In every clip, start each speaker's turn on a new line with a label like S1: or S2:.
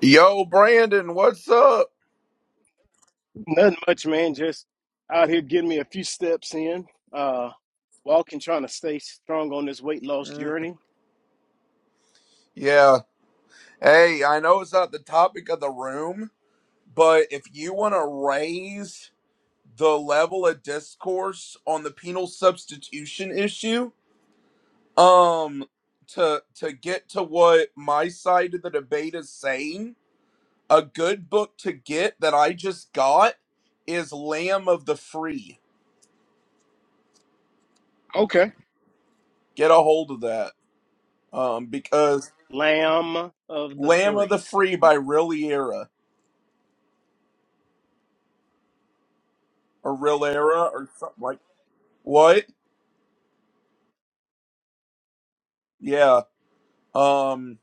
S1: Yo, Brandon, what's up?
S2: Nothing much, man. Just out here getting me a few steps in. Uh, walking, trying to stay strong on this weight loss
S1: Mm,
S2: journey.
S1: Yeah. Hey, I know it's not the topic of the room, but if you want to raise the level of discourse on the penal substitution issue, um to to get to what my side of the debate is saying, a good book to get that I just got is Lamb of the Free.
S2: Okay.
S1: Get a hold of that. Um because
S2: Lamb of the
S1: Lamb of the
S2: free.
S1: Free
S2: Okay.
S1: by Riliera or Real Era or something like what? Yeah. Um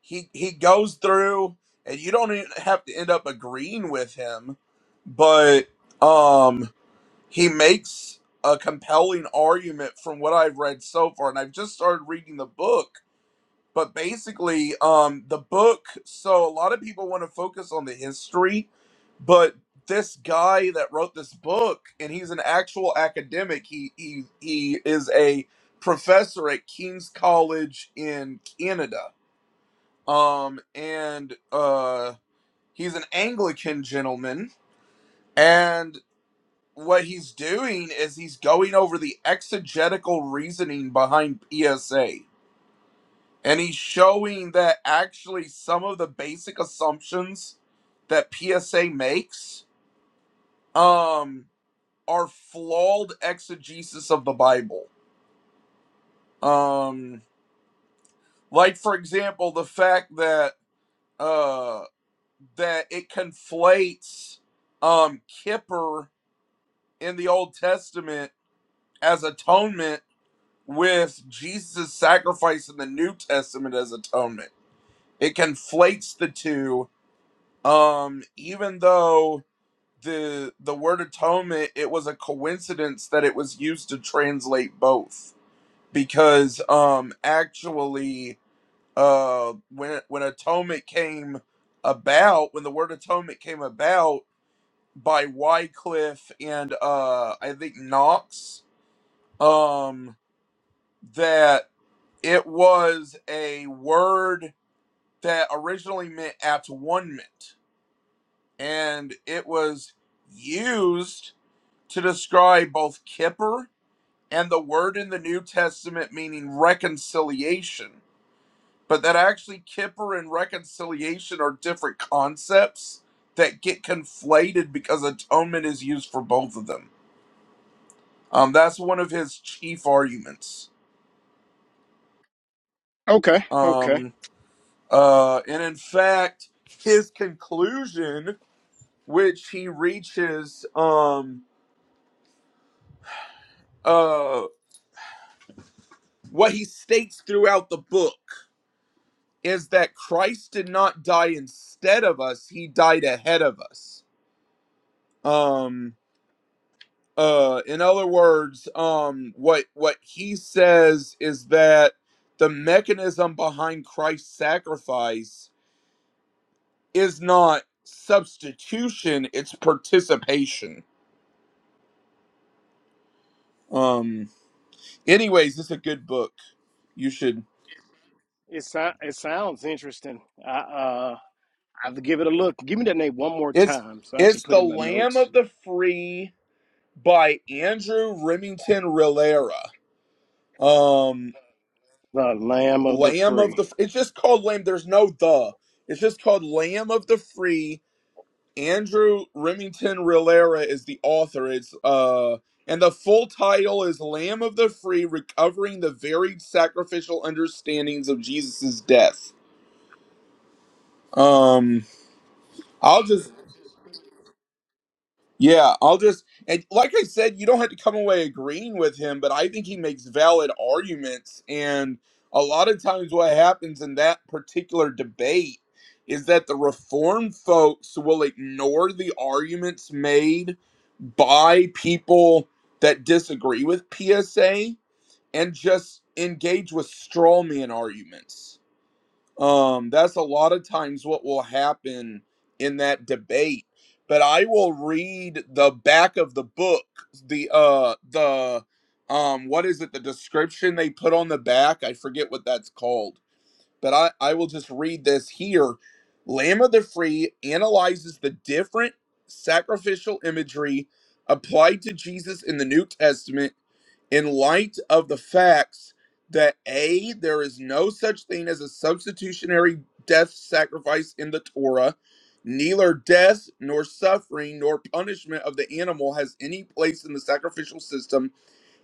S1: he he goes through and you don't even have to end up agreeing with him, but um he makes a compelling argument from what I've read so far and I've just started reading the book but basically um the book so a lot of people want to focus on the history but this guy that wrote this book and he's an actual academic he he he is a professor at King's College in Canada um and uh he's an Anglican gentleman and what he's doing is he's going over the exegetical reasoning behind PSA and he's showing that actually some of the basic assumptions that PSA makes um are flawed exegesis of the Bible. Um like for example the fact that uh that it conflates um Kippur in the Old Testament as atonement with Jesus' sacrifice in the New Testament as atonement. It conflates the two um even though the the word atonement it was a coincidence that it was used to translate both because um actually uh when when atonement came about when the word atonement came about by Wycliffe and uh I think Knox um that it was a word that originally meant at one mint, and it was used to describe both kipper and the word in the New Testament meaning reconciliation, but that actually kipper and reconciliation are different concepts that get conflated because atonement is used for both of them. Um, that's one of his chief arguments.
S2: Okay. Okay.
S1: Um, uh, and in fact, his conclusion, which he reaches, um, uh, what he states throughout the book. is that Christ did not die instead of us, he died ahead of us. Um uh in other words, um what what he says is that the mechanism behind Christ's sacrifice is not substitution, it's participation. Um anyways, it's a good book. You should
S2: It, so- it sounds interesting. I, uh, I'll give it a look. Give me that name one more
S1: it's
S2: time so I can
S1: it's
S2: put
S1: The
S2: in my
S1: Lamb
S2: notes.
S1: of the Free by Andrew Remington Rilera. Um
S2: The Lamb of the
S1: Lamb of
S2: Free.
S1: the. It's just called Lamb. There's no the. It's just called Lamb of the Free. Andrew Remington Rilera is the author. It's uh, and the full title is Lamb of the Free: Recovering the Varied Sacrificial Understandings of Jesus' Death. Um, I'll just Yeah, I'll just and like I said, you don't have to come away agreeing with him, but I think he makes valid arguments. And a lot of times, what happens in that particular debate is that the reform folks will ignore the arguments made by people that disagree with PSA and just engage with straw man arguments um that's a lot of times what will happen in that debate but i will read the back of the book the uh the um what is it the description they put on the back i forget what that's called but i i will just read this here lamb of the free analyzes the different sacrificial imagery applied to jesus in the new testament in light of the facts that A, there is no such thing as a substitutionary death sacrifice in the Torah, neither death nor suffering nor punishment of the animal has any place in the sacrificial system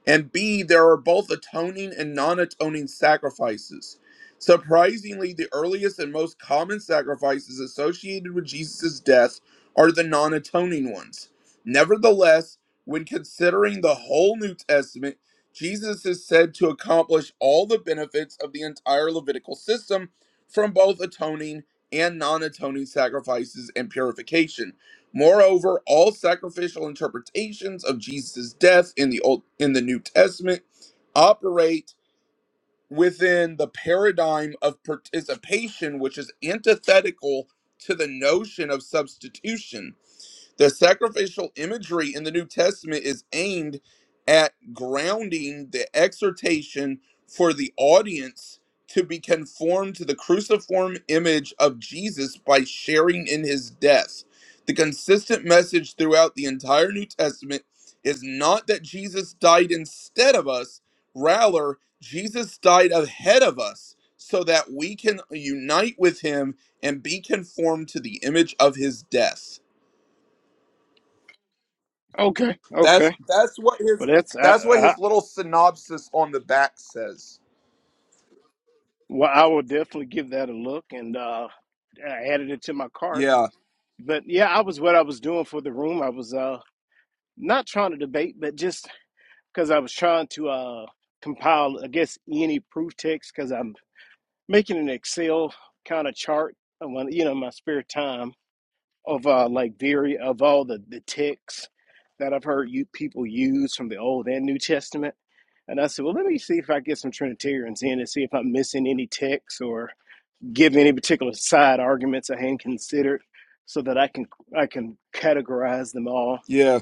S1: and B, there are both atoning and non atoning sacrifices. Surprisingly, the earliest and most common sacrifices associated with Jesus' death are the non atoning ones. Nevertheless, when considering the whole New Testament, Jesus is said to accomplish all the benefits of the entire Levitical system from both atoning and non atoning sacrifices and purification. Moreover, all sacrificial interpretations of Jesus' death in the Old in the New Testament operate within the paradigm of participation, which is antithetical to the notion of substitution. The sacrificial imagery in the New Testament is aimed at grounding the exhortation for the audience to be conformed to the cruciform image of Jesus by sharing in his death. The consistent message throughout the entire New Testament is not that Jesus died instead of us, rather, Jesus died ahead of us so that we can unite with him and be conformed to the image of his death.
S2: Okay.
S1: That's
S2: Okay.
S1: that's what
S2: But
S1: his
S2: that's I,
S1: that's what
S2: I
S1: his little synopsis on the back says.
S2: well, I will definitely give that a look and uh, I added it to my cart.
S1: Yeah,
S2: But yeah, I was what I was doing for the room. I was uh not trying to debate, but just because I was trying to uh compile, I guess, any proof text because I'm making an Excel kind of chart when you know in my spare time of uh like very of all the the texts that I've heard you people use from the Old and New Testament. And I said, well, let me see if I get some Trinitarians in and see if I'm missing any texts or give any particular side arguments I hadn't considered so that I can I can categorize them all.
S1: yeah,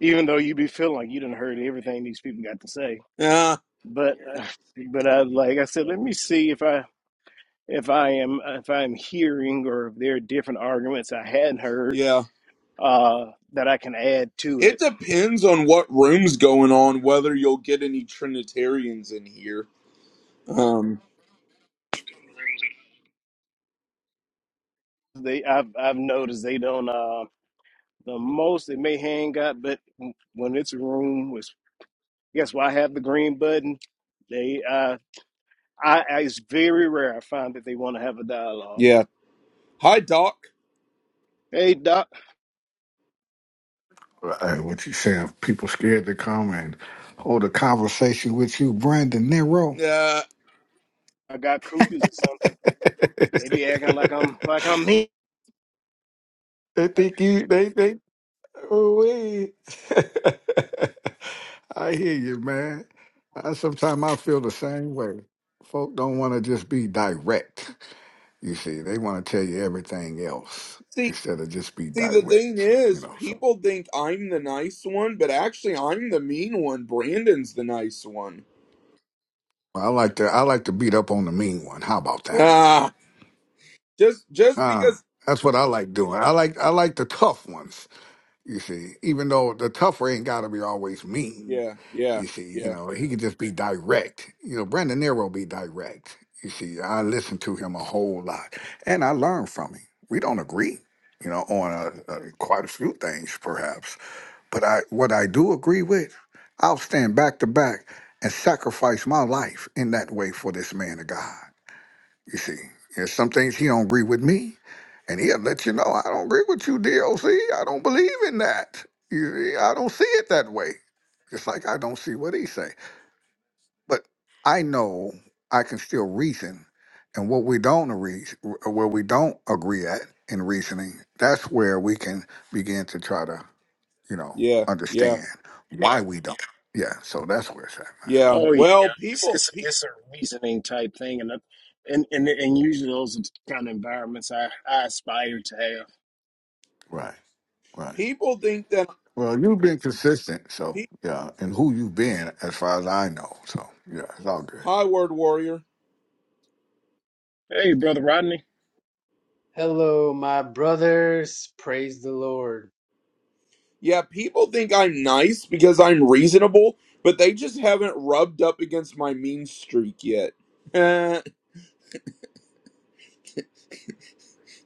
S2: Even though you be feeling like you didn't heard everything these people got to say,
S1: yeah,
S2: but uh, but I like I said, let me see if I if I am uh, if I am hearing or if there are different arguments I hadn't heard
S1: yeah.
S2: uh, that I can add to
S1: It
S2: it.
S1: depends on what room's going on whether you'll get any Trinitarians in here. Um,
S2: They I've I've noticed they don't uh, the most they may hang got, but when it's a room, which guess why I have the green button. They uh I, I it's very rare I find that they want to have a dialogue.
S1: yeah. Hi, Doc.
S2: Hey doc,
S3: Hey, what you saying? People scared to come and hold a conversation with you, Brandon Nero.
S1: Uh,
S2: I got cooties or something.
S3: they
S2: They be acting like I'm like I'm me.
S3: think you. They they. Oh wait. I hear you, man. I, sometimes I feel the same way. Folk don't want to just be direct. You see, they want to tell you everything else
S1: see,
S3: instead of just be
S1: see, the thing
S3: direct. You
S1: is,
S3: know, so
S1: people think I'm the nice one, but actually, I'm the mean one. Brandon's the nice one.
S3: I like to I like to beat up on the mean one. How about that
S1: Ah, just just
S3: Ah,
S1: because.
S3: that's what I like doing. I like I like the tough ones. You see, even though the tougher ain't got to be always mean.
S1: Yeah, yeah,
S3: You see, you
S1: yeah,
S3: know he can just be direct. You know, Brandon Nero be direct. You see, I listen to him a whole lot, and I learn from him. We don't agree, you know, on uh uh quite a few things perhaps, but I what I do agree with, I'll stand back to back and sacrifice my life in that way for this man of God. You see, there's some things he don't agree with me, and he'll let you know I don't agree with you, DOC. I don't believe in that. You see, I don't see it that way. Just like I don't see what he say. But I know I can still reason, and what we don't agree, where we don't agree at in reasoning, that's where we can begin to try to, you know,
S1: yeah, yeah.
S3: understand why we don't. Yeah. So that's where it's at, man.
S1: Yeah.
S2: Oh yeah,
S1: Well,
S2: it's
S1: people.
S2: it's, it's a reasoning type thing, and I- and and and usually those are the kind of environments I I aspire to have.
S3: Right, right.
S1: People think that
S3: Well, you've been consistent, so
S1: pe-
S3: yeah, and who you've been, as far as I know, so yeah, it's all good.
S1: hi word warrior.
S2: Hey brother Rodney,
S4: Hello, my brothers. Praise the Lord.
S1: Yeah, people think I'm nice because I'm reasonable, but they just haven't rubbed up against my mean streak yet. Eh,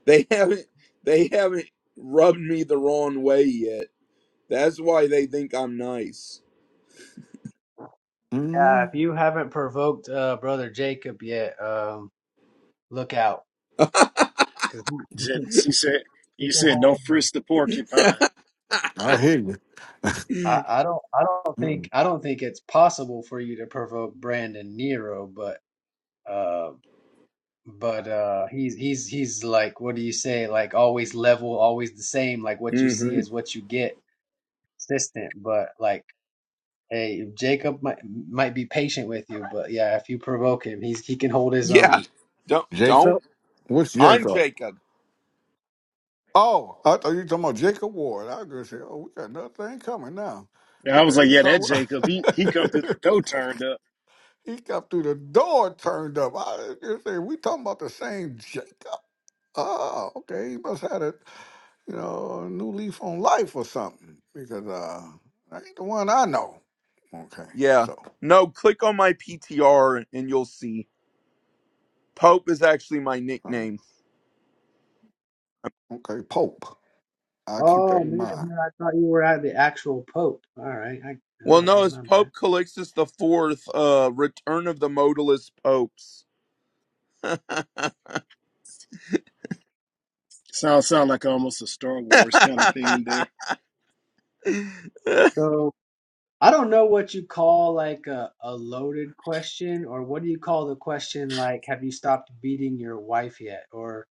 S1: they haven't they haven't rubbed me the wrong way yet. That's why they think I'm nice.
S4: Yeah, if
S3: mm
S4: you haven't provoked uh, brother Jacob yet, um, look out, because he
S2: said she said
S4: he
S2: you
S4: can
S2: said
S4: hold his
S2: don't
S4: own.
S2: frisk the porcupine.
S3: I hear you,
S4: I,
S1: hmm
S4: I don't, I don't
S3: Mm.
S4: think, I don't think it's possible for you to provoke Brandon Nero, but, uh, but uh, he's he's he's like, what do you say? Like always level, always the same. Like what you see is what you get, consistent. But like, hey, Jacob might might be patient with you, but yeah, if you provoke him, he's he can hold his own.
S1: Yeah. Don't don't.
S3: Jacob. What's
S1: I'm
S3: Jacob?
S1: Jacob.
S3: Oh, I thought you were talking about Jacob Ward. I was gonna say, oh, we got another thing coming now.
S2: And I was
S3: Uh,
S2: like,
S3: you
S2: yeah, that
S3: talking
S2: Jacob, he he come through the
S3: about-
S2: door turned up.
S3: he come through the door, turned up. I was gonna say, we talking about the same Jacob. Oh, okay, he must have it. you know, a new leaf on life or something because uh, I ain't the one I know. Okay,
S1: Yeah.
S3: so
S1: No, click on my PTR and you'll see. Pope is actually my
S3: um,
S1: nickname.
S3: okay, Pope. I keep
S4: Oh
S3: that in
S4: man,
S3: mind.
S4: man, I thought you were at the actual Pope. All right, I, all
S1: Well, no,
S4: right,
S1: it's
S4: my bad.
S1: Pope Calixtus the Fourth, uh, Return of the Modalist Popes,
S2: Sound sound like almost a Star Wars kind of theme there.
S4: So I don't know what you call like a, a loaded question, or what do you call the question like, have you stopped beating your wife yet, or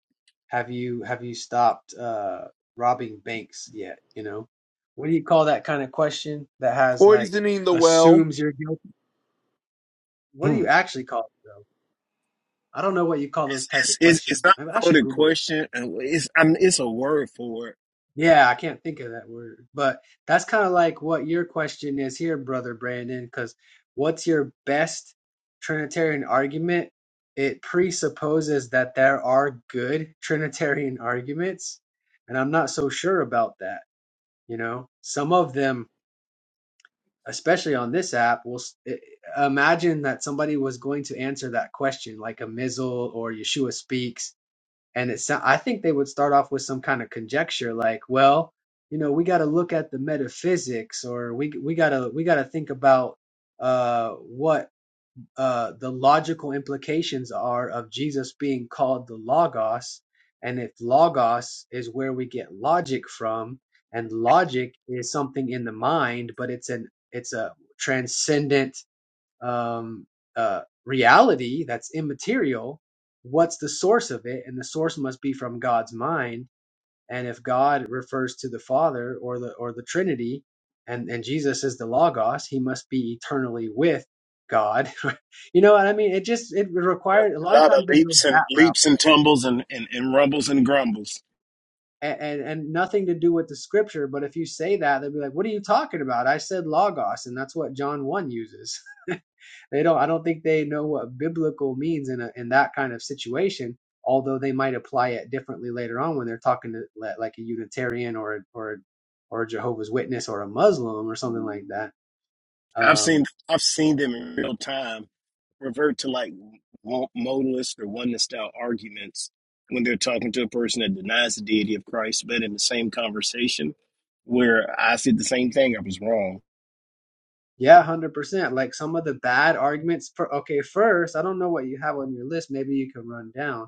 S4: have you have you stopped uh robbing banks yet? You know, what do you call that kind of question that has like
S1: poisoning the well.
S4: assumes you're guilty? What do you actually call it though? I don't know what you call those type
S2: It's,
S4: of
S2: it's,
S4: question.
S2: it's not
S4: I, I
S2: a
S4: should
S2: loaded
S4: Google it.
S2: question. and It's, I mean, it's a word for it.
S4: Yeah, I can't think of that word, but that's kind of like what your question is here, brother Brandon, because what's your best Trinitarian argument? It presupposes that there are good Trinitarian arguments, and I'm not so sure about that. You know, some of them, especially on this app, will s- i- imagine that somebody was going to answer that question, like a Mizzle or Yeshua Speaks and it sound, I think they would start off with some kind of conjecture like, well, you know, we got to look at the metaphysics, or we we gotta we gotta think about uh, what uh, the logical implications are of Jesus being called the Logos, and if Logos is where we get logic from, and logic is something in the mind, but it's an it's a transcendent um, uh, reality that's immaterial, what's the source of it? And the source must be from God's mind. And if God refers to the Father or the or the Trinity, and and Jesus is the Logos, he must be eternally with God. you know what I mean? It just it required a
S2: A
S4: lot of
S2: lot of
S4: times they go
S2: leaps and
S4: that route.
S2: leaps and tumbles and, and, and rumbles and grumbles.
S4: And, and and nothing to do with the scripture, but if you say that, they'll be like, "What are you talking about?" I said logos, and that's what John one uses. They don't. I don't think they know what biblical means in a, in that kind of situation. Although they might apply it differently later on when they're talking to li- like a Unitarian or a- or a- or a Jehovah's Witness or a Muslim or something like that.
S2: I've
S4: Um,
S2: seen I've seen them in real time revert to like mo- modalist or oneness style arguments when they're talking to a person that denies the deity of Christ, but in the same conversation where I said the same thing, I was wrong.
S4: yeah, hundred percent. Like some of the bad arguments. For, okay, first, I don't know what you have on your list. Maybe you can run down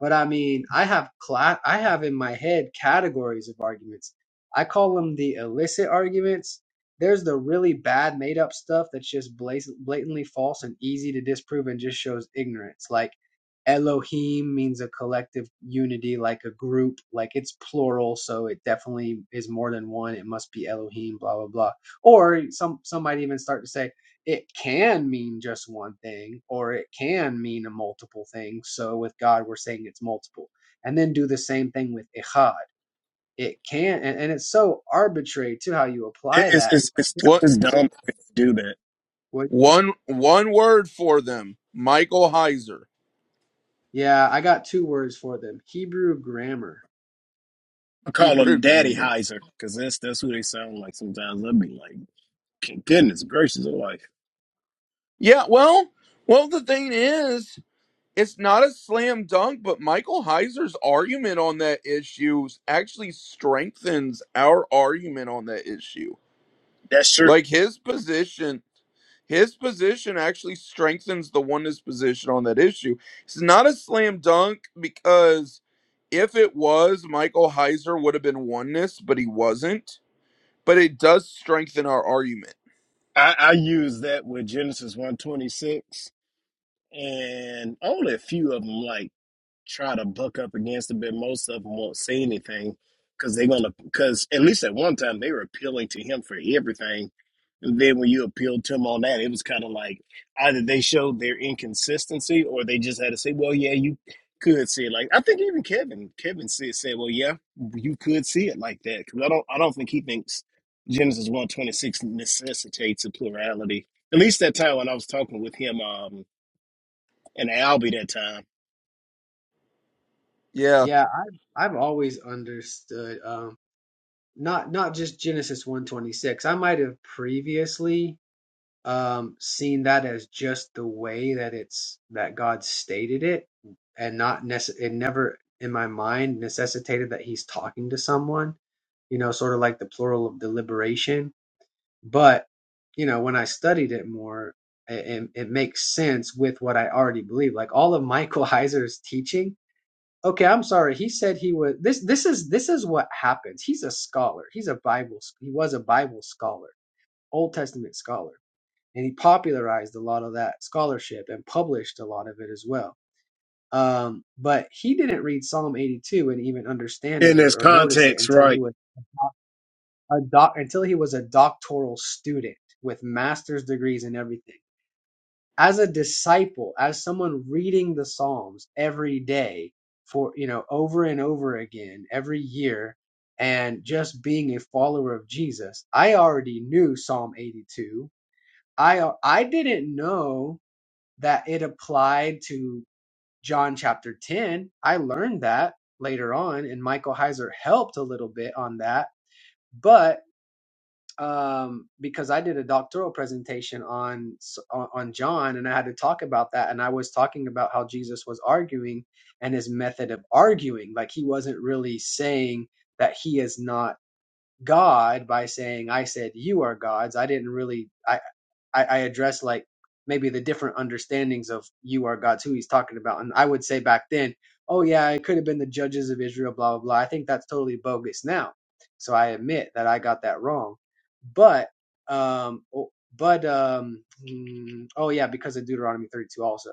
S4: But I mean, I have class, I have in my head categories of arguments. I call them the illicit arguments. There's the really bad made up stuff that's just blas- blatantly false and easy to disprove and just shows ignorance. Like Elohim means a collective unity, like a group, like it's plural, so it definitely is more than one. It must be Elohim, blah blah blah. Or some some might even start to say it can mean just one thing or it can mean a multiple thing. So with God, we're saying it's multiple. And then do the same thing with Ichad. It can, and, and it's so arbitrary to how you
S2: It-
S4: apply
S2: It's
S4: that.
S2: it's it's,
S1: What
S2: it's
S4: Mm-hmm.
S2: dumb to do that.
S4: What-
S1: one one word for them? Michael Heiser,
S4: yeah, I got two words for them Hebrew grammar.
S2: I call
S1: Hebrew
S2: them Daddy
S1: grammar.
S2: Heiser because that's that's who they sound like sometimes. I'd be like. Goodness gracious life.
S1: Yeah, well, well, the thing is, it's not a slam dunk, but Michael Heiser's argument on that issue actually strengthens our argument on that issue.
S2: That's true.
S1: Like his position. his position actually strengthens the oneness position on that issue. It's not a slam dunk because if it was, Michael Heiser would have been oneness, but he wasn't. But it does strengthen our argument.
S2: I, I use that with Genesis 126 and only a few of them like try to buck up against it, but most of them won't say anything because they're gonna because at least at one time they were appealing to him for everything, and then when you appealed to him on that, it was kind of like either they showed their inconsistency or they just had to say, "Well, yeah, you could see it." Like I think even Kevin Kevin said said, "Well, yeah, you could see it like that," because I don't I don't think he thinks Genesis one twenty six necessitates a plurality. At least that time when I was talking with him um and Albie that time
S1: Yeah.
S4: Yeah, I've, I've always understood. Um, not not just Genesis 126. I might have previously um, seeing that as just the way that it's that God stated it, and not necess- it never in my mind necessitated that He's talking to someone. You know, sort of like the plural of deliberation. But you know, when I studied it more, it, it makes sense with what I already believe. Like all of Michael Heiser's teaching. Okay, I'm sorry. He said he was this. This is this is what happens. He's a scholar. He's a Bible. He was a Bible scholar, Old Testament scholar and he popularized a lot of that scholarship and published a lot of it as well. Um, but he didn't read Psalm 82 and even understand it
S2: in this
S4: or, or notice it
S2: context,
S4: until
S2: right?
S4: he was a doc, until he was a doctoral student with master's degrees and everything. As a disciple, as someone reading the Psalms every day for you know over and over again every year, and just being a follower of Jesus, I already knew Psalm 82. I I didn't know that it applied to John chapter 10. I learned that later on, and Michael Heiser helped a little bit on that. But um, because I did a doctoral presentation on on on John, and I had to talk about that, and I was talking about how Jesus was arguing and his method of arguing, like he wasn't really saying that he is not God by saying, "I said you are gods." I didn't really. I, I, I address like maybe the different understandings of you are God's who he's talking about. And I would say back then, oh yeah, it could have been the judges of Israel, blah blah blah. I think that's totally bogus now. So I admit that I got that wrong. But um but um mm, oh yeah, because of Deuteronomy 32 also.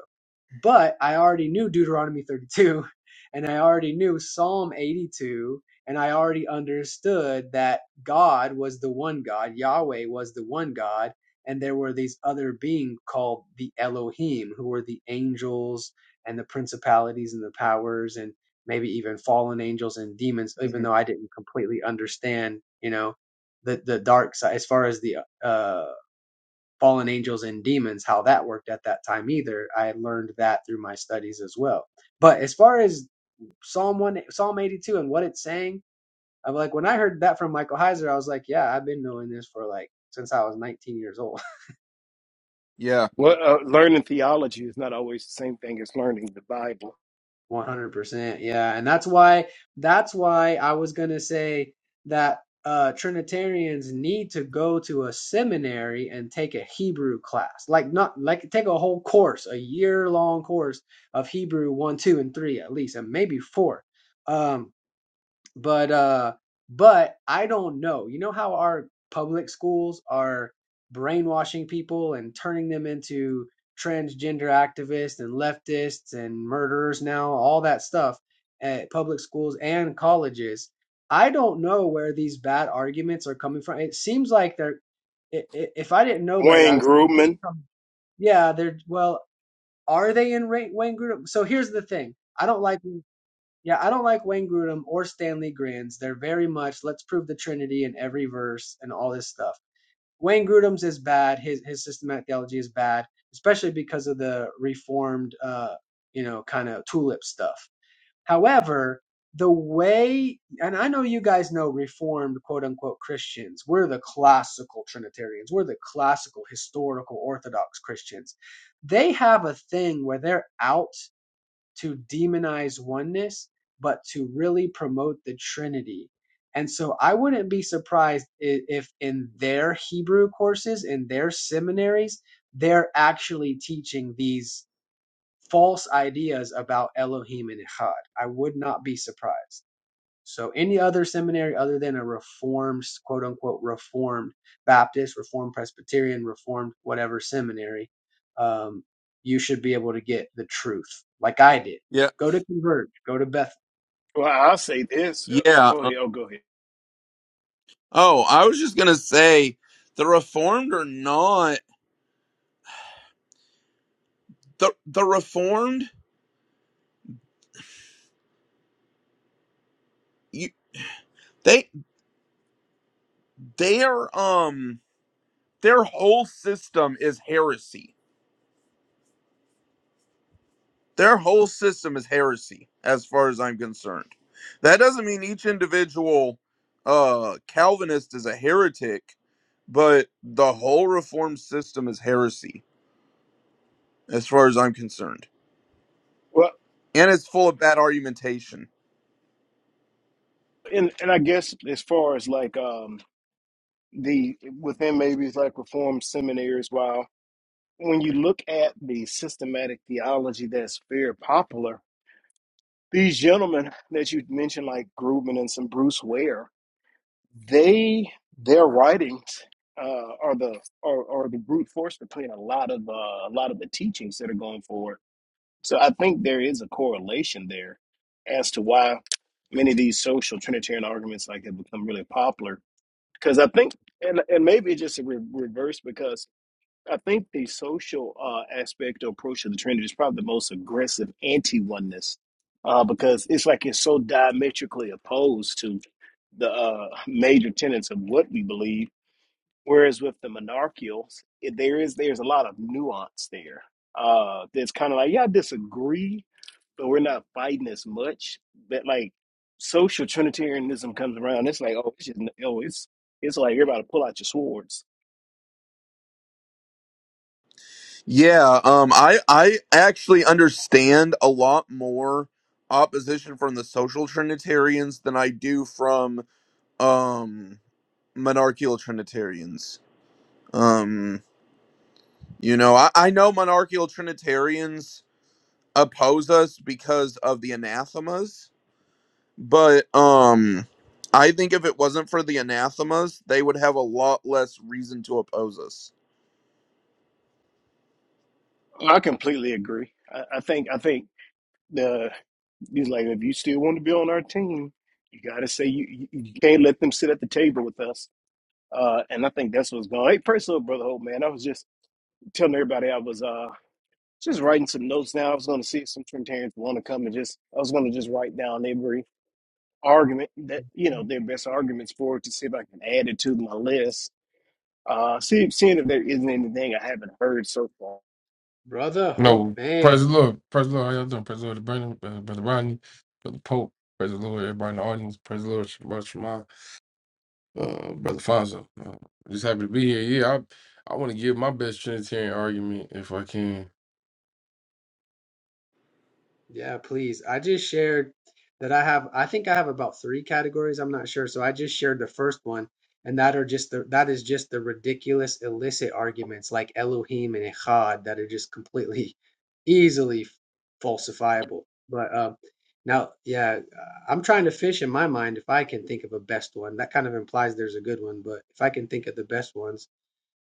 S4: But I already knew Deuteronomy 32 and I already knew Psalm 82 and I already understood that God was the one God, Yahweh was the one God and there were these other beings called the Elohim, who were the angels and the principalities and the powers and maybe even fallen angels and demons. Even
S1: hmm
S4: though I didn't completely understand, you know, the the dark side as far as the uh, fallen angels and demons, how that worked at that time either. I learned that through my studies as well. But as far as Psalm one, Psalm eighty two, and what it's saying, I'm like when I heard that from Michael Heiser, I was like, yeah, I've been knowing this for like since I was 19 years old.
S1: Yeah.
S2: Well, uh, learning theology is not always the same thing as learning the Bible.
S4: 100%. Yeah, and that's why that's why I was going to say that uh Trinitarians need to go to a seminary and take a Hebrew class. Like not like take a whole course, a year-long course of Hebrew 1, 2 and 3 at least, and maybe 4. Um but uh but i don't know you know how our public schools are brainwashing people and turning them into transgender activists and leftists and murderers now all that stuff at public schools and colleges i don't know where these bad arguments are coming from it seems like they're i- i- if i didn't know better i
S2: Wayne
S4: would say they're just
S2: Grudman.
S4: from- yeah they're well are they in ra- wayne group so here's the thing i don't like yeah, I don't like Wayne Grudem or Stanley Grins. They're very much let's prove the Trinity in every verse and all this stuff. Wayne Grudem's is bad. His his systematic theology is bad, especially because of the reformed, uh, you know, kind of tulip stuff. However, the way, and I know you guys know reformed quote unquote Christians. We're the classical Trinitarians. We're the classical historical Orthodox Christians. They have a thing where they're out to demonize oneness, but to really promote the Trinity. And so I wouldn't be surprised i- if in their Hebrew courses, in their seminaries, they're actually teaching these false ideas about Elohim and Echad. I would not be surprised. So any other seminary other than a reformed, quote unquote, reformed Baptist, reformed Presbyterian, reformed whatever seminary, um, you should be able to get the truth, like I did.
S1: Yeah.
S4: Go to Converge, go to Beth,
S2: Well, I'll say this. Uh,
S1: Yeah.
S2: Go
S1: Uh,
S2: ahead. Oh, go ahead.
S1: Oh, I was just gonna say the reformed are not the the reformed you, they their um their whole system is heresy Their whole system is heresy, as far as I'm concerned. That doesn't mean each individual uh, Calvinist is a heretic, but the whole Reformed system is heresy, as far as I'm concerned,
S2: Well,
S1: and it's full of bad argumentation.
S2: and and I guess as far as like um the within maybe it's like reformed seminaries, while when you look at the systematic theology that's very popular, these gentlemen that you mentioned, like Grudman and some Bruce Ware, they their writings uh, are the are, are the brute force between a lot of uh, a lot of the teachings that are going forward. So I think there is a correlation there as to why many of these social Trinitarian arguments like have become really popular. Because I think, and and maybe it's just a re- reverse because I think the social uh, aspect or approach of the Trinity is probably the most aggressive anti oneness uh, because it's like it's so diametrically opposed to the uh, major tenets of what we believe. Whereas with the monarchials, it, there is there's a lot of nuance there. Uh, that's kind of like yeah, I disagree, but we're not fighting as much. But like social Trinitarianism comes around, it's like oh, it's just, oh, it's it's like you're about to pull out your swords
S1: Yeah, um, I I actually understand a lot more opposition from the social Trinitarians than I do from um monarchical Trinitarians. Um, You know, I, I know monarchical Trinitarians oppose us because of the anathemas, but um I think if it wasn't for the anathemas, they would have a lot less reason to oppose us.
S2: I completely agree. I, I think I think the he's like if you still want to be on our team, you got to say you, you you can't let them sit at the table with us. Uh, and I think that's what's going. Hey, praise the Lord, brother Hope, man. I was just telling everybody I was uh just writing some notes now. I was going to see if some Trinitarians want to come and just I was going to just write down every argument that you know their best arguments for it to see if I can add it to my list. Uh, see seeing if there isn't anything I haven't heard so far.
S4: brother. Oh
S5: No,
S4: man,
S5: praise the Lord. Praise the Lord. How y'all doing? Praise the Lord, to Brandon, uh, Brother Rodney, Brother Pope. Praise the Lord, everybody in the audience. Praise the Lord, Brother Shema, uh, Brother Fonzo. Uh, just happy to be here. Yeah, I, I want to give my best Trinitarian argument if I can.
S4: Yeah, please. I just shared that I have, I think I have about three categories. I'm not sure. So I just shared the first one, and that are just the, that is just the ridiculous illicit arguments like Elohim and Echad that are just completely easily falsifiable. But um, now, yeah, uh, I'm trying to fish in my mind if I can think of a best one. That kind of implies there's a good one, but if I can think of the best ones,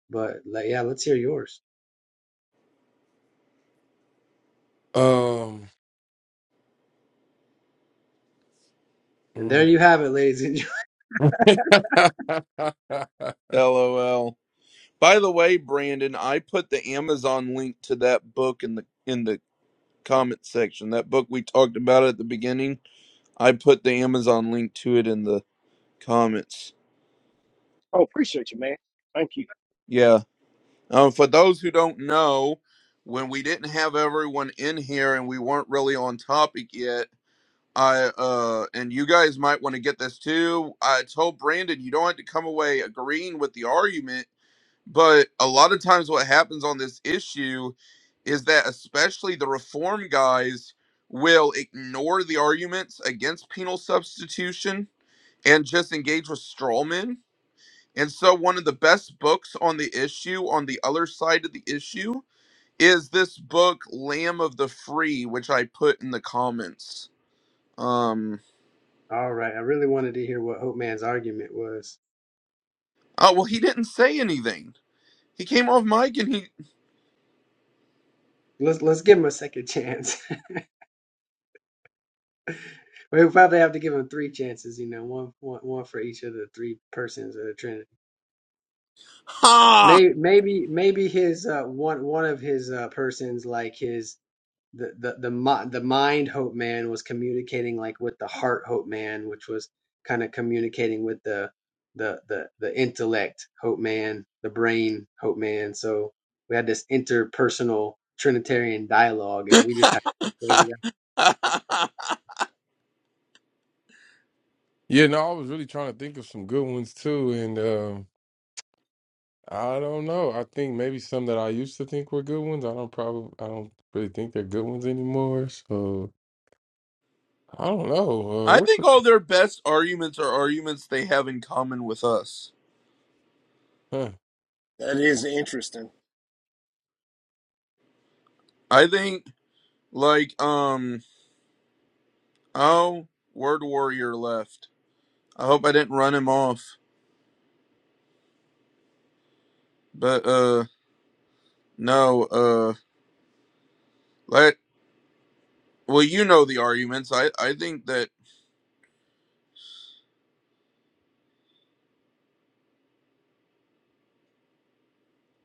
S4: but like, yeah, let's hear yours.
S5: Um,
S4: And there
S5: mm.
S4: you have it, ladies and gentlemen.
S1: LOL. By the way, Brandon, I put the Amazon link to that book in the in the comment section. That book we talked about at the beginning. I put the Amazon link to it in the comments.
S2: Oh, appreciate you, man. Thank you.
S1: Yeah. Um, for those who don't know, when we didn't have everyone in here and we weren't really on topic yet, I uh, and you guys might want to get this too. I told Brandon you don't have to come away agreeing with the argument, but a lot of times what happens on this issue is that especially the reform guys will ignore the arguments against penal substitution and just engage with straw men. And so, one of the best books on the issue, on the other side of the issue, is this book Lamb of the Free, which I put in the comments. Um
S4: All right, I really wanted to hear what Hope Man's argument was.
S1: oh well he didn't say anything. He came off mic and he
S4: Let's let's give him a second chance. we probably have to give him three chances, you know, one one one for each of the three persons of the Trinity.
S1: Ha
S4: Maybe maybe maybe his uh, one one of his uh, persons, like his the the the, mi- the mind hope man, was communicating like with the heart hope man, which was kind of communicating with the the the the intellect hope man, the brain hope man. So we had this interpersonal Trinitarian dialogue, and we just had. to
S5: yeah, no, I was really trying to think of some good ones too, and um I don't know. I think maybe some that I used to think were good ones. I don't probably, I don't really think they're good ones anymore. So I don't
S1: I
S5: know. Uh,
S1: think all their best arguments are arguments they have in common with us.
S5: what?
S2: That is interesting.
S1: I think like um oh Word Warrior left. I hope I didn't run him off. But uh no, uh let well you know the arguments. I I think that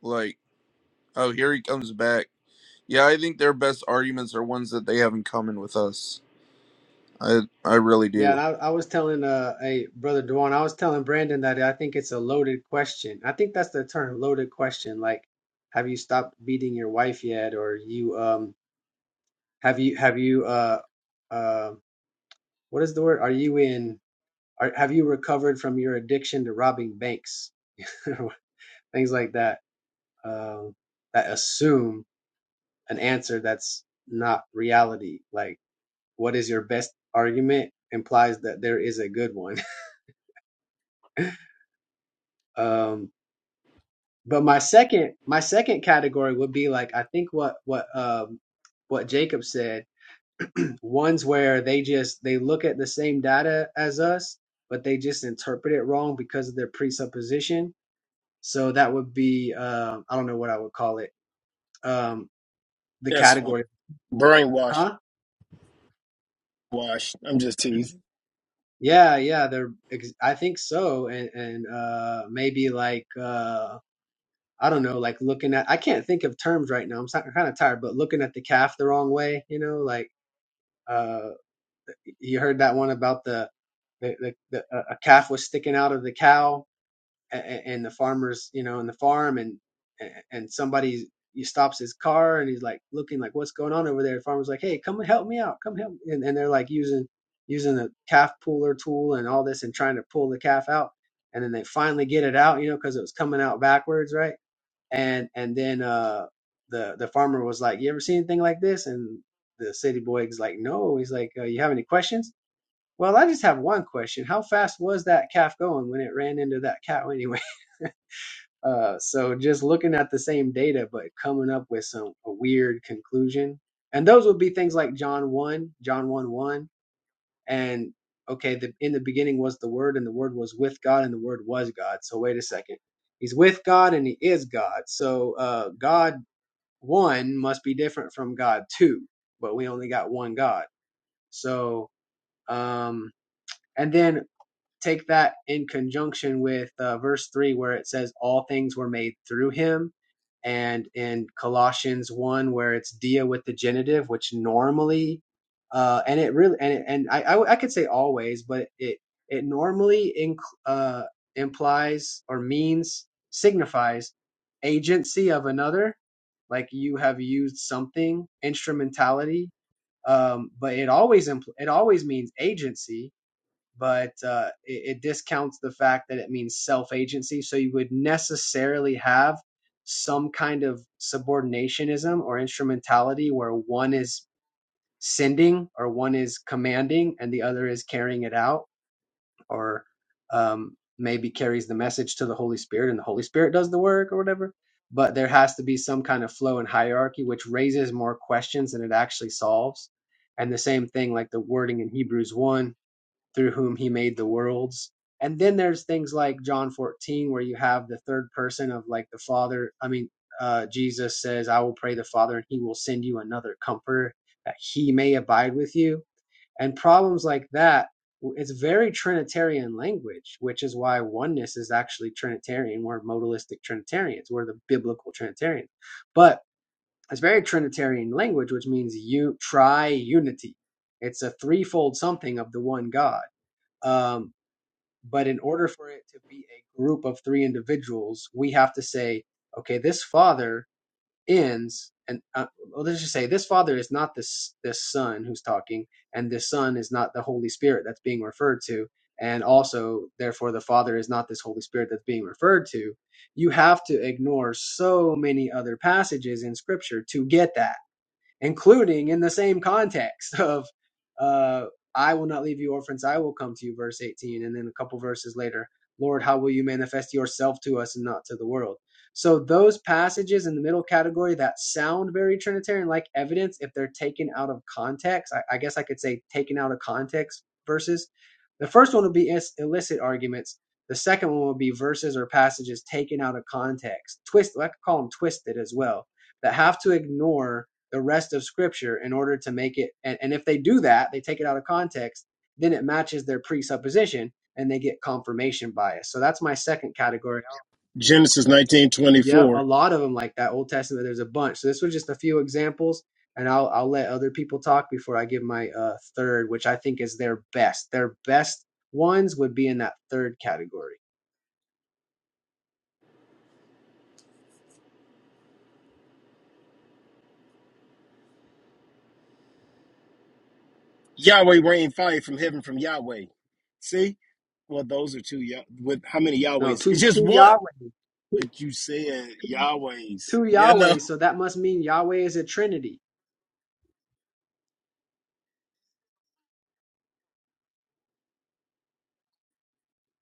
S1: like oh here he comes back. Yeah, I think their best arguments are ones that they have in common with us. I I really
S4: Yeah, and
S1: do.
S4: I, I was telling uh a brother Duane, I was telling Brandon that I think it's a loaded question. I think that's the term, loaded question. Like, have you stopped beating your wife yet? Or you um have you have you uh uh what is the word? Are you in are have you recovered from your addiction to robbing banks? Things like that. Um that assume an answer that's not reality. Like, what is your best argument implies that there is a good one. Um But my second my second category would be like I think what what um what Jacob said, ones where they just they look at the same data as us, but they just interpret it wrong because of their presupposition. So that would be um I don't know what I would call it. Um the
S2: That's funny.
S4: category.
S2: Brainwash.
S4: Huh?
S2: Wash. I'm just teasing.
S4: Yeah, yeah, they're ex- I think so and and uh maybe like uh I don't know, like looking at I can't think of terms right now. I'm kind of tired, but looking at the calf the wrong way, you know, like uh, You heard that one about the the, the, the a calf was sticking out of the cow, and, and the farmers, you know, in the farm, and and somebody he stops his car and he's like looking like what's going on over there. The farmer's like, hey, come and help me out, come help, me." and, and they're like using using a calf puller tool and all this and trying to pull the calf out, and then they finally get it out, you know, because it was coming out backwards, right? And and then uh the the farmer was like, you ever seen anything like this? And the city boy is like, no. He's like, uh, you have any questions? Well, I just have one question. How fast was that calf going when it ran into that cow anyway? Uh, so just looking at the same data, but coming up with some a weird conclusion. And those would be things like John 1, John 1 1, and okay, the, in the beginning was the Word, and the Word was with God, and the Word was God. So wait a second. He's with God and he is God. So uh, God 1 must be different from God 2, but we only got one God. So um, and then take that in conjunction with uh, verse 3 where it says all things were made through him and in colossians 1 where it's dia with the genitive which normally uh, and it really and it, and I, I I could say always but it it normally inc- uh, implies or means signifies agency of another like you have used something instrumentality um, but it always impl- it always means agency but uh, it, it discounts the fact that it means self agency. So you would necessarily have some kind of subordinationism or instrumentality where one is sending or one is commanding and the other is carrying it out or um, maybe carries the message to the Holy Spirit and the Holy Spirit does the work or whatever. But there has to be some kind of flow and hierarchy, which raises more questions than it actually solves. And the same thing, like the wording in Hebrews 1 through whom he made the worlds. And then there's things like John 14, where you have the third person of like the Father. I mean, uh, Jesus says, I will pray the Father, and he will send you another comforter that he may abide with you. And problems like that, it's very Trinitarian language, which is why oneness is actually Trinitarian. We're modalistic Trinitarians, we're the biblical Trinitarians. But it's very Trinitarian language, which means you try unity. It's a threefold something of the one God um, but in order for it to be a group of three individuals, we have to say, okay, this father ends, and uh, well, let's just say this father is not this this son who's talking, and this son is not the Holy Spirit that's being referred to, and also therefore the father is not this Holy Spirit that's being referred to. You have to ignore so many other passages in Scripture to get that including in the same context of uh, I will not leave you orphans, I will come to you, verse 18. And then a couple verses later, Lord, how will you manifest yourself to us and not to the world? So those passages in the middle category that sound very Trinitarian, like evidence, if they're taken out of context, I, I guess I could say taken out of context verses. The first one would be illicit arguments. The second one would be verses or passages taken out of context, twist. I could call them twisted as well, that have to ignore the rest of scripture in order to make it and, and if they do that they take it out of context then it matches their presupposition and they get confirmation bias so that's my second category
S2: Genesis
S4: yep a
S2: 19:24.
S4: lot of them like that old testament there's a bunch so this was just a few examples and i'll i'll let other people talk before i give my uh third which i think is their best their best ones would be in that third category
S2: Yahweh rained fire from heaven from Yahweh. See? Well, those are two. Yah- With how many
S4: no
S2: Yahwehs? It's
S4: two
S2: just
S4: two
S2: one.
S4: yahweh two,
S2: But you said Yahwehs.
S4: two
S2: You know,
S4: yahweh so that must mean yahweh is a trinity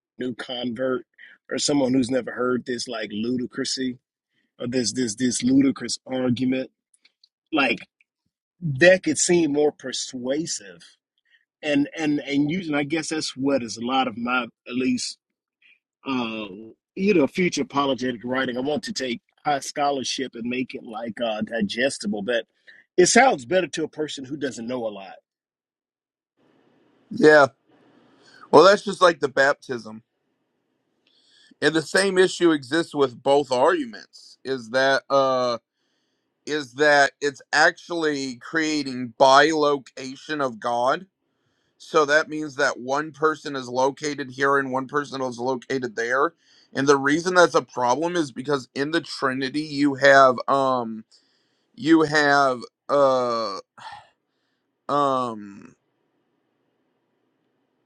S2: new convert or someone who's never heard this like ludicrousy or this this this ludicrous argument. Like that could seem more persuasive. And and and using I guess that's what is a lot of my at least uh, you know, future apologetic writing. I want to take high scholarship and make it like uh, digestible, but it sounds better to a person who doesn't know a lot.
S1: Yeah. Well, that's just like the baptism. And the same issue exists with both arguments is that uh is that it's actually creating bilocation of God. So that means that one person is located here and one person is located there. And the reason that's a problem is because in the Trinity you have um you have uh um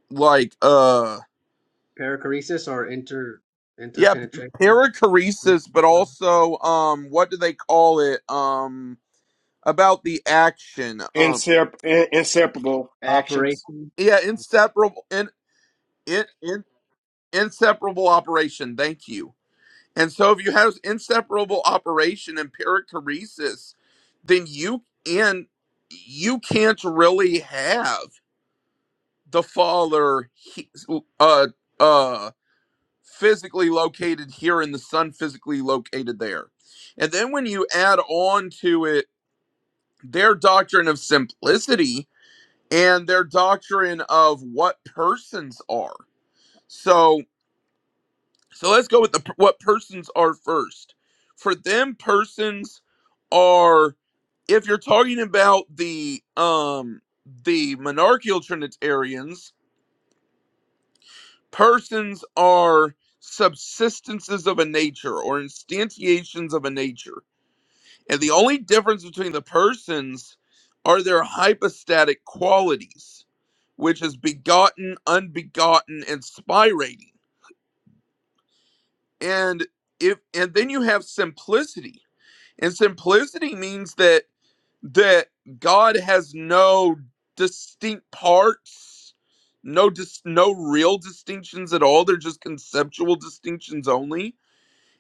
S1: like uh
S4: perichoresis or inter
S1: yeah
S4: interpenetration
S1: perichoresis but also um what do they call it um about the action um
S2: Insep- in- inseparable actions.
S4: Operation.
S1: yeah inseparable in, in, in inseparable operation thank you and so if you have inseparable operation and perichoresis then you and you can't really have the father he, uh uh physically located here and the sun physically located there. And then when you add on to it their doctrine of simplicity and their doctrine of what persons are. So so let's go with the what persons are first. For them persons are if you're talking about the um the monarchical trinitarians persons are subsistences of a nature or instantiations of a nature. And the only difference between the persons are their hypostatic qualities, which is begotten, unbegotten, and spirating. And if and then you have simplicity. And simplicity means that that God has no distinct parts, no dis- no real distinctions at all. They're just conceptual distinctions only.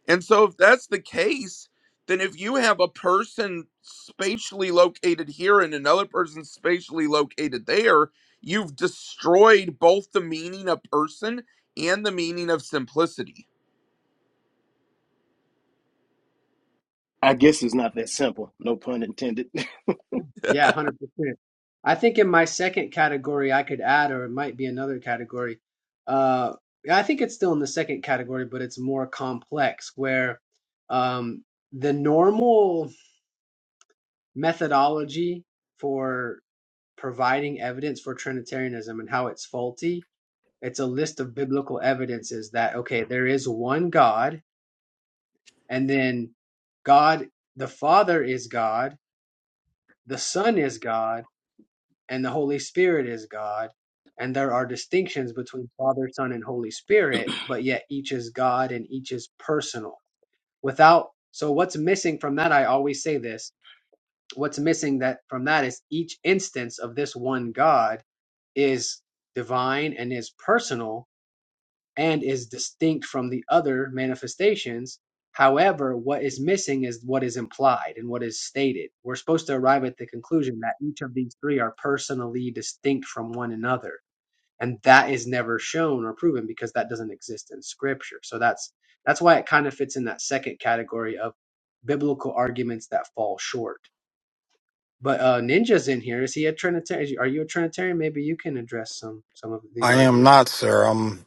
S1: And so if that's the case, then if you have a person spatially located here and another person spatially located there, you've destroyed both the meaning of person and the meaning of simplicity
S2: I guess it's not that simple. No pun intended.
S4: Yeah, 100%. I think in my second category I could add, or it might be another category. Uh, I think it's still in the second category, but it's more complex where um, the normal methodology for providing evidence for Trinitarianism and how it's faulty, it's a list of biblical evidences that, okay, there is one God, and then God, the Father is God, the Son is God and the Holy Spirit is God. And there are distinctions between Father, Son, and Holy Spirit, but yet each is God and each is personal. Without, so what's missing from that? I always say this what's missing that from that is each instance of this one God is divine and is personal and is distinct from the other manifestations. However, what is missing is what is implied and what is stated. We're supposed to arrive at the conclusion that each of these three are personally distinct from one another. And that is never shown or proven because that doesn't exist in scripture. So that's that's why it kind of fits in that second category of biblical arguments that fall short. But uh, Ninja's in here. Is he a Trinitarian? Are you a Trinitarian? Maybe you can address some some of these
S6: I am
S4: arguments.
S6: not, sir. I'm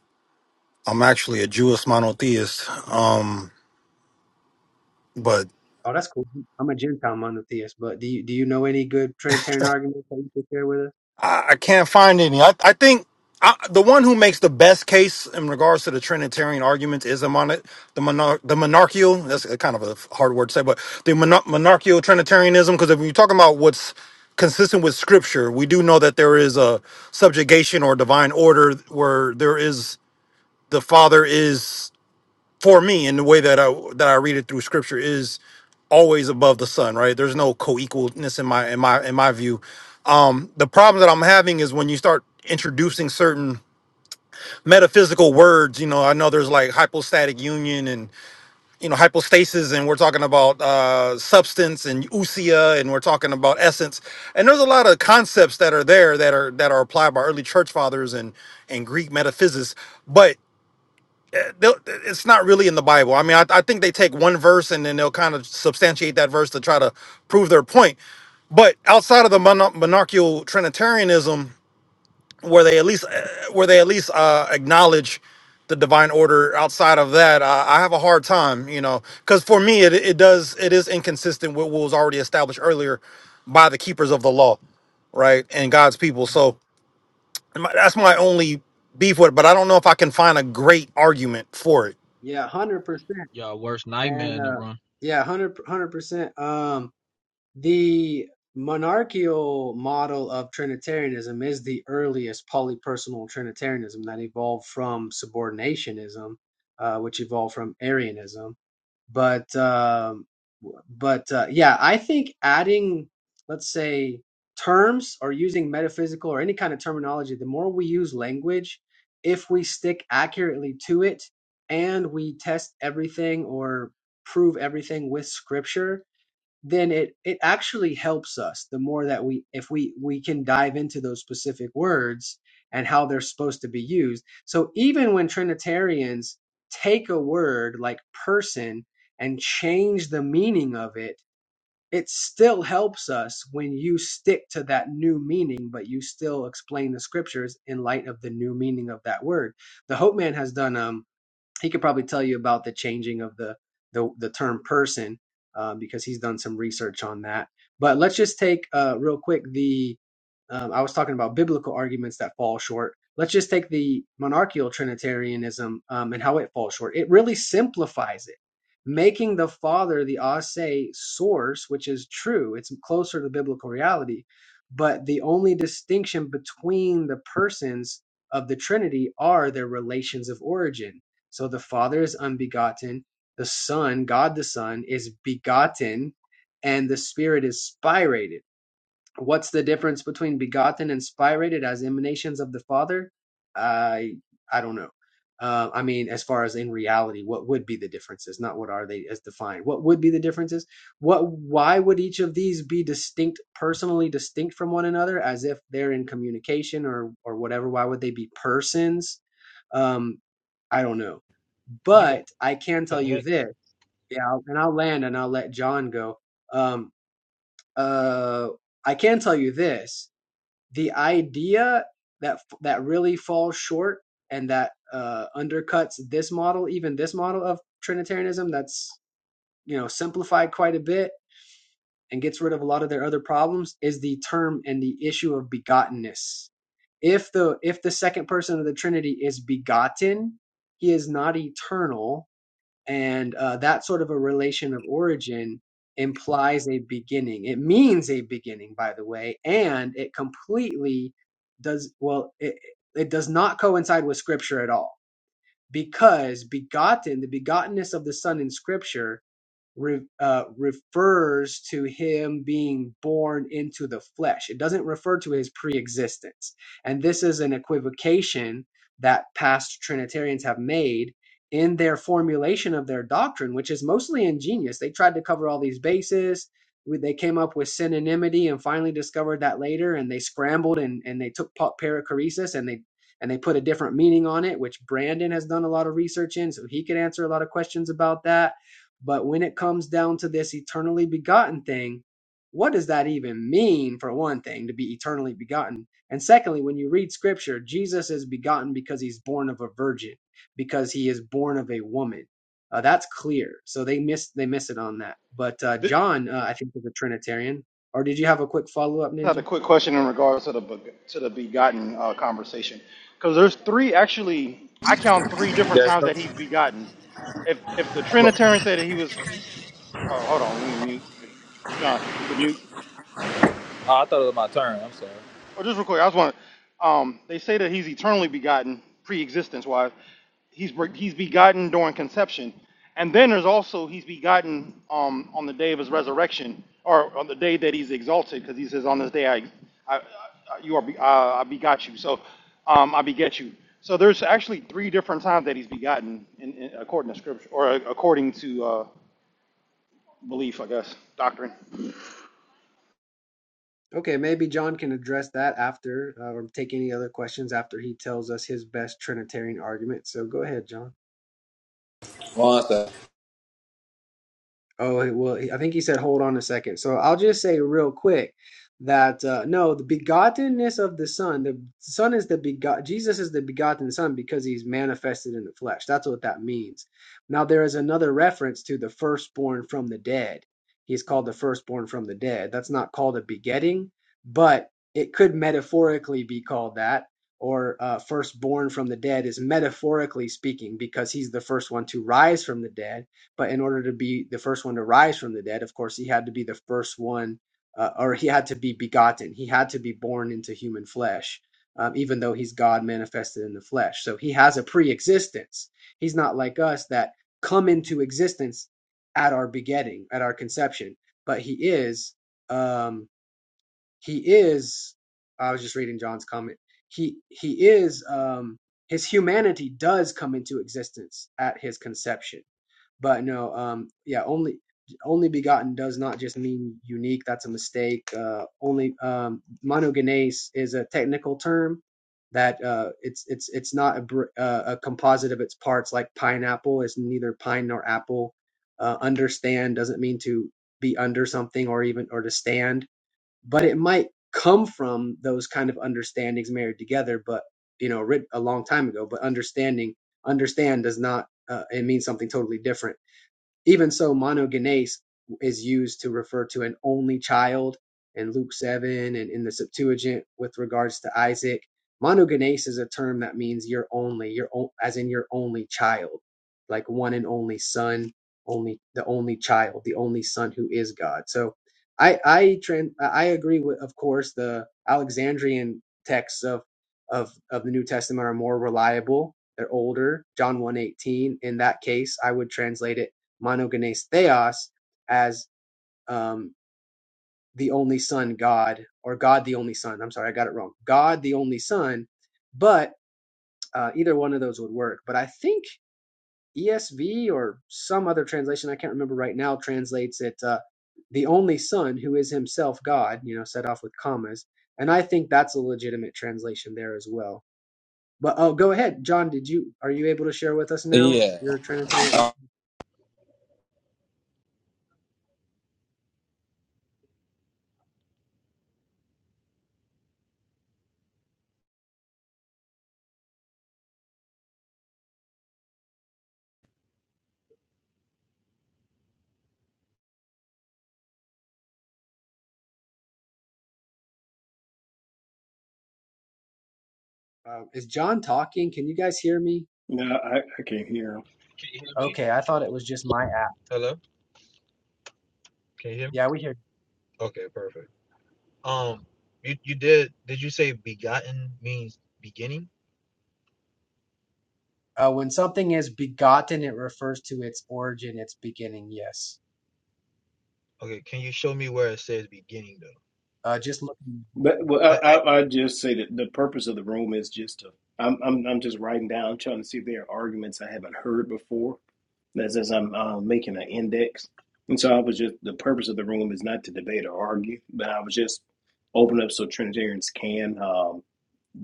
S6: I'm actually a Jewish monotheist. Um, but
S4: Oh, that's cool. I'm a Gentile monotheist, but do you, do you know any good Trinitarian arguments that you could share with us?
S6: I, I can't find any. I, I think I, the one who makes the best case in regards to the Trinitarian arguments is a mon- the monar- the monarchial. That's a kind of a hard word to say, but the monar- monarchial Trinitarianism. Because if you're talking about what's consistent with Scripture, we do know that there is a subjugation or divine order where there is the Father is. for me and the way that I that I read it through scripture is always above the sun, right? There's no co-equalness in my in my in my view. The problem that I'm having is when you start introducing certain metaphysical words, you know, I know there's like hypostatic union and you know hypostasis and we're talking about uh substance and usia and we're talking about essence. And there's a lot of concepts that are there that are that are applied by early church fathers and and Greek metaphysicists, but they'll- it's not really in the Bible. I mean, I, I think they take one verse and then they'll kind of substantiate that verse to try to prove their point. But outside of the mono- monarchical Trinitarianism, where they at least uh, where they at least uh, acknowledge the divine order, outside of that, I, I have a hard time, you know, because for me, it, it does it is inconsistent with what was already established earlier by the keepers of the law, right, and God's people. So my- that's my only beef with it. But I don't know if I can find a great argument for it
S4: Yeah, hundred percent,
S7: Y'all worst nightmare
S4: and
S7: in the
S4: uh,
S7: room.
S4: yeah, hundred hundred percent. Um, the monarchical model of Trinitarianism is the earliest polypersonal Trinitarianism that evolved from subordinationism, uh, which evolved from Arianism. but um, but uh, yeah, I think adding, let's say, terms or using metaphysical or any kind of terminology, the more we use language, if we stick accurately to it and we test everything or prove everything with scripture, then it it actually helps us the more that we if we we can dive into those specific words and how they're supposed to be used so even when trinitarians take a word like person and change the meaning of it it still helps us when you stick to that new meaning but you still explain the scriptures in light of the new meaning of that word the hope man has done um he could probably tell you about the changing of the the, the term person uh, because he's done some research on that. But let's just take uh, real quick the um, I was talking about biblical arguments that fall short. Let's just take the monarchical Trinitarianism um, and how it falls short. It really simplifies it, making the Father the ase source, which is true. It's closer to biblical reality, but the only distinction between the persons of the Trinity are their relations of origin so the Father is unbegotten, the Son, God the Son, is begotten, and the Spirit is spirated. What's the difference between begotten and spirated as emanations of the Father? I I don't know. Uh, I mean, as far as in reality, what would be the differences? Not what are they as defined. What would be the differences? What? Why would each of these be distinct, personally distinct from one another, as if they're in communication or or whatever? Why would they be persons? Um, I don't know.
S7: You got,
S4: But I can tell
S7: got
S4: you
S7: hex.
S4: this, yeah, I'll- and I'll land and I'll let John go. Um, uh, I can tell you this: the idea that that really falls short and that uh, undercuts this model, even this model of Trinitarianism, that's you know simplified quite a bit and gets rid of a lot of their other problems, is the term and the issue of begottenness. If the if the second person of the Trinity is begotten, he is not eternal and uh, that sort of a relation of origin implies a beginning it means a beginning by the way and it completely does well it, it does not coincide with scripture at all because begotten the begottenness of the son in scripture re, uh, refers to him being born into the flesh. It doesn't refer to his pre-existence. And this is an equivocation that past Trinitarians have made in their formulation of their doctrine, which is mostly ingenious. They tried to cover all these bases. We- They came up with synonymity and finally discovered that later, and they scrambled and, and they took pa- perichoresis and they and they put a different meaning on it, which Brandon has done a lot of research in, so he could answer a lot of questions about that but when it comes down to this eternally begotten thing, what does that even mean, for one thing, to be eternally begotten? And secondly, when you read scripture, Jesus is begotten because he's born of a virgin, because he is born of a woman. Uh, that's clear. So they miss they miss it on that. But uh, John, uh, I think, is a Trinitarian. Or did you have a quick follow up, Ninja?
S7: There's no. Look, oh, I thought it was my turn. I'm sorry.
S4: Okay, maybe John can address that after, uh, or take any other questions after he tells us his best Trinitarian argument. So go ahead, John. Oh, well, I think he said, hold on a second. So I'll just say real quick that uh, no, the begottenness of the Son, the Son is the begot, Jesus is the begotten Son because he's manifested in the flesh. That's what that means. Now, there is another reference to the firstborn from the dead. He's called the firstborn from the dead. That's not called a begetting, but it could metaphorically be called that. Or uh, firstborn from the dead is metaphorically speaking because he's the first one to rise from the dead but in order to be the first one to rise from the dead, of course, he had to be the first one, uh, or he had to be begotten. He had to be born into human flesh, um, even though he's God manifested in the flesh. So he has a pre existence. He's not like us that come into existence at our begetting, at our conception. But he is, um, he is, I was just reading John's comment. He, he is, um, his humanity does come into existence at his conception but no, um, yeah, only only begotten does not just mean unique. That's a mistake. Uh, only um, monogenes is a technical term that uh, it's it's it's not a, br- uh, a composite of its parts. Like pineapple is neither pine nor apple. Uh, understand doesn't mean to be under something or even or to stand, but it might come from those kind of understandings married together. But you know, writ- a long time ago. But understanding understand does not uh, it means something totally different even so, monogenes is used to refer to an only child in Luke 7 and in the Septuagint with regards to Isaac. Monogenes is a term that means your only, your o- as in your only child, like one and only son, only the only child, the only son who is God. So I I tran- I agree with of course the Alexandrian texts of of of the New Testament are more reliable. They're older. John one eighteen. in that case, I would translate it monogenes theos as um, the only son god or god the only son i'm sorry i got it wrong god the only son but uh, either one of those would work but i think esv or some other translation i can't remember right now translates it uh, the only son who is himself god you know set off with commas and i think that's a legitimate translation there as well but oh go ahead john did you are you able to share with us now
S7: Yeah.
S4: your trinitarian ar-
S7: Uh,
S4: uh, is john talking can you guys hear me
S2: no, I, I can't hear him.
S7: Can you hear me?
S4: Okay, I thought it was just my app.
S7: Hello? Can you hear me?
S4: Yeah, we hear.
S7: Okay, perfect. Um, you, you did, did you say begotten means beginning?
S4: Uh, when something is begotten, it refers to its origin, its beginning. Yes.
S7: Okay, can you show me where it says beginning though?
S4: Uh, just looking.
S2: But well,
S7: I,
S2: I,
S7: I,
S2: I, I just say that the purpose of the room is just to. I'm, I'm I'm just writing down, trying to see if there are arguments I haven't heard before As as I'm uh, making an index. And so I was just, the purpose of the room is not to debate or argue, but I was just open up so Trinitarians can um,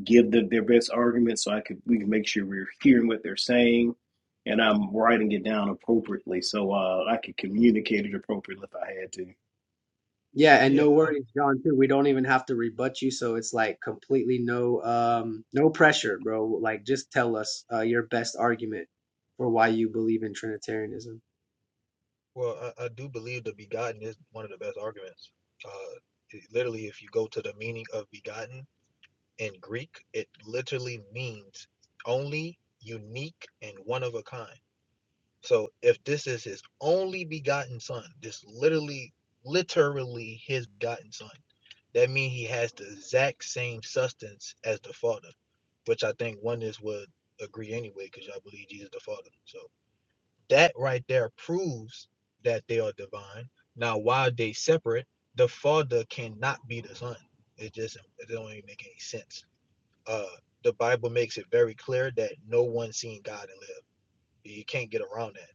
S2: give the, their best argument so I could, we can make sure we're hearing what they're saying and I'm writing it down appropriately so uh, I could communicate it appropriately if I had to.
S4: Yeah, and
S7: yeah,
S4: no
S7: I,
S4: worries, John. Too. We don't even have to rebut you, so it's like completely no, um, no pressure, bro. Like just tell us uh, your best argument for why you believe in Trinitarianism.
S7: well, I, I do believe the begotten is one of the best arguments. Uh, it- literally, if you go to the meaning of begotten in Greek, it literally means only, unique, and one of a kind. So if this is his only begotten son, this literally, literally his begotten son, that means he has the exact same substance as the father, which I think oneness would agree anyway, because y'all believe Jesus the Father. So that right there proves that they are divine. Now, while they separate, the father cannot be the son. It just it don't even make any sense. Uh, the Bible makes it very clear that no one seen God and live. You can't get around that.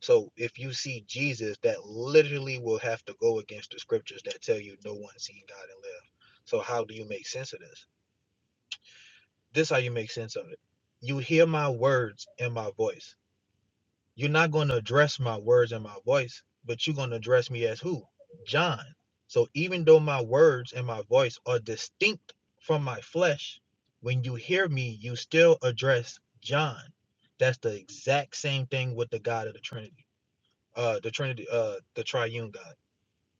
S7: So if you see Jesus, that literally will have to go against the scriptures that tell you no one seen God and live. So how do you make sense of this? This is how you make sense of it. You hear my words and my voice. You're not going to address my words and my voice, but you're going to address me as who? John. So even though my words and my voice are distinct from my flesh, when you hear me, you still address John. That's the exact same thing with the God of the Trinity uh the Trinity, uh the triune God.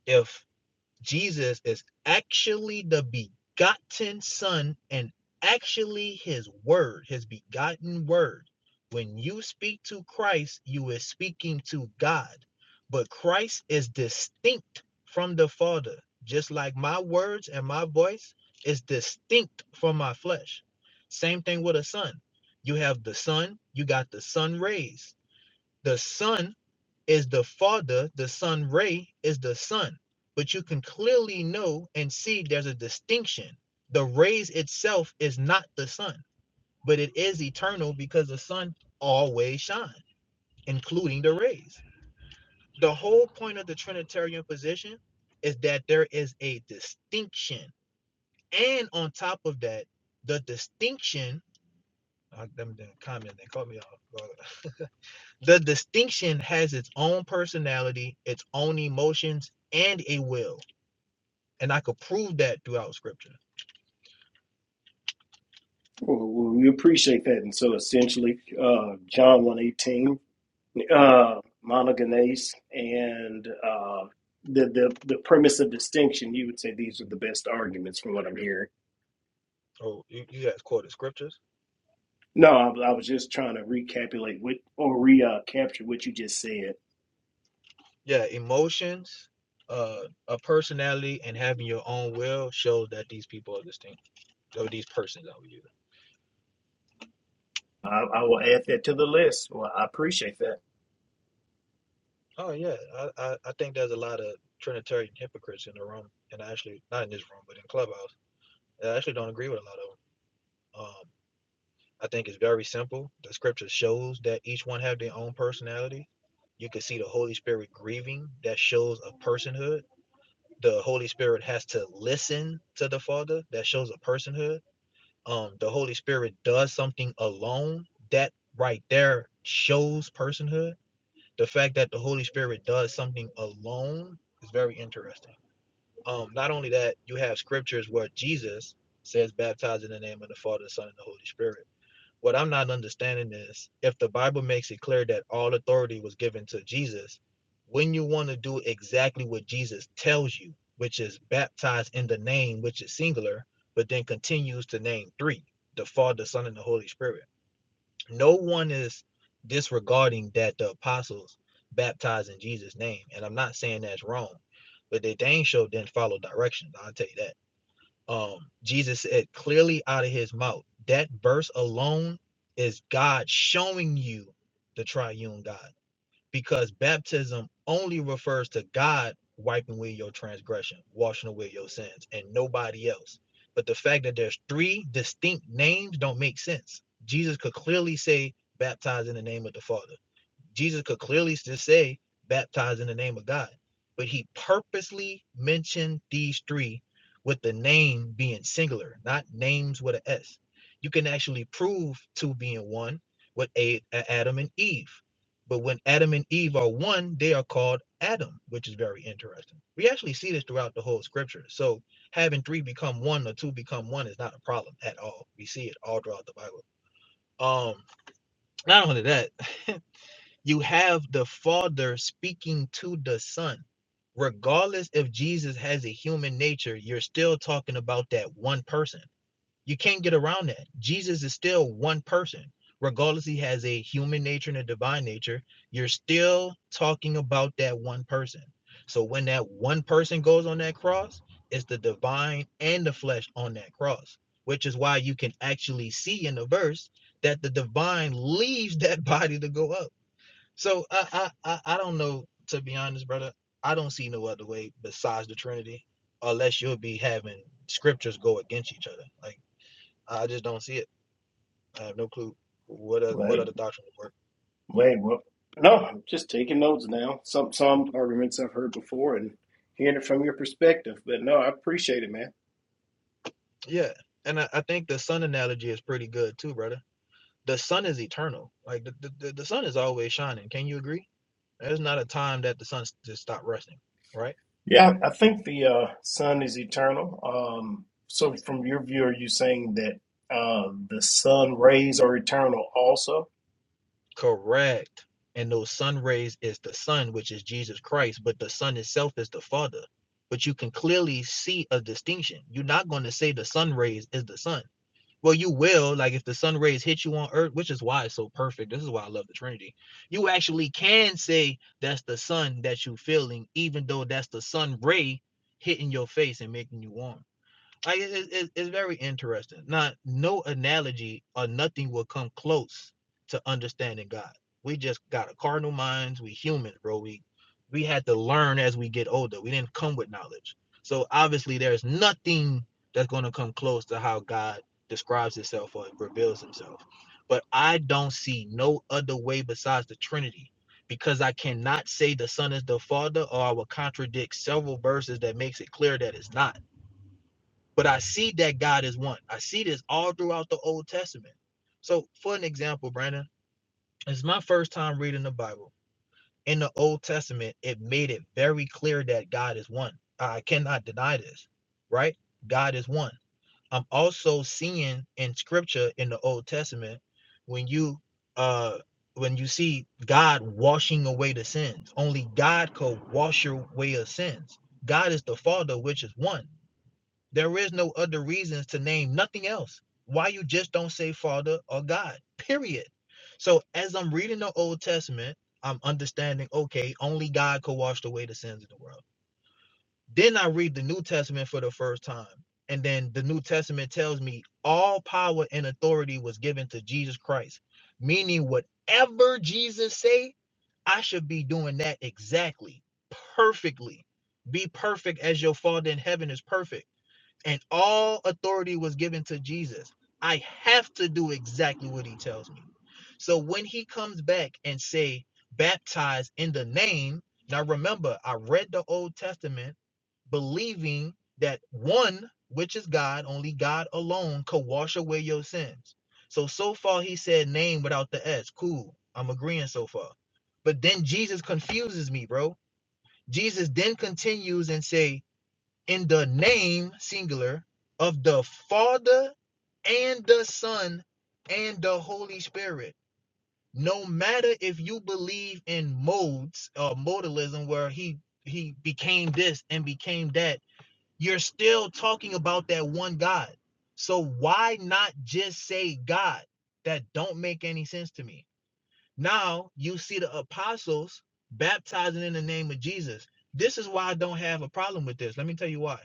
S7: If Jesus is actually the begotten son and actually his word, his begotten word, when you speak to Christ, you is speaking to God. But Christ is distinct from the Father, just like my words and my voice is distinct from my flesh. Same thing with a son. You have the sun, you got the sun rays. The sun is the father, the son Ray is the son. But you can clearly know and see there's a distinction. The rays itself is not the sun, but it is eternal because the sun always shines, including the rays. The whole point of the Trinitarian position is that there is a distinction. And on top of that, the distinction, uh, them, them comments, they caught me off guard. The distinction has its own personality, its own emotions, and a will. And I could prove that throughout scripture.
S2: Well, well, we appreciate that. And so essentially, uh, John 118. uh, monogenes and uh, the, the the premise of distinction, you would say these are the best arguments from what I'm hearing.
S7: Oh, you, you guys quoted scriptures?
S2: No, I, I was just trying to recapitulate what or recapture what you just said.
S7: Yeah, emotions, uh, a personality, and having your own will shows that these people are distinct, or these persons are using.
S2: I, I will add that to the list. Well, I appreciate that.
S7: Oh, yeah. I, I, I think there's a lot of Trinitarian hypocrites in the room, and I actually, not in this room, but in Clubhouse. I actually don't agree with a lot of them. Um, I think it's very simple. The scripture shows that each one have their own personality. You can see the Holy Spirit grieving. That shows a personhood. The Holy Spirit has to listen to the Father. That shows a personhood. Um, the Holy Spirit does something alone. That right there shows personhood. The fact that the Holy Spirit does something alone is very interesting. Um, not only that, you have scriptures where Jesus says, "Baptize in the name of the Father, the Son, and the Holy Spirit." What I'm not understanding is if the Bible makes it clear that all authority was given to Jesus, when you want to do exactly what Jesus tells you, which is baptized in the name, which is singular, but then continues to name three the Father, Son, and the Holy Spirit. No one is disregarding that the apostles baptized in Jesus' name. And I'm not saying that's wrong, but they dang sure didn't follow directions. I'll tell you that. Um, Jesus said clearly out of his mouth. That verse alone is God showing you the triune God because baptism only refers to God wiping away your transgression, washing away your sins, and nobody else. But the fact that there's three distinct names don't make sense. Jesus could clearly say, baptize in the name of the Father. Jesus could clearly just say, baptize in the name of God. But he purposely mentioned these three with the name being singular, not names with an S. You can actually prove two being one with a, a- Adam and Eve. But when Adam and Eve are one, they are called Adam, which is very interesting. We actually see this throughout the whole scripture. So having three become one or two become one is not a problem at all. We see it all throughout the Bible. Um, not only that, You have the Father speaking to the Son. Regardless if Jesus has a human nature, you're still talking about that one person. You can't get around that. Jesus is still one person. Regardless, he has a human nature and a divine nature. You're still talking about that one person. So when that one person goes on that cross, it's the divine and the flesh on that cross, which is why you can actually see in the verse that the divine leaves that body to go up so I, I I I don't know to be honest, brother. I don't see no other way besides the Trinity, unless you'll be having scriptures go against each other. Like I just don't see it. I have no clue what oth- what
S2: Wait,
S7: other doctrine would work.
S2: wait, well, No, I'm just taking notes now. Some some arguments I've heard before and hearing it from your perspective. But no, I appreciate it, man.
S7: Yeah, and I, I think the sun analogy is pretty good too, brother. The sun is eternal. Like the, the, the sun is always shining. Can you agree? There's not a time that the sun just stopped resting, right?
S2: Yeah, I I think the uh, Son is eternal. Um, so, from your view, are you saying that uh, the sun rays are eternal also?
S7: Correct. And those sun rays is the sun, which is Jesus Christ, but the sun itself is the Father. But you can clearly see a distinction. You're not going to say the sun rays is the sun. Well, you will, like if the sun rays hit you on earth, which is why it's so perfect. This is why I love the Trinity. You actually can say that's the sun that you're feeling, even though that's the sun ray hitting your face and making you warm. Like it, it, it's very interesting. Not no analogy or nothing will come close to understanding God. We just got a carnal minds. We human, bro. We we had to learn as we get older. We didn't come with knowledge. So obviously there's nothing that's gonna come close to how God describes himself or reveals himself. But I don't see no other way besides the Trinity because I cannot say the Son is the Father or I will contradict several verses that makes it clear that it's not but I see that God is one. I see this all throughout the Old Testament. So, for an example, Brandon, it's my first time reading the Bible. In the Old Testament, it made it very clear that God is one. I cannot deny this, right? God is one. I'm also seeing in scripture in the Old Testament when you uh when you see God washing away the sins. Only God could wash away your sins. God is the Father, which is one. There is no other reasons to name nothing else. Why you just don't say Father or God, period. So as I'm reading the Old Testament, I'm understanding, okay, only God could wash away the sins of the world. Then I read the New Testament for the first time. And then the New Testament tells me all power and authority was given to Jesus Christ, meaning whatever Jesus say, I should be doing that exactly, perfectly. Be perfect as your Father in heaven is perfect and all authority was given to Jesus. I have to do exactly what he tells me. So when he comes back and say baptize in the name, now remember I read the Old Testament believing that one, which is God, only God alone could wash away your sins. So so far he said name without the s. Cool. I'm agreeing so far. But then Jesus confuses me, bro. Jesus then continues and say in the name singular of the Father and the Son and the Holy Spirit. No matter if you believe in modes or modalism where he he became this and became that, you're still talking about that one God. So why not just say God? That don't make any sense to me. Now you see the apostles baptizing in the name of Jesus. This is why I don't have a problem with this. Let me tell you why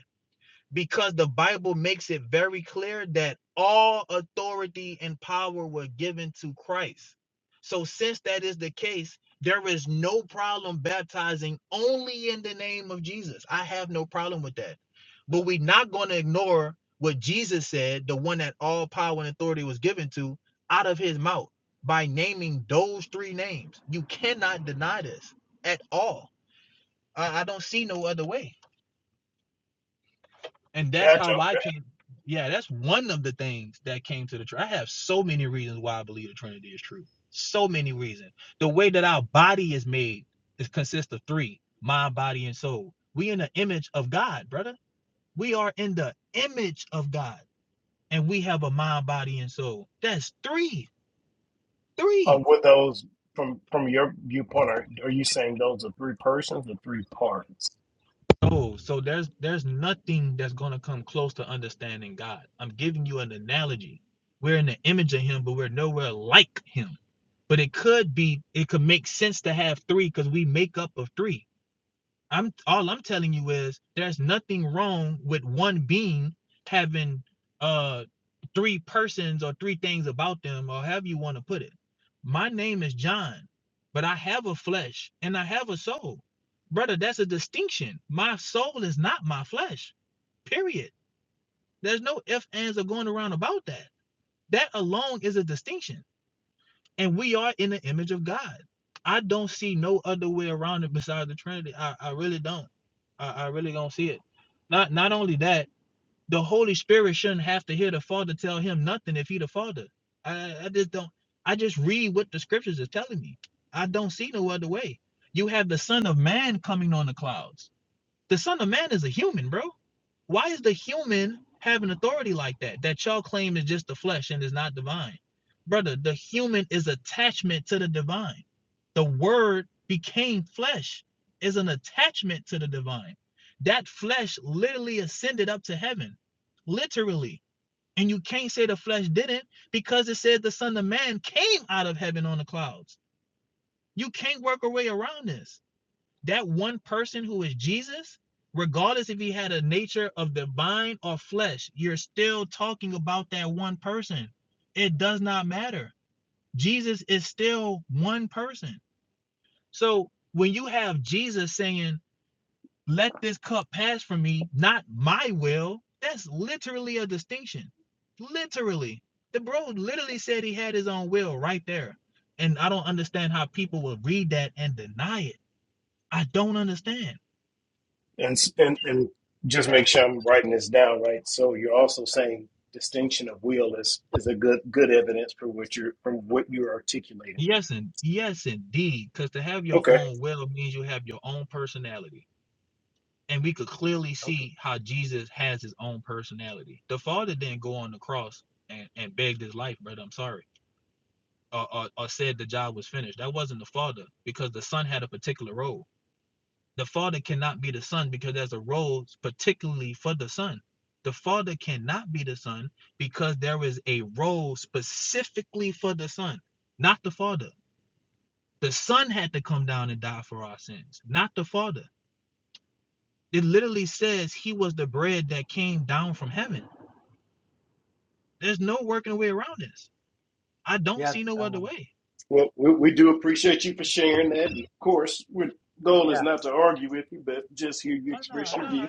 S7: because the Bible makes it very clear that all authority and power were given to Christ. So, since that is the case, there is no problem baptizing only in the name of Jesus. I have no problem with that. But we're not going to ignore what Jesus said, the one that all power and authority was given to, out of his mouth by naming those three names. You cannot deny this at all. I, I don't see no other way. And that's
S2: Gotcha.
S7: how I
S2: Okay.
S7: came. Yeah, that's one of the things that came to the tr I have so many reasons why I believe the Trinity is true. So many reasons. The way that our body is made is consists of three: mind, body, and soul. We in the image of God, brother. We are in the image of God, and we have a mind, body, and soul. That's three.
S2: Uh,
S7: Three.
S2: were those from from your viewpoint? Are, are you saying those are three persons or three parts?
S7: No, so there's there's nothing that's gonna come close to understanding God. I'm giving you an analogy. We're in the image of Him, but we're nowhere like Him. But it could be, it could make sense to have three because we make up of three. I'm all I'm telling you is there's nothing wrong with one being having uh three persons or three things about them or however you want to put it. My name is John, but I have a flesh and I have a soul. Brother, that's a distinction. My soul is not my flesh. Period. There's no ifs, ands, or going around about that. That alone is a distinction and we are in the image of God. I don't see no other way around it besides the Trinity. I, I really don't. I, I really don't see it. Not not only that, the Holy Spirit shouldn't have to hear the Father tell him nothing if he the Father. I, I just don't. I just read what the Scriptures is telling me. I don't see no other way. You have the Son of Man coming on the clouds the Son of Man is a human, bro. Why is the human having authority like that? That y'all claim is just the flesh and is not divine. Brother, the human is attachment to the divine. The word became flesh is an attachment to the divine. That flesh literally ascended up to heaven. Literally. And you can't say the flesh didn't because it said the Son of Man came out of heaven on the clouds. You can't work a way around this that one person who is Jesus, regardless if he had a nature of divine or flesh, you're still talking about that one person. It does not matter. Jesus is still one person. So when you have Jesus saying, let this cup pass from me, not my will, that's literally a distinction. Literally. The bro literally said he had his own will right there. And I don't understand how people will read that and deny it. I don't understand.
S2: And s- and and just
S4: Yeah.
S2: make sure I'm writing this down right. So you're also saying distinction of will is is a good good evidence for what you're from what you're articulating.
S7: Yes, and yes, indeed. Because to have your
S2: Okay.
S7: own will means you have your own personality. And we could clearly
S4: Okay.
S7: see how Jesus has his own personality. The Father didn't go on the cross and, and begged his life, brother. I'm sorry. Or, or, or said the job was finished. That wasn't the Father because the Son had a particular role. The Father cannot be the Son because there's a role particularly for the Son. The Father cannot be the Son because there is a role specifically for the Son, not the Father. The son had to come down and die for our sins, not the father. It literally says he was the bread that came down from heaven. There's no working way around this. I don't
S4: Yeah.
S7: see no other
S4: Um,
S7: way.
S2: Well, we, we do appreciate you for sharing that. And of course, our goal is
S4: yeah.
S2: not to argue with you, but just hear you
S7: Oh no,
S2: express your
S7: no, no.
S2: view.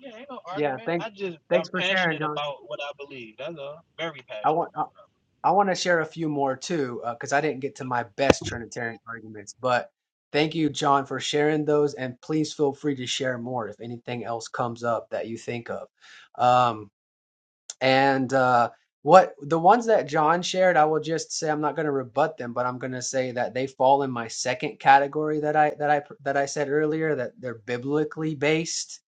S7: Yeah, ain't no
S4: Yeah.
S7: argument.
S4: Thanks.
S7: I just am
S4: Thanks for sharing,
S7: passionate
S4: John.
S7: about what I believe. That's all. Very
S4: I
S7: passionate
S4: want. uh,
S7: about what I
S4: I want to share a few more too, because I didn't get to my best Trinitarian arguments. But thank you, John, for sharing those. And please feel free to share more if anything else comes up that you think of. Um, and uh, what the ones that John shared, I will just say I'm not going to rebut them, but I'm going to say that they fall in my second category that I that I that I said earlier that they're biblically based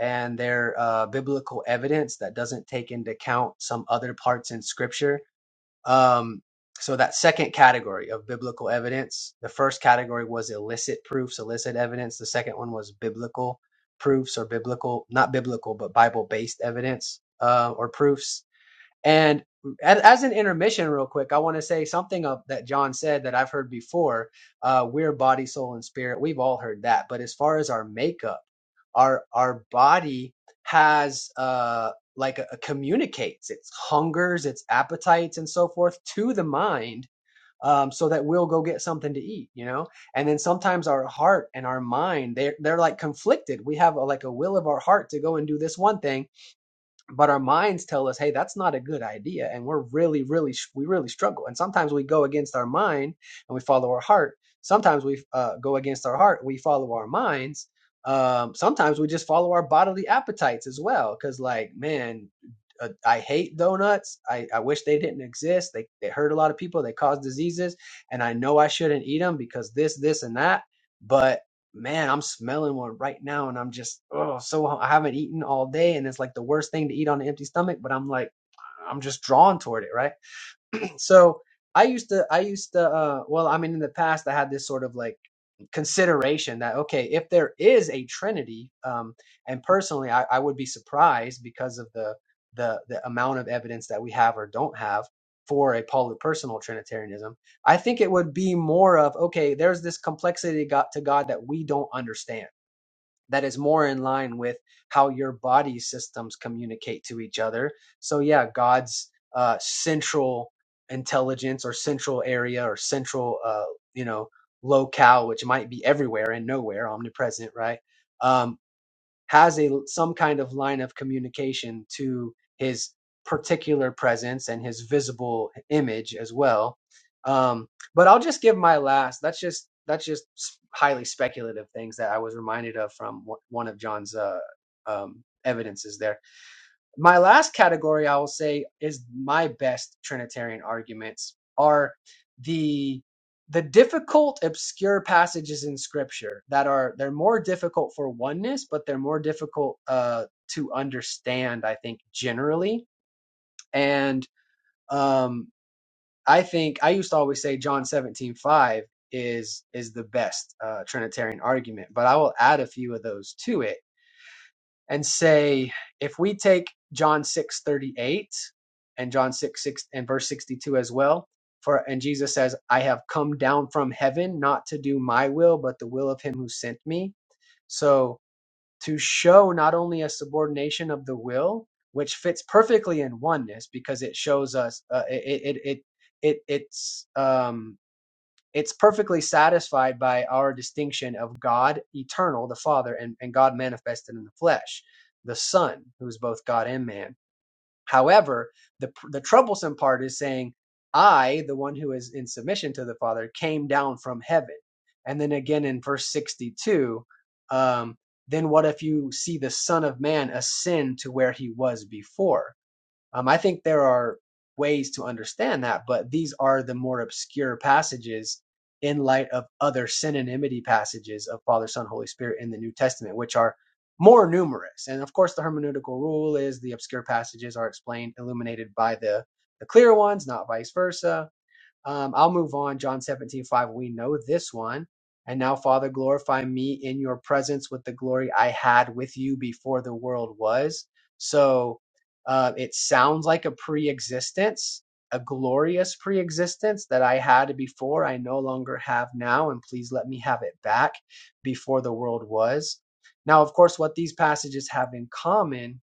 S4: and they're uh, biblical evidence that doesn't take into account some other parts in Scripture um, so that second category of biblical evidence, the first category was illicit proofs, illicit evidence. The second one was biblical proofs or biblical, not biblical, but Bible based evidence uh, or proofs and as, an intermission, real quick, I want to say something of, that John said that I've heard before. Uh, we're body, soul, and spirit. We've all heard that. But as far as our makeup, our our body has uh, like a, a communicates its hungers, its appetites, and so forth to the mind. Um, so that we'll go get something to eat, you know, and then sometimes our heart and our mind, they're, they're like conflicted. We have a, like a will of our heart to go and do this one thing but our minds tell us hey that's not a good idea and we're really really we really struggle and sometimes we go against our mind and we follow our heart sometimes we uh, go against our heart we follow our minds um, sometimes we just follow our bodily appetites as well because like man uh, i hate donuts I, I wish they didn't exist they, they hurt a lot of people they cause diseases and i know i shouldn't eat them because this this and that but man, I'm smelling one right now, and I'm just oh so I haven't eaten all day, and it's like the worst thing to eat on an empty stomach. But I'm like, I'm just drawn toward it, right? So I used to, I used to, uh, well, I mean, in the past I had this sort of like consideration that okay if there is a trinity um, and personally I, I would be surprised because of the, the the amount of evidence that we have or don't have for a polypersonal trinitarianism i think it would be more of okay there's this complexity to god, to god that we don't understand that is more in line with how your body systems communicate to each other. So, yeah, God's uh, central intelligence or central area or central, uh, you know, locale, which might be everywhere and nowhere, omnipresent, right? Um, has a some kind of line of communication to his particular presence and his visible image as well. Um, but I'll just give my last. That's just that's just highly speculative things that I was reminded of from one one of John's uh, um, evidences there my last category I will say is my best Trinitarian arguments are the the difficult obscure passages in scripture that are they're more difficult for oneness but they're more difficult uh to understand i think generally and um i think i used to always say john 17 5 is is the best uh trinitarian argument but i will add a few of those to it and say if we take John 6:38 and John 6, 6 and verse 62 as well for and Jesus says I have come down from heaven not to do my will but the will of him who sent me so to show not only a subordination of the will which fits perfectly in oneness because it shows us uh, it, it it it it's um it's perfectly satisfied by our distinction of God eternal, the Father, and, and God manifested in the flesh, the Son, who is both God and man. However, the, the troublesome part is saying, I, the one who is in submission to the Father, came down from heaven. And then again in verse 62, um, then what if you see the Son of Man ascend to where he was before? Um, I think there are ways to understand that, but these are the more obscure passages in light of other synonymity passages of Father, Son, Holy Spirit in the New Testament, which are more numerous. And of course, the hermeneutical rule is the obscure passages are explained, illuminated by the, the clear ones, not vice versa um, I'll move on. John 17 5. We know this one. And now, Father, glorify me in your presence with the glory I had with you before the world was. So uh, it sounds like a pre existence, a glorious pre existence that I had before, I no longer have now. And please let me have it back before the world was. Now, of course, what these passages have in common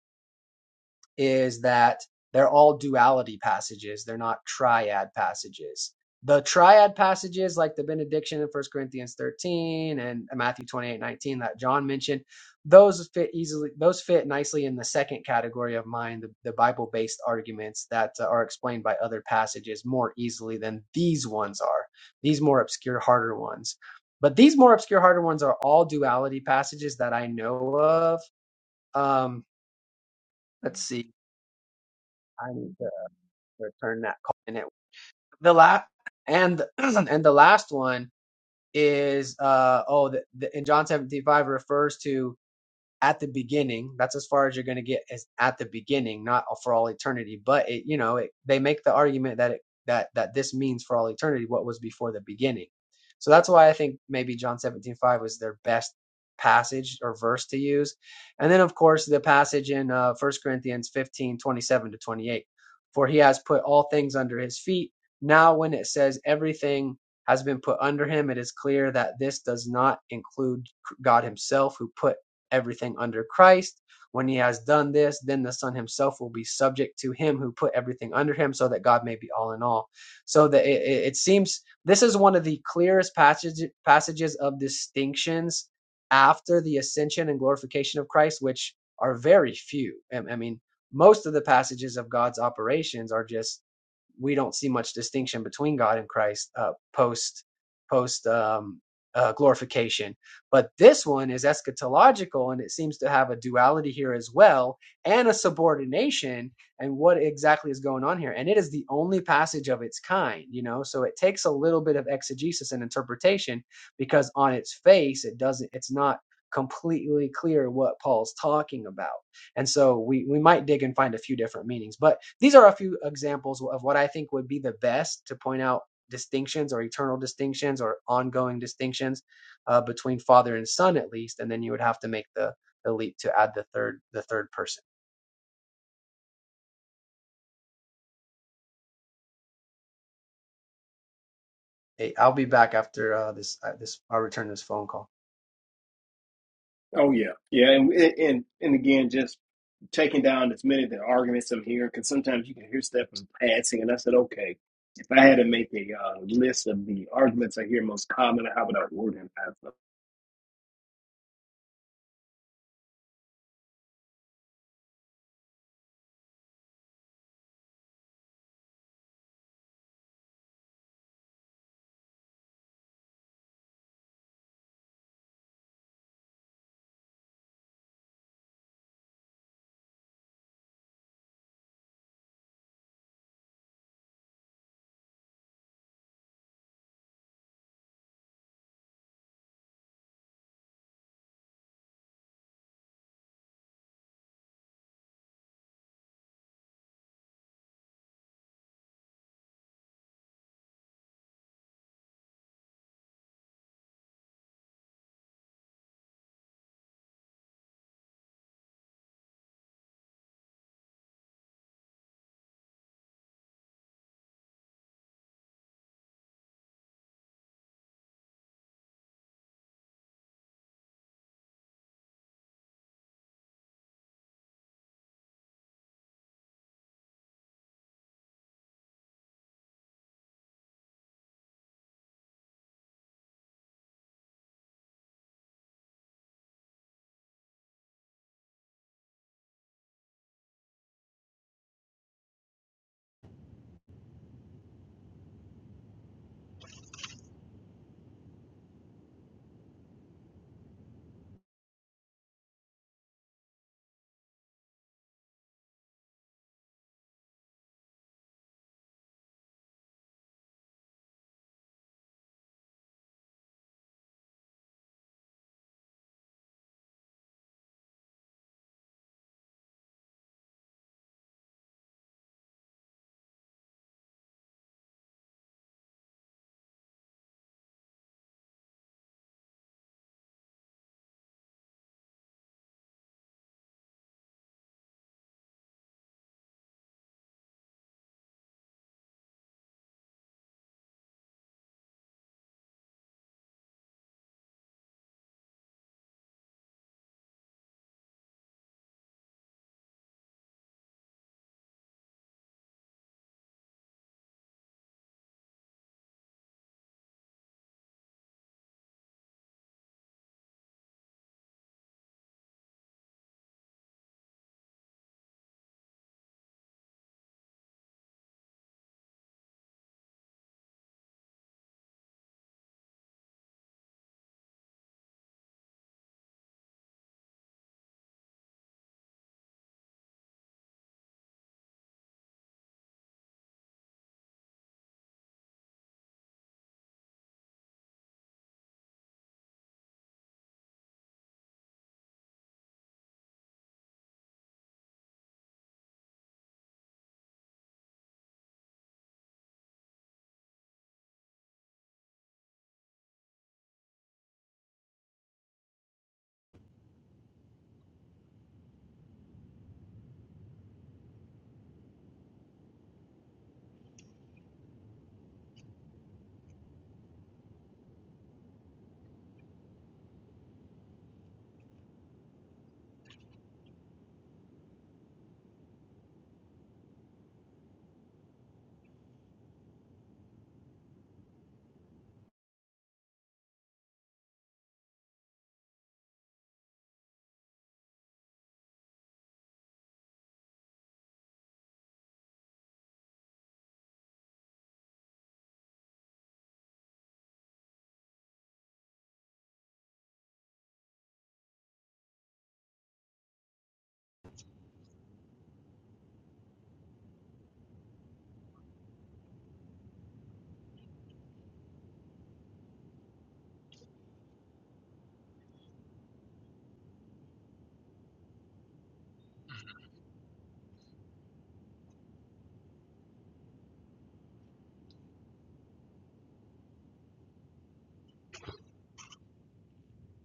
S4: is that they're all duality passages. They're not triad passages. The triad passages, like the benediction in First Corinthians 13 and Matthew 28:19 that John mentioned, those fit easily, those fit nicely in the second category of mine, the, the Bible based arguments that uh, are explained by other passages more easily than these ones are, these more obscure, harder ones. But these more obscure, harder ones are all duality passages that I know of. Um, let's see. I need return that call. And it, the last and and the last one is uh oh the, the, in John seventeen five refers to at the beginning. That's as far as you're going to get is at the beginning, not for all eternity. But it, you know, it, they make the argument that it, that that this means for all eternity what was before the beginning. So that's why I think maybe John 17:5 was their best passage or verse to use. And then of course the passage in uh, 1 Corinthians 15 27 to 28. For he has put all things under his feet. Now when it says everything has been put under him, it is clear that this does not include God himself who put everything under Christ. When he has done this, then the Son himself will be subject to him who put everything under him, so that God may be all in all. So that it, it seems this is one of the clearest passage, passages of distinctions after the ascension and glorification of Christ, which are very few. I mean, most of the passages of God's operations are just we don't see much distinction between God and Christ uh, post post um, uh, glorification. But this one is eschatological, and it seems to have a duality here as well, and a subordination. And what exactly is going on here? And it is the only passage of its kind, you know. So it takes a little bit of exegesis and interpretation because on its face, it doesn't. It's not completely clear what Paul's talking about. And so we, we might dig and find a few different meanings. But these are a few examples of what I think would be the best to point out distinctions or eternal distinctions or ongoing distinctions uh, between father and son at least. And then you would have to make the, the leap to add the third the third person. Hey, I'll be back after uh, this uh, this I'll return this phone call.
S2: Oh yeah, yeah, and and and again, just taking down as many of the arguments I'm hearing, because sometimes you can hear stuff in passing. And I said, okay, if I had to make a uh, list of the arguments I hear most common, how would I word them?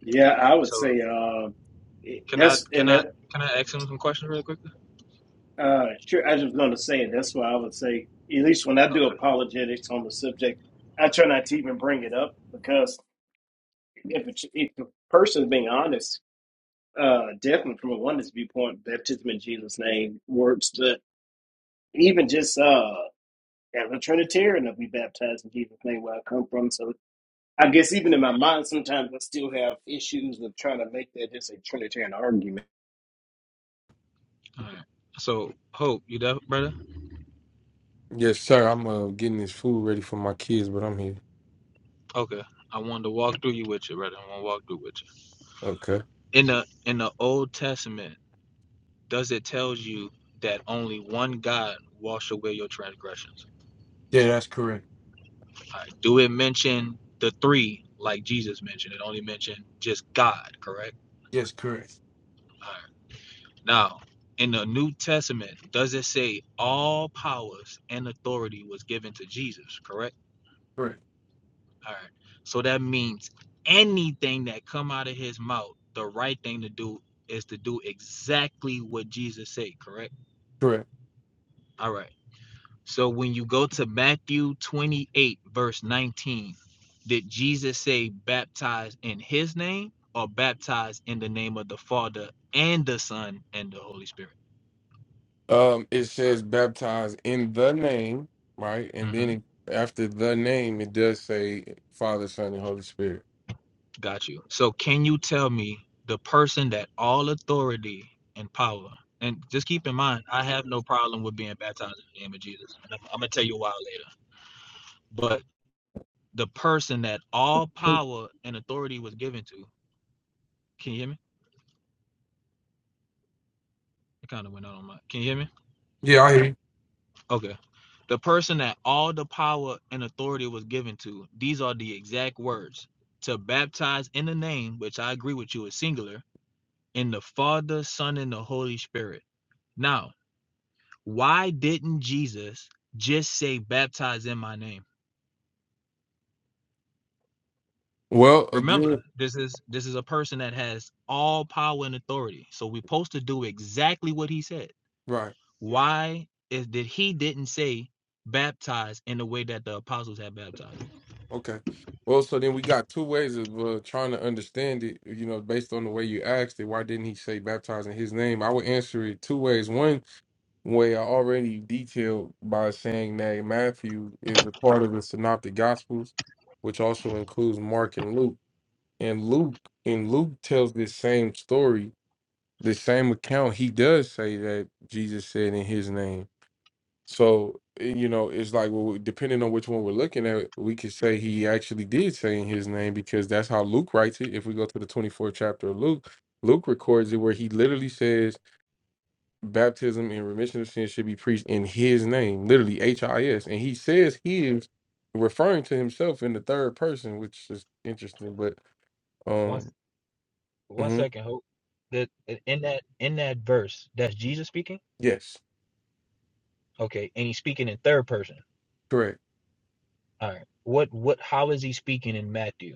S2: Yeah, I would
S7: believe.
S2: say
S7: So
S2: uh,
S7: can I
S2: that's
S7: can
S2: and
S7: I
S2: that,
S7: can I ask him some questions really quickly?
S2: Uh, sure. I was going to say that's why I would say, at least when I do
S7: Okay.
S2: apologetics on the subject, I try not to even bring it up because if it's, if the person is being honest, uh, definitely from a oneness viewpoint, baptism in Jesus' name works. But even just uh, as a Trinitarian, I'll be baptized in Jesus' name where I come from. So I guess even in my mind, sometimes I still have issues of trying to make that just a Trinitarian argument.
S7: All right. So Hope, you there, brother?
S5: Yes, sir. I'm uh, getting this food ready for my kids, but I'm here.
S7: Okay. I wanted to walk through you with you, brother. I want to walk through with you.
S5: Okay.
S7: In the in the Old Testament, does it tells you that only one God wash away your transgressions?
S5: Yeah, that's correct.
S7: All right. Do it mention the three like Jesus mentioned? It only mentioned just God, correct?
S5: Yes, correct.
S7: All right. Now, in the New Testament, does it say all powers and authority was given to Jesus, correct?
S5: Correct.
S7: All right. So that means anything that come out of his mouth, the right thing to do is to do exactly what Jesus said, correct?
S5: Correct.
S7: All right. So when you go to Matthew 28, verse 19, did Jesus say baptize in his name or baptize in the name of the Father and the Son and the Holy Spirit?
S5: Um, it says baptize in the name, right? And then
S7: hmm
S5: it, after the name, it does say Father, Son, and Holy Spirit.
S7: Got you. So can you tell me the person that all authority and power, and just keep in mind, I have no problem with being baptized in the name of Jesus. And I'm, I'm going to tell you why later. But the person that all power and authority was given to, can you hear me? It kind of went out on my, can you hear me?
S5: Yeah, I hear you.
S7: Okay. The person that all the power and authority was given to, these are the exact words to baptize in the name, which I agree with you is singular, in the Father, Son, and the Holy Spirit. Now, why didn't Jesus just say baptize in my name?
S5: Well,
S7: Remember,
S5: again,
S7: this is this is a person that has all power and authority. So we're supposed to do exactly what he said.
S5: right.
S7: Why is that he didn't say baptize in the way that the apostles had baptized?
S5: Okay. Well, so then we got two ways of uh, trying to understand it, you know, based on the way you asked it. Why didn't he say baptize in his name? I would answer it two ways. One where I already detailed by saying that Matthew is a part of the Synoptic Gospels, which also includes Mark and Luke. And Luke and Luke tells this same story, the same account. He does say that Jesus said in his name. So eh, you know, it's like well, depending on which one we're looking at, we could say he actually did say in his name because that's how Luke writes it. If we go to the twenty fourth chapter of Luke, Luke records it where he literally says baptism and remission of sins should be preached in his name, literally H I S. And he says his, referring to himself in the third person, which is interesting. But
S7: One
S5: um,
S7: one
S5: mhm,
S7: second, Hope. That in that in that verse, that's Jesus speaking.
S5: yes,
S7: Okay, and he's speaking in third person.
S5: correct.
S7: All right. What what? How is he speaking in Matthew?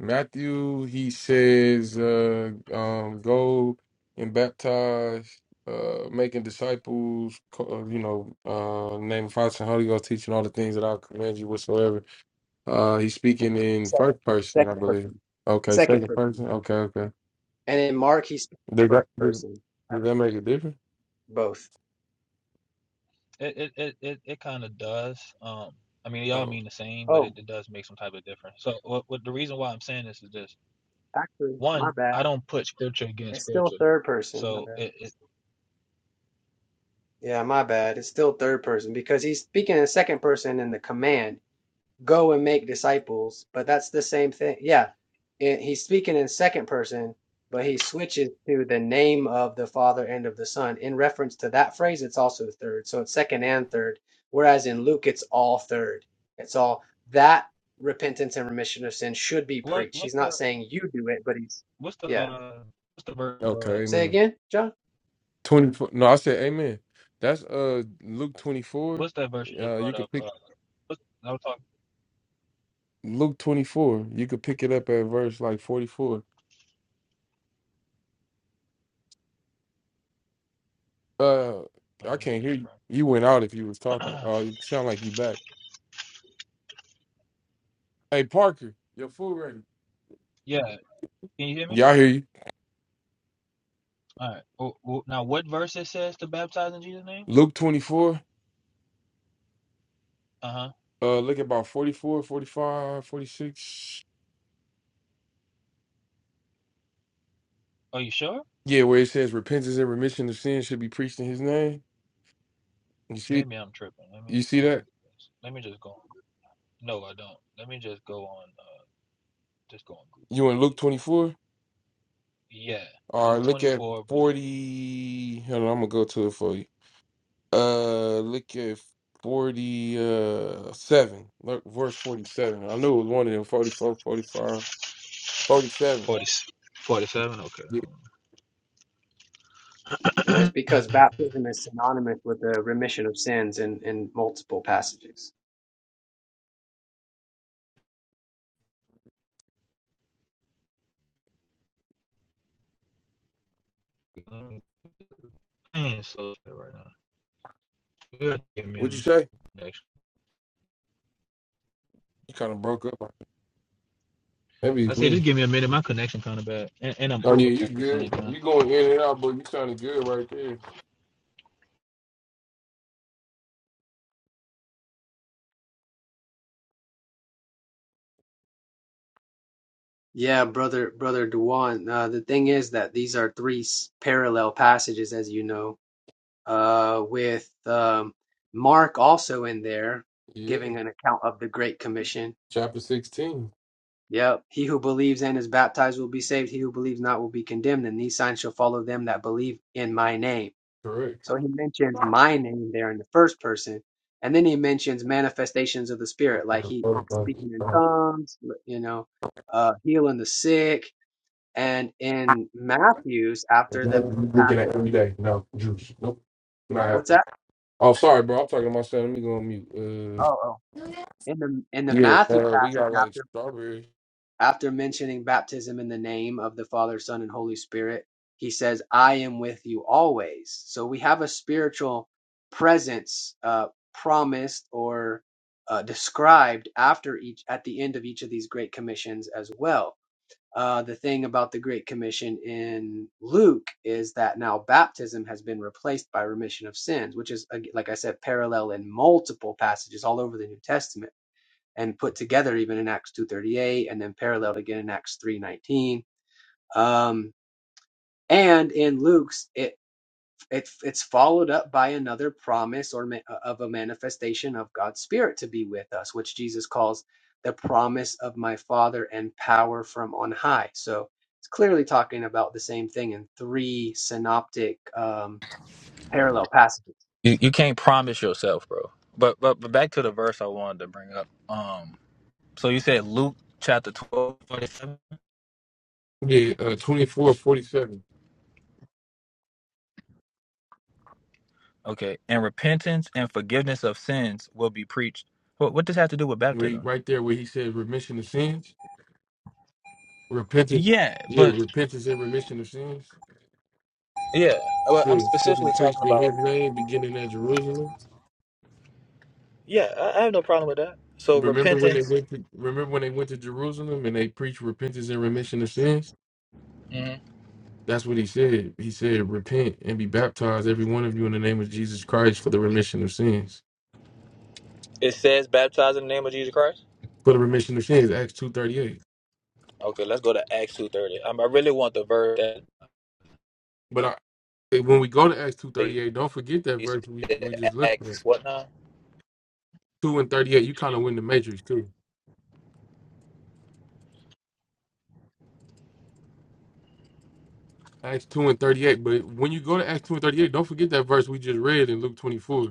S5: Matthew, he says, uh, um, go and baptize, uh, making disciples, co- uh, you know, uh, name of Father and Holy Ghost, teaching all the things that I'll command you whatsoever. Uh, he's speaking in
S4: Second
S5: first person, I
S4: second
S5: believe.
S4: person.
S5: Okay,
S4: Second
S5: second
S4: person.
S5: person. Okay, okay.
S4: And in Mark he's speaks
S5: Does that
S4: first
S5: does,
S4: person. I
S5: does
S4: think
S5: that make a difference?
S4: both.
S7: It it it it, it kind of does. Um, I mean, they all
S5: Oh,
S7: mean the same, but it,
S4: Oh,
S7: it does make some type of difference. So what, what the reason why I'm saying this is this:
S4: actually, my
S7: one,
S4: bad.
S7: I don't put scripture against
S4: It's still
S7: scripture.
S4: third person. My
S7: So
S4: bad.
S7: it, it
S4: Yeah, my bad. It's still third person because he's speaking in second person in the command, go and make disciples, but that's the same thing. Yeah, it, he's speaking in second person, but he switches to the name of the Father and of the Son. In reference to that phrase, it's also third. So it's second and third. Whereas in Luke, it's all third. It's all that repentance and remission of sin should be
S7: what
S4: preached.
S7: what's
S4: He's not
S7: the
S4: saying you do it, but he's,
S7: what's the
S4: yeah.
S7: uh what's the verse you brought
S5: okay,
S7: up?
S4: Say
S5: amen.
S4: again, John?
S5: Twenty four. No, I said amen. That's uh Luke twenty four.
S7: What's that verse you just
S5: Uh,
S7: brought
S5: you
S7: up?
S5: could pick
S7: Uh, what's, I was talking.
S5: Luke twenty four. You could pick it up at verse like forty four. Uh,
S7: uh,
S5: I
S7: Let me
S5: can't
S7: read
S5: hear
S7: this
S5: you.
S7: right.
S5: You went out if you was talking. Oh, you sound like you back. Hey Parker, your food ready?
S7: yeah, can you hear me?
S5: Yeah, I hear you.
S7: All right. Well, well, now, what verse it says to baptize in Jesus' name?
S5: Luke twenty four.
S7: Uh huh.
S5: Uh, look at about 44, 45, 46.
S7: Are you sure?
S5: Yeah, where it says repentance and remission of sin should be preached in His name. You see,
S7: Maybe I'm tripping. Let
S5: you
S7: me
S5: see
S7: let
S5: that?
S7: me let me just go. On. No, I don't. Let me just go on. Uh, just go on Google.
S5: You in
S7: Let
S5: Luke
S7: me just Google
S5: 24?
S7: it. Yeah,
S5: All
S7: Luke
S5: right, look at
S7: 24 verse
S5: 40. Hold on, I'm gonna go to it for you. Uh, look at 47. Look, verse 47. I knew it was one of them 44, 45, 47.
S7: 40, 47. Okay, hold
S4: Yeah, it's
S7: on.
S4: because baptism is synonymous with the remission of sins in, in multiple passages.
S7: I ain't so sure right now. You gotta Give
S5: Yeah.
S7: me a
S5: What'd you
S7: minute.
S5: say? You kind of broke up. Maybe
S7: I
S5: it's
S7: say
S5: me.
S7: just give me a minute. My connection kind of bad, and, and I'm
S5: Oh, yeah,
S7: Ubering
S5: you
S7: at the same
S5: good.
S7: time.
S5: You going in and out, but you sounded good right there.
S4: Yeah, brother, brother Duan. Uh, the thing is that these are three s- parallel passages, as you know, uh, with um, Mark also in there
S5: Yeah,
S4: giving an account of the Great Commission.
S5: chapter 16.
S4: Yep. He who believes and is baptized will be saved. He who believes not will be condemned. And these signs shall follow them that believe in my name.
S5: Correct.
S4: So he mentions my name there in the first person, and then he mentions manifestations of the spirit, like he
S5: Forty-five.
S4: speaking in tongues, you know, uh, healing the sick. And in Matthew's, after the
S5: Looking at every day. No, juice. Nope. Nah,
S4: what's that?
S5: Oh, sorry, bro. I'm talking to myself. Let me go on mute.
S4: Oh, oh,
S5: Uh,
S4: in the in the
S5: yeah,
S4: Matthew
S5: uh, we
S4: passage,
S5: got
S4: after
S5: like strawberries.
S4: After mentioning baptism in the name of the Father, Son, and Holy Spirit, he says, I am with you always. So we have a spiritual presence uh, promised or uh, described after each at the end of each of these great commissions as well. Uh, the thing about the Great Commission in Luke is that now baptism has been replaced by remission of sins, which is, ag- like I said, parallel in multiple passages all over the New Testament and put together even in Acts 2:38 and then paralleled again in Acts 3:19. Um, and in Luke's, it, it it's followed up by another promise or ma- uh, of a manifestation of God's Spirit to be with us, which Jesus calls the promise of my Father and power from on high. So it's clearly talking about the same thing in three synoptic um, parallel passages.
S7: You you can't promise yourself, bro. But but but back to the verse I wanted to bring up. Um, so you said Luke chapter twelve forty seven.
S5: Yeah, uh, twenty four forty seven.
S7: Okay, and repentance and forgiveness of sins will be preached. What what does that have to do with
S5: We
S7: baptism?
S5: right there where he says remission of sins, repentance.
S7: Yeah,
S5: Yeah,
S7: but
S5: repentance and remission of sins.
S7: yeah, well, I'm
S5: Yeah, should be
S7: specifically talking
S5: preached in
S7: about.
S5: His name, beginning at Jerusalem.
S7: Yeah, I, I have no problem with that. So
S5: Remember when they
S7: repentance.
S5: went to remember when they went to Jerusalem and they preached repentance and remission of sins.
S7: hmm
S5: That's what he said. He said, "Repent and be baptized, every one of you, in the name of Jesus Christ, for the remission of sins."
S7: It says baptize in the name of Jesus Christ.
S5: For the remission of sins, Acts two thirty eight.
S7: Okay, let's go to Acts two thirty. Um, I really want the verse that
S5: But I, eh, when we go to Acts two
S7: they
S5: thirty eight, don't forget that verse we, we
S7: said
S5: just looked at.
S7: Acts what now?
S5: Two and thirty eight, you kind of win the matrix too. Acts two and thirty eight, but when you go to Acts two and thirty eight, don't forget that verse we just read in Luke twenty four.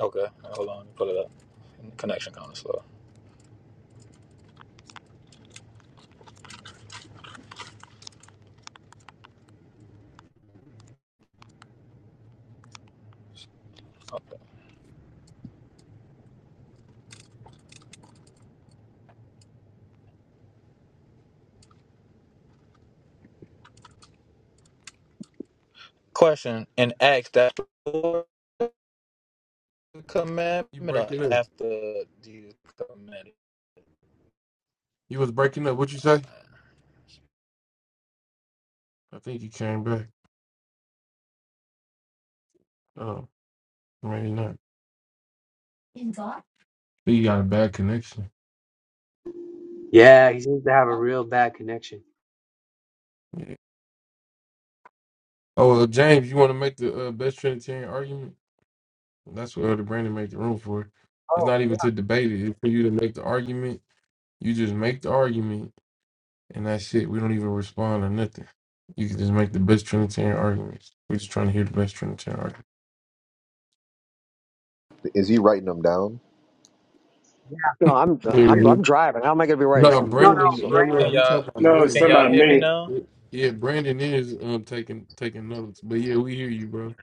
S7: Okay, hold on, let me pull it up. Connection kind of slow. Question in Acts that's before the
S5: You
S7: commandment or
S5: breaking up.
S7: after the commandment?
S5: You was breaking up. What you say? I think you came back. Oh, maybe not. You got a bad connection.
S4: Yeah, he seems to have a real bad connection.
S5: Yeah. Oh, well, James, you want to make the uh, best Trinitarian argument? That's what Elder Brandon made the room for. It's
S4: Oh,
S5: not
S4: yeah,
S5: even to debate it. It's for you to make the argument. You just make the argument And that's it. We don't even respond or nothing. You can just make the best Trinitarian arguments. We're just trying to hear the best Trinitarian argument.
S8: Is he writing them down?
S4: yeah.
S9: No, I'm
S4: yeah.
S9: I'm I'm
S5: Mhm.
S9: driving. How am I going to be writing
S5: No,
S9: something
S4: No,
S9: down?
S5: Brandon.
S4: no,
S9: So,
S5: No, no,
S4: Brand
S7: Can
S5: no, he
S7: y'all
S5: talking about
S2: No, it's
S7: can
S2: talking
S5: Brandon.
S7: y'all
S2: about
S7: hear me
S2: me.
S7: now?
S5: Yeah, Brandon is um taking taking notes. But yeah, we hear you, bro.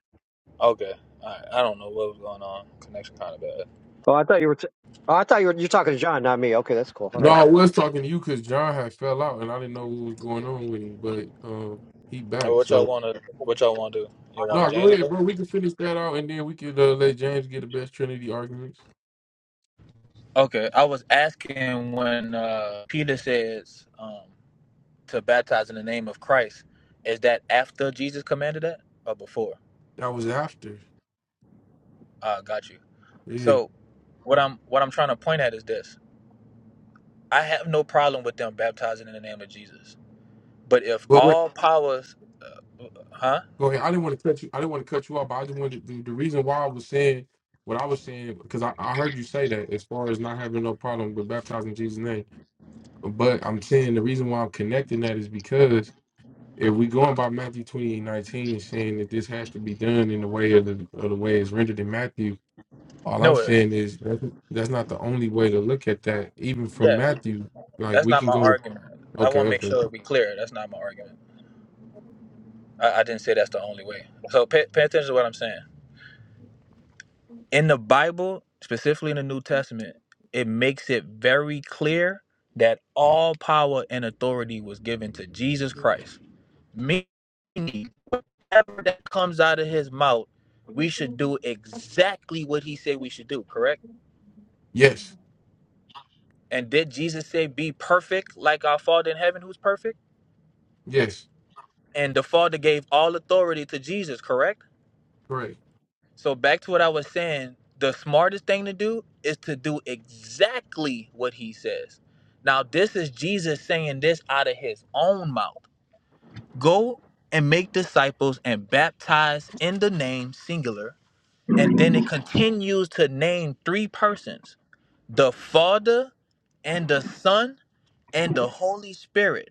S7: Okay. Alright. I don't know what was going on. Connection kinda bad.
S9: oh, I thought you were. T- oh, I thought you were. You're talking to John, not me. Okay, that's cool. All
S5: No,
S9: right.
S5: I was talking to you because John had fell out, and I didn't know what was going on with him. But um, he
S7: Alright,
S5: back.
S7: what y'all
S5: So
S7: wanna what y'all wanna do? Y'all wanna
S5: no, go
S7: James
S5: ahead,
S7: ago?
S5: bro. We can finish that out, and then we can uh, let James get the best Trinity arguments.
S7: Okay. I was asking when uh Peter says um to baptize in the name of Christ, is that after Jesus commanded that or before?
S5: That was after.
S7: Ah, got you.
S5: Yeah.
S7: So what I'm what I'm trying to point at is this. I have no problem with them baptizing in the name of Jesus. But if
S5: But wait.
S7: all powers, huh?
S5: Go ahead. I didn't want to cut you. I didn't want to cut you off, but I just wanted the, the reason why I was saying what I was saying because I, I heard you say that as far as not having no problem with baptizing in Jesus' name. But I'm saying the reason why I'm connecting that is because if we going by Matthew 28, nineteen and saying that this has to be done in the way of the, of the way it's rendered in Matthew, all I'm
S7: No, it-
S5: saying is that's that's not the only way to look at that. Even from
S7: yeah,
S5: Matthew, like
S7: that's
S5: we
S7: not
S5: can
S7: my
S5: go to
S7: argument. I
S5: okay,
S7: want to make
S5: okay,
S7: sure we clear. That's not my argument. I, I didn't say that's the only way. So pay, pay attention to what I'm saying. In the Bible, specifically in the New Testament, it makes it very clear that all power and authority was given to Jesus Christ. Meaning, whatever that comes out of his mouth, we should do exactly what he said we should do, correct?
S5: yes,
S7: And did Jesus say, Be perfect like our Father in heaven who's perfect?
S5: yes,
S7: And the Father gave all authority to Jesus, correct?
S5: correct.
S7: So, back to what I was saying, the smartest thing to do is to do exactly what he says. Now, this is Jesus saying this out of his own mouth Go and make disciples and baptize in the name, singular. And then it continues to name three persons the Father and the Son and the Holy Spirit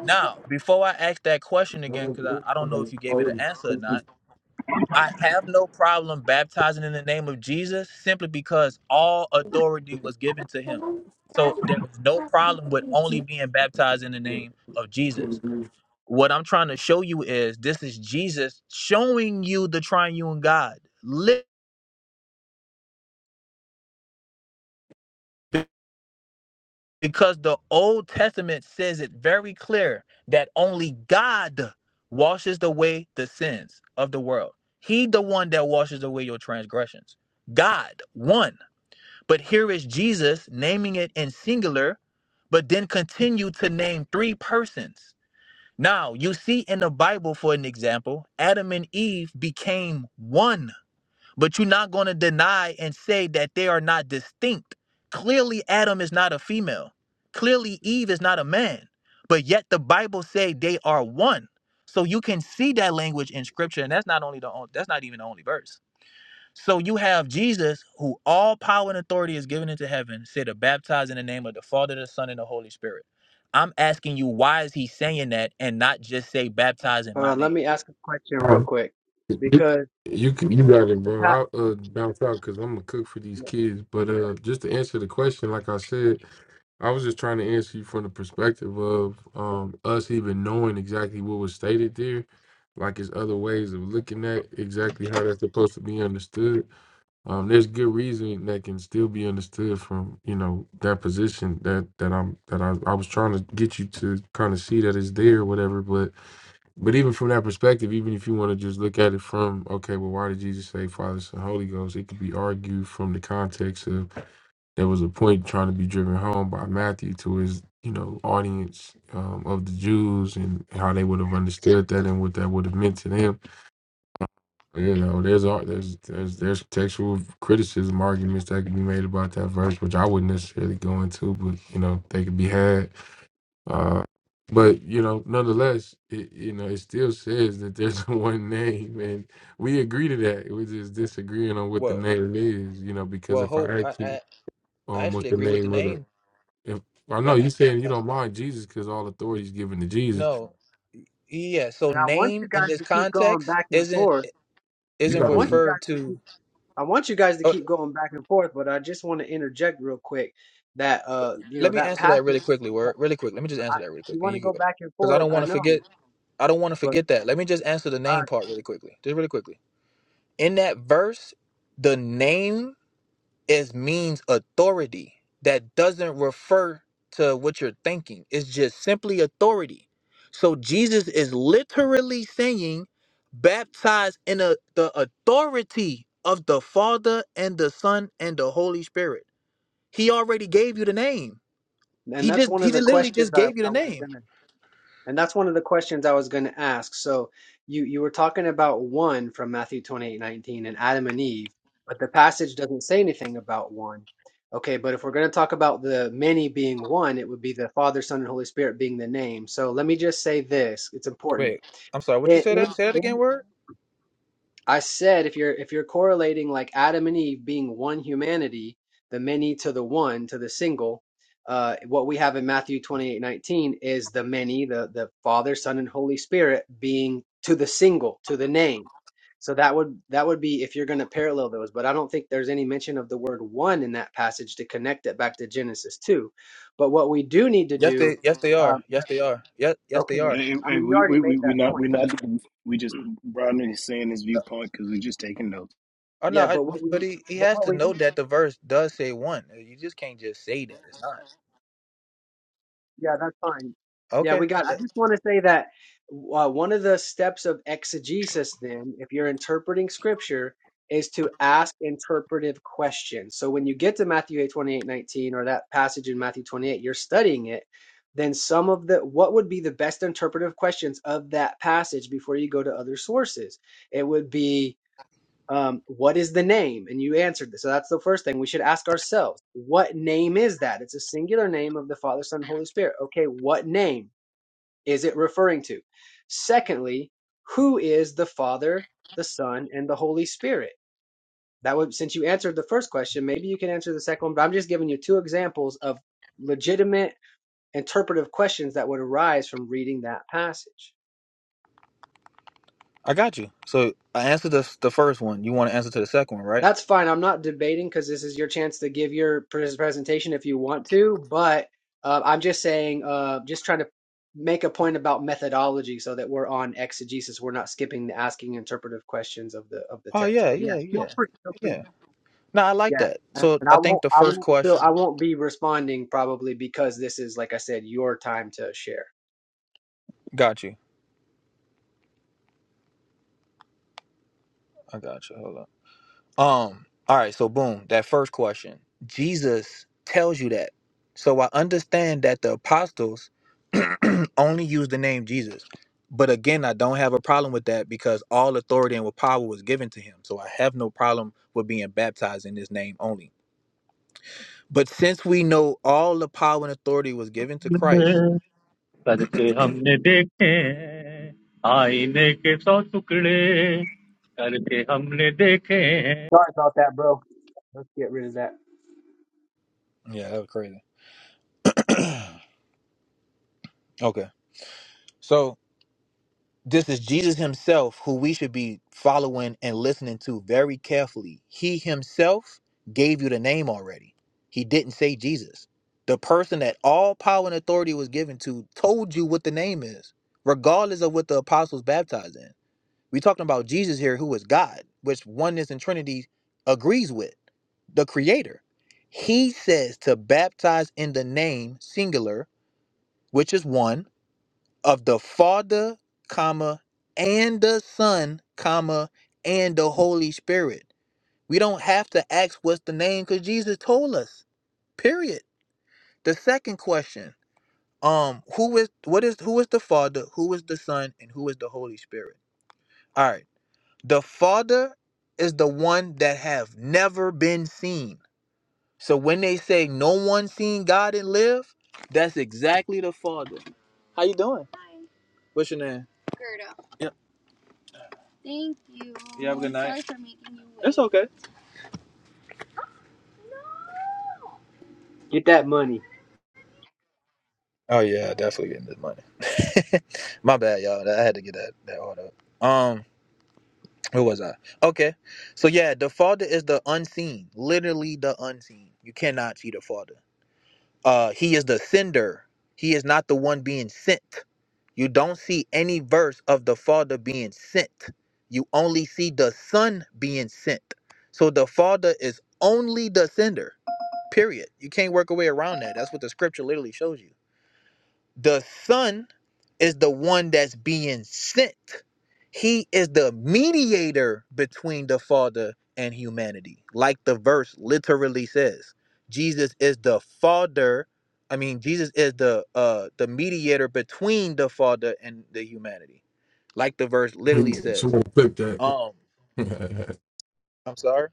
S7: Now, before I ask that question again, because
S5: You
S7: I, I don't know if you gave it an answer or not, I have no problem baptizing in the name of Jesus simply because all authority was given to him. So there is no problem with only being baptized in the name of Jesus. What I'm trying to show you is this is Jesus showing you the triune God. because the Old Testament says it very clear that only God washes away the sins of the world. He the one that washes away your transgressions. God, one. But here is Jesus naming it in singular, but then continue to name three persons. Now, you see in the Bible, for an example, Adam and Eve became one but you're not going to deny and say that they are not distinct. Clearly, Adam is not a female. Clearly, Eve is not a man. But yet the Bible say they are one. So you can see that language in scripture, and that's not only the on- that's not even the only verse. So you have Jesus, who all power and authority is given into heaven, say to baptize in the name of the Father, the Son, and the Holy Spirit. I'm asking you, why is he saying that and not just say baptize in
S4: Hold
S7: my
S4: on, let
S7: name?
S4: me ask a question real quick because
S5: you can, you got it,
S4: the pa-
S5: bro. I'll uh, bounce out because I'm gonna cook for these kids. But uh, just to answer the question, like I said, I was just trying to answer you from the perspective of um us even knowing exactly what was stated there. Like it's other ways of looking at exactly how that's supposed to be understood. Um, there's good reason that can still be understood from you know that position that that I'm that I, I was trying to get you to kind of see that it's there, or whatever. But But even from that perspective, even if you want to just look at it from, okay, well, why did Jesus say Father, Son, Holy Ghost? It could be argued from the context of there was a point trying to be driven home by Matthew to his, you know, audience um, of the Jews and how they would have understood that and what that would have meant to them. You know, there's ar- there's there's there's textual criticism arguments that could be made about that verse, which I wouldn't necessarily go into, but you know, they could be had. Uh, but you know, nonetheless, it, you know, it still says that there's one name, and we agree to that. We're just disagreeing on what the
S7: Well,
S5: name is, you know, because
S7: well,
S5: if
S7: Hope,
S5: I
S7: I,
S5: ask you,
S7: I, I
S5: um, what
S7: actually
S5: the
S7: agree with the
S5: name of the,
S7: name.
S5: if I
S7: I, I,
S5: know you saying you
S7: I-
S5: don't mind Jesus because all authority is given to Jesus,
S7: no, e, yeah. So
S4: and I want you
S7: name in
S4: guys
S7: this
S4: to keep going
S7: context
S4: back and
S7: isn't
S4: forth.
S5: you
S7: isn't
S4: I want you
S5: gotta
S4: guys
S7: referred
S4: to
S7: to.
S4: keep I want you guys to
S7: Oh,
S4: keep going back and forth, but I just want to interject real quick that uh you know
S7: let me
S4: that
S7: answer that really
S4: passage
S7: quickly.
S4: that
S7: Word, really quick. Let me just
S4: I,
S7: answer that really
S4: you
S7: quick, and
S4: want to
S7: you can
S4: go
S7: go
S4: back and
S7: because I
S4: forth,
S7: don't want
S4: I
S7: to
S4: know,
S7: forget. I don't want to
S4: but
S7: forget that. Let me just answer the
S4: all
S7: name
S4: right.
S7: part really quickly. Just really quickly. In that verse, the name is means authority that doesn't refer to what you're thinking. It's just simply authority. So Jesus is literally saying, baptize in a, the authority of the Father and the Son and the Holy Spirit. He already gave you the name.
S4: And
S7: He
S4: that's
S7: just
S4: one
S7: he
S4: of the
S7: just literally
S4: questions
S7: just
S4: I,
S7: gave you the
S4: I was
S7: name.
S4: gonna And that's one of the questions I was going to ask. So you you were talking about one from Matthew 28 19 and Adam and Eve, but the passage doesn't say anything about one. Okay, but if we're going to talk about the many being one, it would be the Father, Son, and Holy Spirit being the name. So let me just say this. It's important.
S7: Wait, I'm sorry. What you say that? Say that again. Word.
S4: I said if you're if you're correlating like Adam and Eve being one humanity, the many to the one to the single, uh, what we have in Matthew 28 19 is the many, the the Father, Son, and Holy Spirit being to the single, to the name. So that would that would be if you're going to parallel those, but I don't think there's any mention of the word one in that passage to connect it back to Genesis two. But what we do need to
S7: Yes,
S4: do,
S7: they yes they
S4: um,
S7: are. Yes they are. Yes yes
S4: okay,
S7: they are.
S2: Hey,
S4: I
S2: hey,
S4: mean you
S2: we
S4: already
S2: we we
S4: made
S2: we
S4: that
S2: not
S4: point.
S2: we not we just
S4: Yeah.
S2: Rodney is saying his viewpoint because we're just taking notes.
S7: Oh no,
S4: Yeah,
S7: I,
S4: but what
S7: but
S4: we
S7: he, he
S4: but
S7: has
S4: what
S7: to
S4: we need
S7: know that the verse does say one. You just can't just say that it's not.
S4: Yeah, that's fine. Yeah, we
S7: Okay,
S4: got. I
S7: that-
S4: just want to say that uh, one of the steps of exegesis, then, if you're interpreting scripture, is to ask interpretive questions. So when you get to Matthew 8 28 19 or that passage in Matthew 28, you're studying it, then some of the, what would be the best interpretive questions of that passage before you go to other sources? It would be, um, what is the name? And you answered this. So that's the first thing we should ask ourselves. What name is that? It's a singular name of the Father, Son, and Holy Spirit. Okay, what name is it referring to? Secondly, who is the Father, the Son, and the Holy Spirit? That would, since you answered the first question, maybe you can answer the second one, but I'm just giving you two examples of legitimate interpretive questions that would arise from reading that passage.
S7: I got you. So I answered the the first one. You want to answer to the second one, right?
S4: That's fine. I'm not debating because this is your chance to give your pres- presentation if you want to, but uh, I'm just saying, uh, just trying to make a point about methodology so that we're on exegesis. We're not skipping the asking interpretive questions of the of the
S7: Oh
S4: text.
S7: yeah,
S4: But yeah,
S7: yeah, yeah,
S4: feel free, feel free.
S7: yeah. No, I like
S4: Yeah,
S7: that. So
S4: and I
S7: I think
S4: won't,
S7: the
S4: I
S7: first
S4: won't feel,
S7: question.
S4: I won't be responding probably because this is, like I said, your time to share.
S7: Got you. I got you. Hold on. Um, all right, so boom, that first question. Jesus tells you that. So I understand that the apostles only use the name Jesus. But again, I don't have a problem with that because all authority and power was given to him. So I have no problem with being baptized in his name only. But since we know all the power and authority was given to Christ.
S10: Karte humne dekhe, aane ke sochukle, karte humne dekhe.
S4: Sorry about that, bro. Let's get rid of that.
S7: Yeah, that was crazy. okay. So. This is Jesus himself who we should be following and listening to very carefully. He himself gave you the name already. He didn't say Jesus. The person that all power and authority was given to told you what the name is, regardless of what the apostles baptized in. We're talking about Jesus here, who is God, which oneness and Trinity agrees with, the Creator. He says to baptize in the name singular, which is one of the Father, comma, and the Son, comma, and the Holy Spirit. We don't have to ask what's the name because Jesus told us. Period. The second question, um, who is what is who is the Father, who is the Son, and who is the Holy Spirit? All right. The Father is the one that have never been seen. So when they say no one seen God and live, that's exactly the Father. How you doing? What's your name? Yeah, okay.
S4: Get that money.
S7: Oh yeah, definitely getting this money. My bad, y'all. I had to get that that order. up. Um, where was I? Okay, so yeah, the Father is the unseen, literally the unseen. You cannot see the Father. Uh, he is the sender. He is not the one being sent. You don't see any verse of the Father being sent. You only see the Son being sent. So the Father is only the sender. Period. You can't work a way around that. That's what the Scripture literally shows you. The Son is the one that's being sent. He is the mediator between the Father and humanity, like the verse literally says. Jesus is the Father. I mean, Jesus is the uh the mediator between the Father and the humanity, like the verse literally says.
S5: someone clip that.
S7: Um, I'm sorry.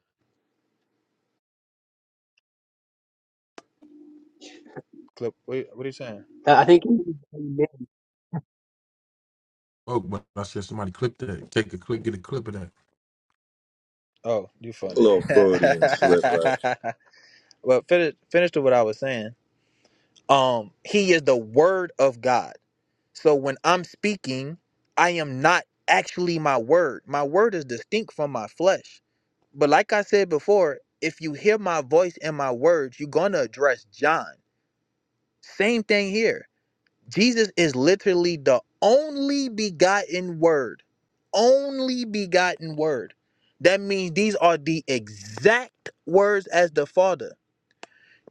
S4: Uh, I think.
S5: oh, but I said somebody clip that. Take a clip, get a clip of that.
S7: Oh, you
S8: A
S7: funny.
S8: little Freudian slip, right?
S7: well, finish finish to what I was saying. Um, he is the Word of God So when I'm speaking, I am not actually my word. My word is distinct from my flesh. But like I said before, if you hear my voice and my words, you're going to address John. Same thing here. Jesus is literally the only begotten word. Only begotten word. That means these are the exact words as the Father.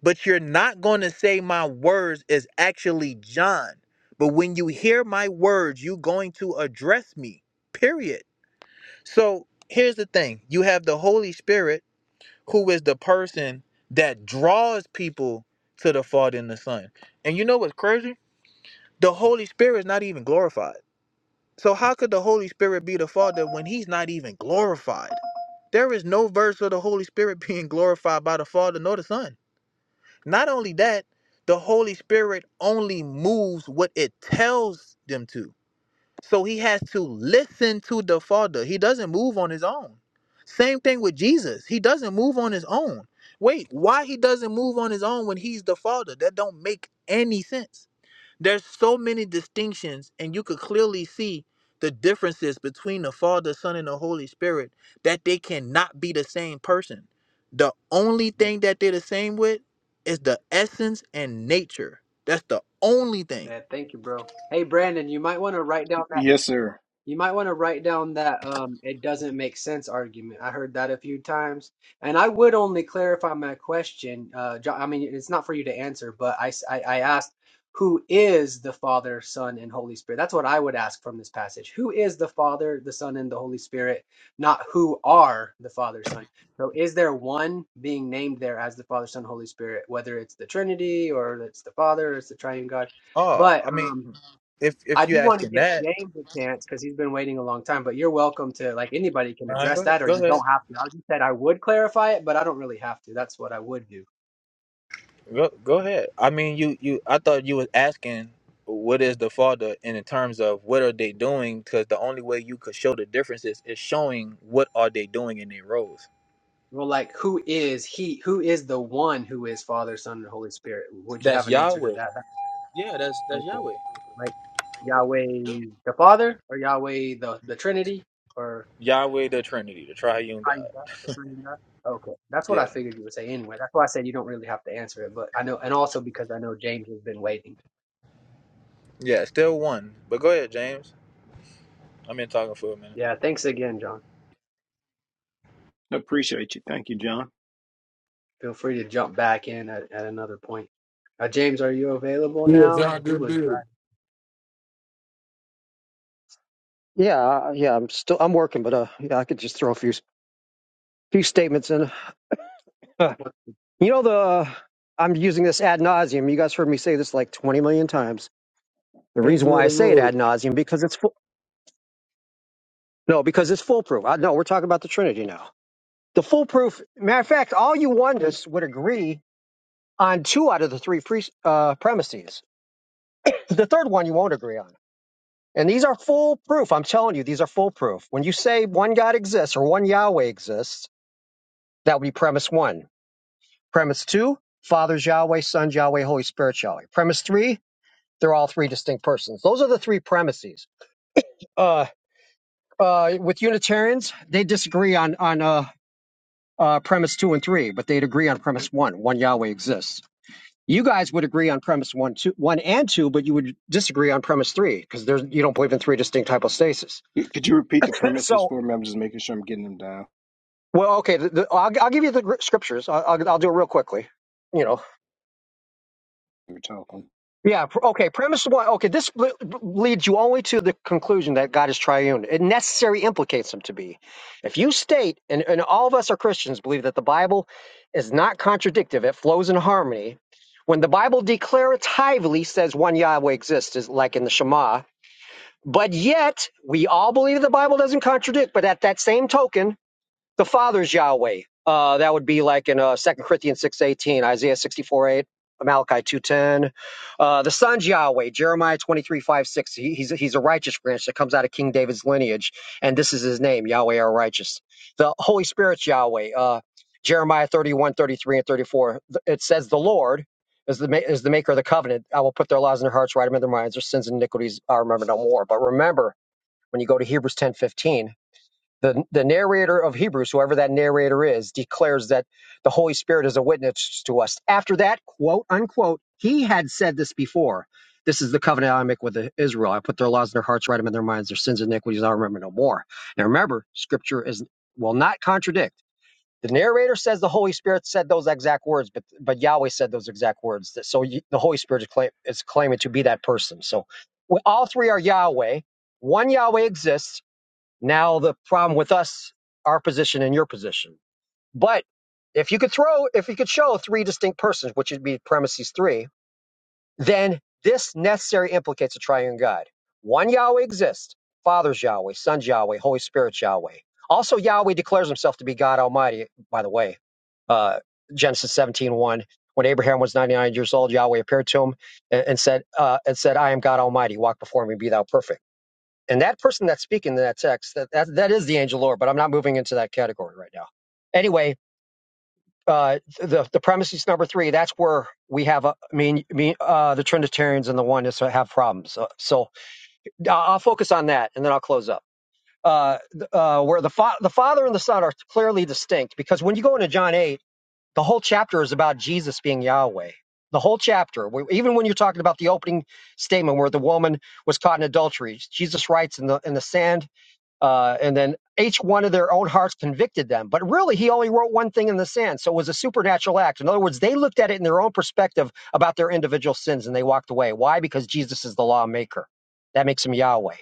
S7: But you're not going to say my words is actually John. But when you hear my words, you're going to address me, period. So here's the thing you have the Holy Spirit, who is the person that draws people to the Father and the Son. And you know what's crazy? The Holy Spirit is not even glorified. So how could the Holy Spirit be the Father when he's not even glorified? There is no verse of the Holy Spirit being glorified by the Father nor the Son. Not only that, the Holy Spirit only moves what it tells them to. So he has to listen to the Father. He doesn't move on his own. Same thing with Jesus. He doesn't move on his own. Wait, why he doesn't move on his own when he's the Father? That don't make any sense. There's so many distinctions, and you could clearly see the differences between the Father, Son, and the Holy Spirit that they cannot be the same person. The only thing that they're the same with is the essence and nature. That's the only thing.
S4: Yeah, thank you, bro. Hey, Brandon, you might want to write down.
S2: Yes, sir.
S4: You might want to write down that um, it doesn't make sense argument. I heard that a few times, and I would only clarify my question. Uh, Jo- I mean, it's not for you to answer, but I, s- I- I asked who is the Father, Son, and Holy Spirit. That's what I would ask from this passage. Who is the Father, the Son, and the Holy Spirit? Not who are the Father, Son. So, is there one being named there as the Father, Son, Holy Spirit? Whether it's the Trinity or it's the Father, or it's the Triune God,
S7: Oh,
S4: but
S7: I mean,
S4: um.
S7: if
S4: I
S7: if
S4: do
S7: you
S4: want to
S7: asking
S4: give
S7: that,
S4: James a chance because he's been waiting a long time, but you're welcome to, like, anybody can
S7: Ryan, go
S4: address
S7: ahead.
S4: that or you don't have to. I just said I would clarify it, but I don't really have to. That's what I would do.
S7: Go, go ahead. I mean, you you. I thought you was asking what is the father in terms of what are they doing? Because the only way you could show the differences is showing what are they doing in their roles.
S4: Well, like, who is he? Who is the one who is Father, Son, and Holy Spirit? Would you have
S7: That's
S4: an answer to
S7: Yahweh.
S4: that? That- Okay.
S7: Yahweh.
S4: Like, Yahweh the Father or Yahweh the, the Trinity or
S7: Yah-
S4: Triune the Triune Okay. That's what I
S7: Yeah,
S4: figured you would say anyway. That's why I said you don't really have to answer it, but I know, and also because I know James has been waiting.
S7: yeah.
S4: Yeah. Thanks again, John.
S2: Appreciate you. Thank you, John.
S4: Feel free to jump back in at, at another point. Uh, James, are you available
S5: Yeah,
S4: now?
S5: John,
S4: He
S5: good
S4: was
S5: dude.
S4: driving.
S9: Yeah, uh, yeah. I'm still. I'm working, but uh, yeah, I could just throw a few few statements in. Huh. You know the. I'm using this ad nauseum. You guys heard me say this like 20 million times. The reason
S5: Angel of
S9: why I
S5: the
S9: say it
S5: Lord.
S9: ad nauseum because it's full. No, because it's foolproof. I, no, we're talking about the Trinity now. The foolproof. Matter of fact, all you oneness would agree on two out of the three pre, uh, premises. The third one you won't agree on. And these are foolproof. I'm telling you, these are foolproof. When you say one God exists or one Yahweh exists, that would be premise one. Premise two, Father's Yahweh, Son's Yahweh, Holy Spirit Yahweh. Premise three, they're all three distinct persons. Those are the three premises. Uh, uh, with Unitarians, they disagree on on uh, uh, premise two and three, but they'd agree on premise one: one Yahweh exists. You guys would agree on premise one, two, one and two, but you would disagree on premise three because there's you don't believe in three distinct hypostases.
S2: Y- Could you repeat the
S9: So
S2: premises for me? I'm just making sure I'm getting them down.
S9: Well, okay, the, the, I'll, I'll give you the scriptures. I'll, I'll, I'll do it real quickly. You know,
S2: You're talking.
S9: yeah, pr- okay. Premise one, okay. This le- leads you only to the conclusion that God is triune. It necessarily implicates Him to be. If you state, and, and all of us are Christians, believe that the Bible is not contradictive; it flows in harmony. When the Bible declaratively says one Yahweh exists, is like in the Shema. But yet, we all believe the Bible doesn't contradict. But at that same token, The Father's Yahweh. Uh, that would be like in uh, 2 Corinthians 6.18, Isaiah 64, 8, Malachi 2.10. Uh, the Son's Yahweh, Jeremiah 23 5 6. He, he's, he's a righteous branch that comes out of King David's lineage, and this is his name, Yahweh our righteous. The Holy Spirit's Yahweh, uh, Jeremiah 31 33 and 34. It says the Lord is the, ma- is the maker of the covenant. I will put their laws in their hearts, write them in their minds. Their sins and iniquities I remember no more. But remember, when you go to Hebrews ten fifteen the, the narrator of Hebrews, whoever that narrator is, declares that the Holy Spirit is a witness to us. After that, quote unquote, he had said this before. This is the covenant I make with the- Israel. I put their laws in their hearts, write them in their minds, their sins and iniquities I remember no more. Now remember, scripture is will not contradict. The narrator says the Holy Spirit said those exact words, but but Yahweh said those exact words. So you, the Holy Spirit is, claim, is claiming to be that person. So we, all three are Yahweh. One Yahweh exists now the problem with us, our position and your position. But if you could throw, if you could show three distinct persons, which would be premises three, then this necessarily implicates a triune God. One Yahweh exists, Father's Yahweh, Son's Yahweh, Holy Spirit's Yahweh. Also, Yahweh declares himself to be God Almighty, by the way. Uh, Genesis seventeen one, When Abraham was 99 years old, Yahweh appeared to him and, and said, uh, and said, I am God Almighty, walk before me, be thou perfect and that person that's speaking in that text that, that that is the angel lord but i'm not moving into that category right now anyway uh the the premises number three that's where we have a, i mean me uh the trinitarians and the oneness have problems so, so i'll focus on that and then i'll close up uh, uh, where the, fa- the Father and the Son are clearly distinct because when you go into John 8, the whole chapter is about Jesus being Yahweh. The whole chapter, even when you're talking about the opening statement where the woman was caught in adultery, Jesus writes in the in the sand uh, and then each one of their own hearts convicted them. But really, he only wrote one thing in the sand. So it was a supernatural act. In other words, they looked at it in their own perspective about their individual sins and they walked away. Why? Because Jesus is the lawmaker. That makes him Yahweh.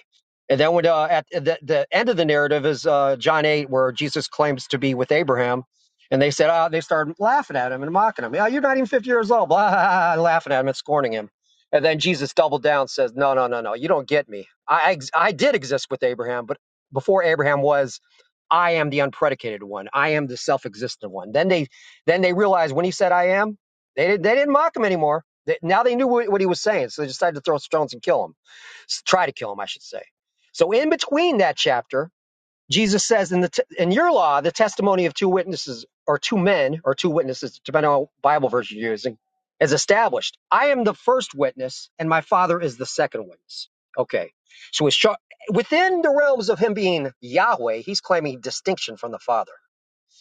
S9: And then when, uh, at the, the end of the narrative is uh, John 8, where Jesus claims to be with Abraham. And they said, ah, they started laughing at him and mocking him. Yeah, you're not even 50 years old, blah, blah, blah, laughing at him and scorning him. And then Jesus doubled down, and says, No, no, no, no, you don't get me. I, I, I did exist with Abraham, but before Abraham was I am the unpredicated one. I am the self-existent one. Then they then they realized when he said I am, they didn't they didn't mock him anymore. They, now they knew what, what he was saying, so they decided to throw stones and kill him. try to kill him, I should say. So in between that chapter Jesus says in the t- in your law, the testimony of two witnesses or two men or two witnesses, depending on what Bible verse you're using, is established. I am the first witness, and my Father is the second witness. Okay, so it's sho- within the realms of him being Yahweh, he's claiming distinction from the Father.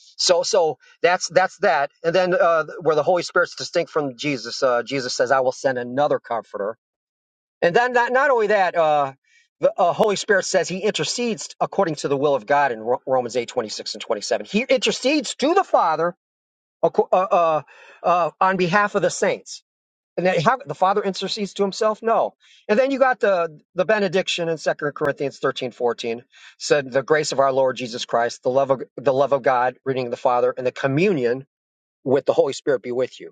S9: So, so that's that's that. And then uh, where the Holy Spirit's distinct from Jesus, uh, Jesus says, "I will send another Comforter." And then not, not only that, uh, the uh, Holy Spirit says he intercedes according to the will of God in Ro- Romans eight twenty six and 27. He intercedes to the Father acco- uh, uh, uh, on behalf of the saints. And then how, the Father intercedes to himself? No. And then you got the, the benediction in Second Corinthians thirteen fourteen said, The grace of our Lord Jesus Christ, the love of, the love of God, reading the Father, and the communion with the Holy Spirit be with you.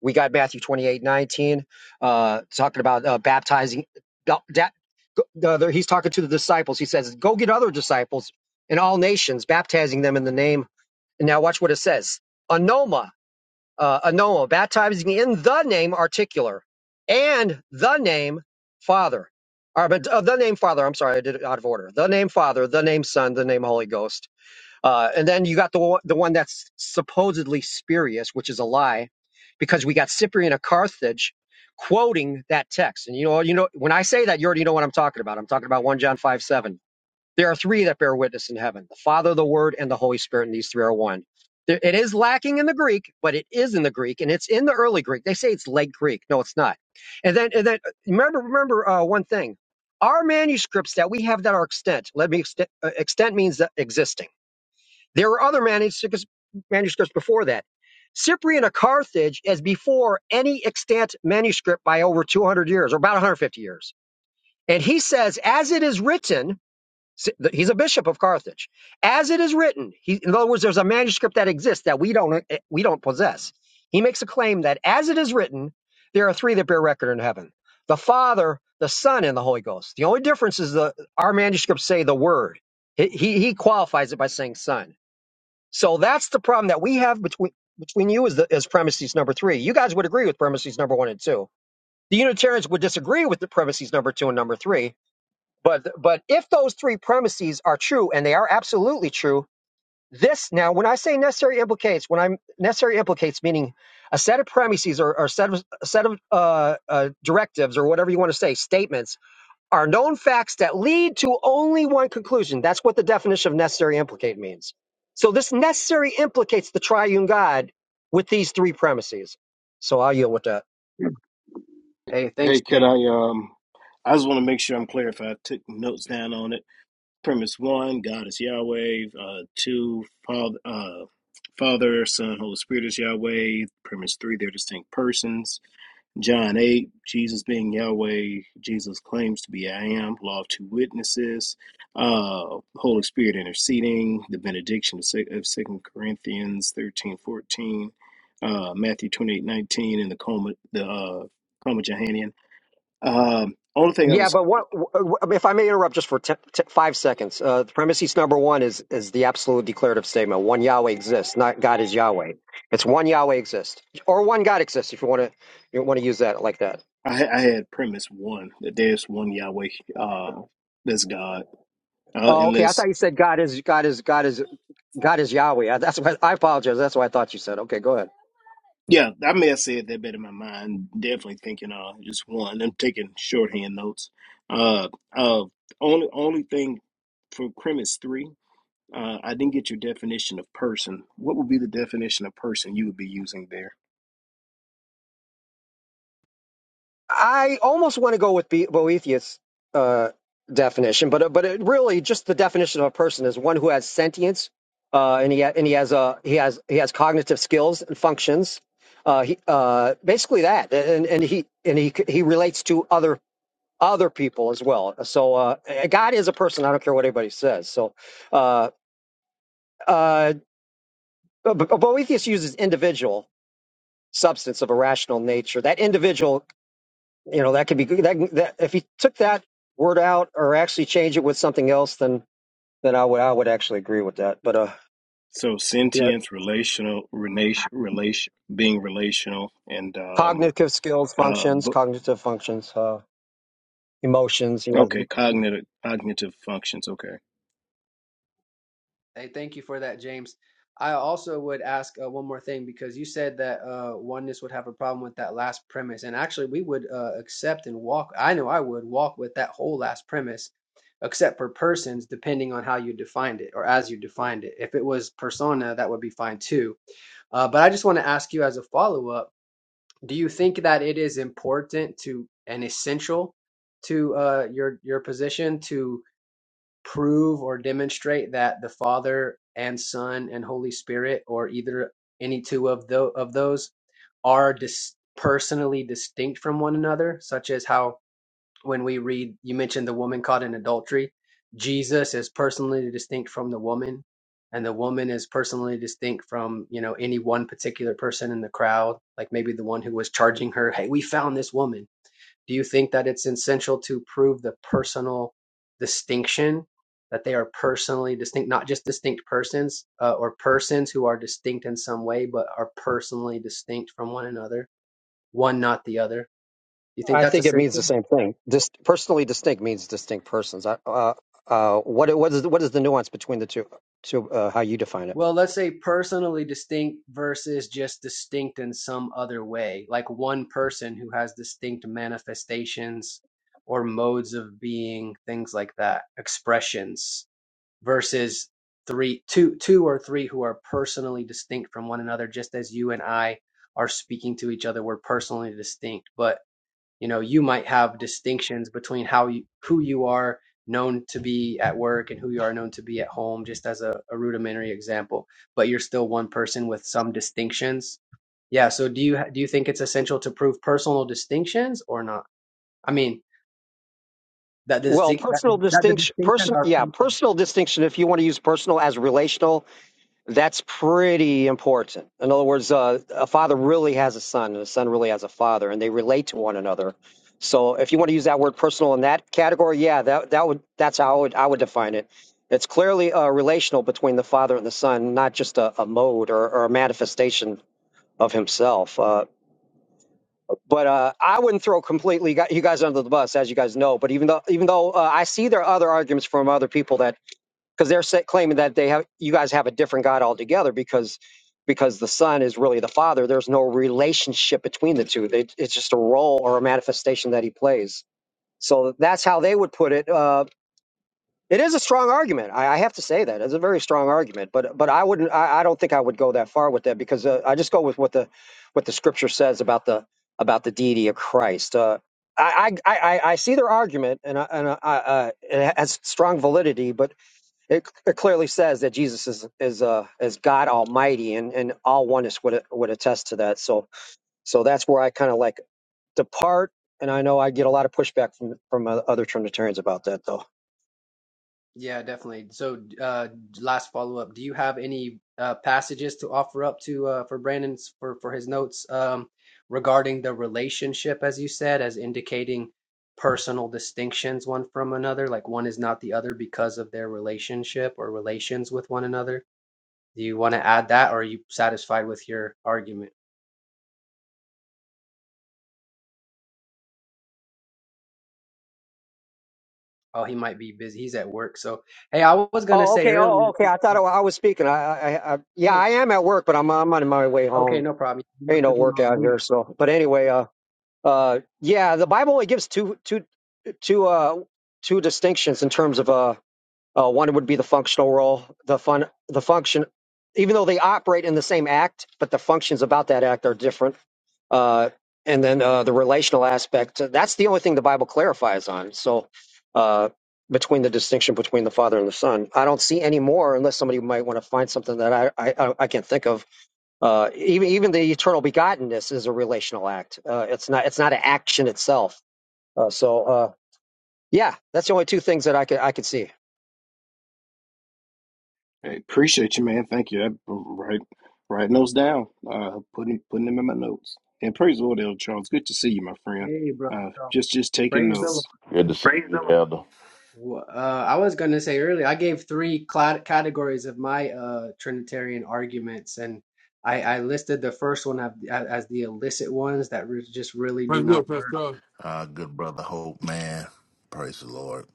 S9: We got Matthew 28 19 uh, talking about uh, baptizing. da- da- the other- he's talking to the disciples. He says, Go get other disciples in all nations, baptizing them in the name. And now watch what it says Anoma, uh, Anoma, baptizing in the name articular and the name Father. Or, but, uh, the name Father, I'm sorry, I did it out of order. The name Father, the name Son, the name Holy Ghost uh, and then you got the one- the one that's supposedly spurious, which is a lie, because we got Cyprian of Carthage quoting that text. And you know, you know, when I say that, you already know what I'm talking about. I'm talking about one John five seven. There are three that bear witness in heaven: the Father, the Word, and the Holy Spirit. And these three are one. There- It is lacking in the Greek, but it is in the Greek, and it's in the early Greek. They say it's late Greek. No, it's not. And then, and then, remember, remember uh, one thing: our manuscripts that we have that are extant. Let me extent. Uh, extant means that existing there were other manuscripts, manuscripts before that. Cyprian of Carthage is before any extant manuscript by over 200 years, or about 150 years. And he says, as it is written, he's a bishop of Carthage. As it is written, he, in other words, there's a manuscript that exists that we don't eh, we don't possess. He makes a claim that as it is written, there are three that bear record in heaven: the Father, the Son, and the Holy Ghost. The only difference is the our manuscripts say the Word. He he, he qualifies it by saying Son. So that's the problem that we have between between you as the as premises number three. You guys would agree with premises number one and two. The Unitarians would disagree with the premises number two and number three. But but if those three premises are true and they are absolutely true, this now when I say necessary implicates, when I'm necessary implicates meaning a set of premises or, or set of, a set of uh, uh, directives or whatever you want to say statements are known facts that lead to only one conclusion. That's what the definition of necessary implicate means. So this necessary implicates the triune God with these three premises. So I'll yield with that.
S4: Hey, thanks,
S2: Hey, could
S4: James.
S2: I um? I just want to make sure I'm clear if I took notes down on it. Premise one: God is Yahweh. Uh, two: Father, uh, Father, Son, Holy Spirit is Yahweh. Premise three: They're distinct persons. John 8, Jesus being Yahweh, Jesus claims to be I am, law of two witnesses, uh, Holy Spirit interceding, the benediction of Second Corinthians 13 14, uh, Matthew 28 19, and the coma, the uh, coma Johannian. Um, only thing I
S9: Yeah,
S2: was,
S9: but what if I may interrupt just for t- t- five seconds? Uh, the premises number one is is the absolute declarative statement: one Yahweh exists, not God is Yahweh. It's one Yahweh exists, or one God exists. If you want to, you want to use that like that.
S2: I, ha- I had premise one, that there's one Yahweh, uh, that's God, uh,
S9: Oh, okay. I
S2: unless
S9: thought you said God is God is God is God is Yahweh. I- That's what I apologize. That's what I thought you said. Okay, go ahead.
S2: Yeah, I may have said that better in my mind. Definitely thinking uh just one. I'm taking shorthand notes. Uh uh only only thing for premise three, uh I didn't get your definition of person. What would be the definition of person you would be using there?
S9: I almost want to go with Be- Boethius' uh, definition, but uh, but it really just the definition of a person is one who has sentience, uh, and he ha- and he has a he has he has cognitive skills and functions. Uh, he uh, basically that, and and he and he he relates to other other people as well. So uh, God is a person. I don't care what anybody says. So uh, uh, Bo- Boethius uses individual substance of a rational nature. That individual you know that could be good. That, that if you took that word out or actually change it with something else, then then I would I would actually agree with that. But uh,
S2: So
S9: yeah,
S2: sentience, relational, relation, relation being relational and um
S9: cognitive skills,
S2: uh
S9: functions,
S2: bu-
S9: cognitive functions, uh, emotions. Yeah,
S2: okay, cognitive cognitive functions, okay.
S4: Hey, thank you for that, James. I also would ask uh, one more thing because you said that uh, oneness would have a problem with that last premise, and actually, we would uh, accept and walk. I know I would walk with that whole last premise, except for persons, depending on how you defined it or as you defined it. If it was persona, that would be fine too. Uh, but I just want to ask you as a follow up Do you think that it is important to and essential to uh, your your position to prove or demonstrate that the Father and Son and Holy Spirit, or either any two of tho- of those, are dis- personally distinct from one another, such as how when we read, you mentioned the woman caught in adultery. Jesus is personally distinct from the woman, and the woman is personally distinct from, you know, any one particular person in the crowd, like maybe the one who was charging her, hey, we found this woman. Do you think that it's essential to prove the personal distinction, that they are personally distinct, not just distinct persons uh, or persons who are distinct in some way, but are personally distinct from one another, one not the other? Do you think
S9: I
S4: that's
S9: think it means the
S4: essential?
S9: same thing. Dis- personally distinct means distinct persons. I, uh, uh, what what is what is the nuance between the two? To uh, how you define it?
S4: Well, let's say personally distinct versus just distinct in some other way, like one person who has distinct manifestations or modes of being, things like that, expressions versus three, two, two or three who are personally distinct from one another, just as you and I are speaking to each other, we're personally distinct. But you know you might have distinctions between how you who you are known to be at work and who you are known to be at home just as a, a rudimentary example but you're still one person with some distinctions yeah so do you do you think it's essential to prove personal distinctions or not i mean that the
S9: Well,
S4: that,
S9: personal
S4: the- that the
S9: distinction,
S4: distinctions
S9: person,
S4: are
S9: yeah,
S4: personal
S9: personal distinction. If you want to use personal as relational, That's pretty important. In other words, uh, a father really has a son, and a son really has a father, and they relate to one another. So, if you want to use that word "personal" in that category, yeah, that that would that's how I would, I would define it. It's clearly uh, relational between the father and the son, not just a, a mode or, or a manifestation of himself. Uh, but uh, I wouldn't throw completely gu- you guys under the bus, as you guys know. But even though even though uh, I see there are other arguments from other people that because they're sa- claiming that they have you guys have a different God altogether because because the Son is really the Father. There's no relationship between the two. They, it's just a role or a manifestation that he plays. So that's how they would put it. Uh, it is a strong argument. I, I have to say that it's a very strong argument. But but I wouldn't. I, I don't think I would go that far with that because uh, I just go with what the what the Scripture says about the about the deity of Christ. Uh, I, I, I I I see their argument and I, and I, I, I- it has strong validity, but it, it clearly says that Jesus is is uh is God Almighty, and and all oneness would would attest to that. So so that's where I kind of like depart, and I know I get a lot of pushback from from uh, other Trinitarians about that, though.
S4: Yeah, definitely. So, uh, last follow up. Do you have any uh, passages to offer up to uh, for Brandon's for for his notes um, regarding the relationship, as you said, as indicating personal distinctions one from another, like one is not the other because of their relationship or relations with one another? Do you want to add that, or are you satisfied with your argument? Oh, he might be busy. He's at work. So, hey, I was gonna
S9: Oh,
S4: say
S9: okay. Oh, oh,
S4: earlier.
S9: okay. I thought I wa- I was speaking. I, I, I, yeah, I am at work, but I'm I'm on my way
S4: Okay,
S9: home.
S4: no problem. You must
S9: Ain't no
S4: have been
S9: work
S4: on
S9: out
S4: mute.
S9: here. So, but anyway, uh, uh, yeah, the Bible only gives two two two uh two distinctions in terms of uh Uh, one would be the functional role. The fun, the function, even though they operate in the same act, but the functions about that act are different. Uh, and then uh, the relational aspect. uh, That's the only thing the Bible clarifies on. So uh, between the distinction between the Father and the Son, I don't see any more unless somebody might want to find something that I I, I I can't think of. Uh, even even the eternal begottenness is a relational act. Uh, it's not it's not an action itself. Uh, so uh, yeah, that's the only two things that I could I could see.
S2: Hey, appreciate you, man. Thank you. That right, writing those down, uh, putting putting them in my notes. And praise the Lord, Elder Charles. Good to see you, my friend.
S4: Hey, brother.
S2: Uh,
S4: So,
S2: just just taking
S4: praise the Lord.
S2: notes.
S11: Good to see Praise you, the Lord. Elder.
S4: Wh- Uh, I was going to say earlier, I gave three cla categories of my uh, Trinitarian arguments, and I, I listed the first one of- as, as the illicit ones that re just really do
S5: Praise the
S4: not
S5: Lord,
S4: work.
S5: Pastor.
S11: Uh, good brother Hope, man. Praise the Lord.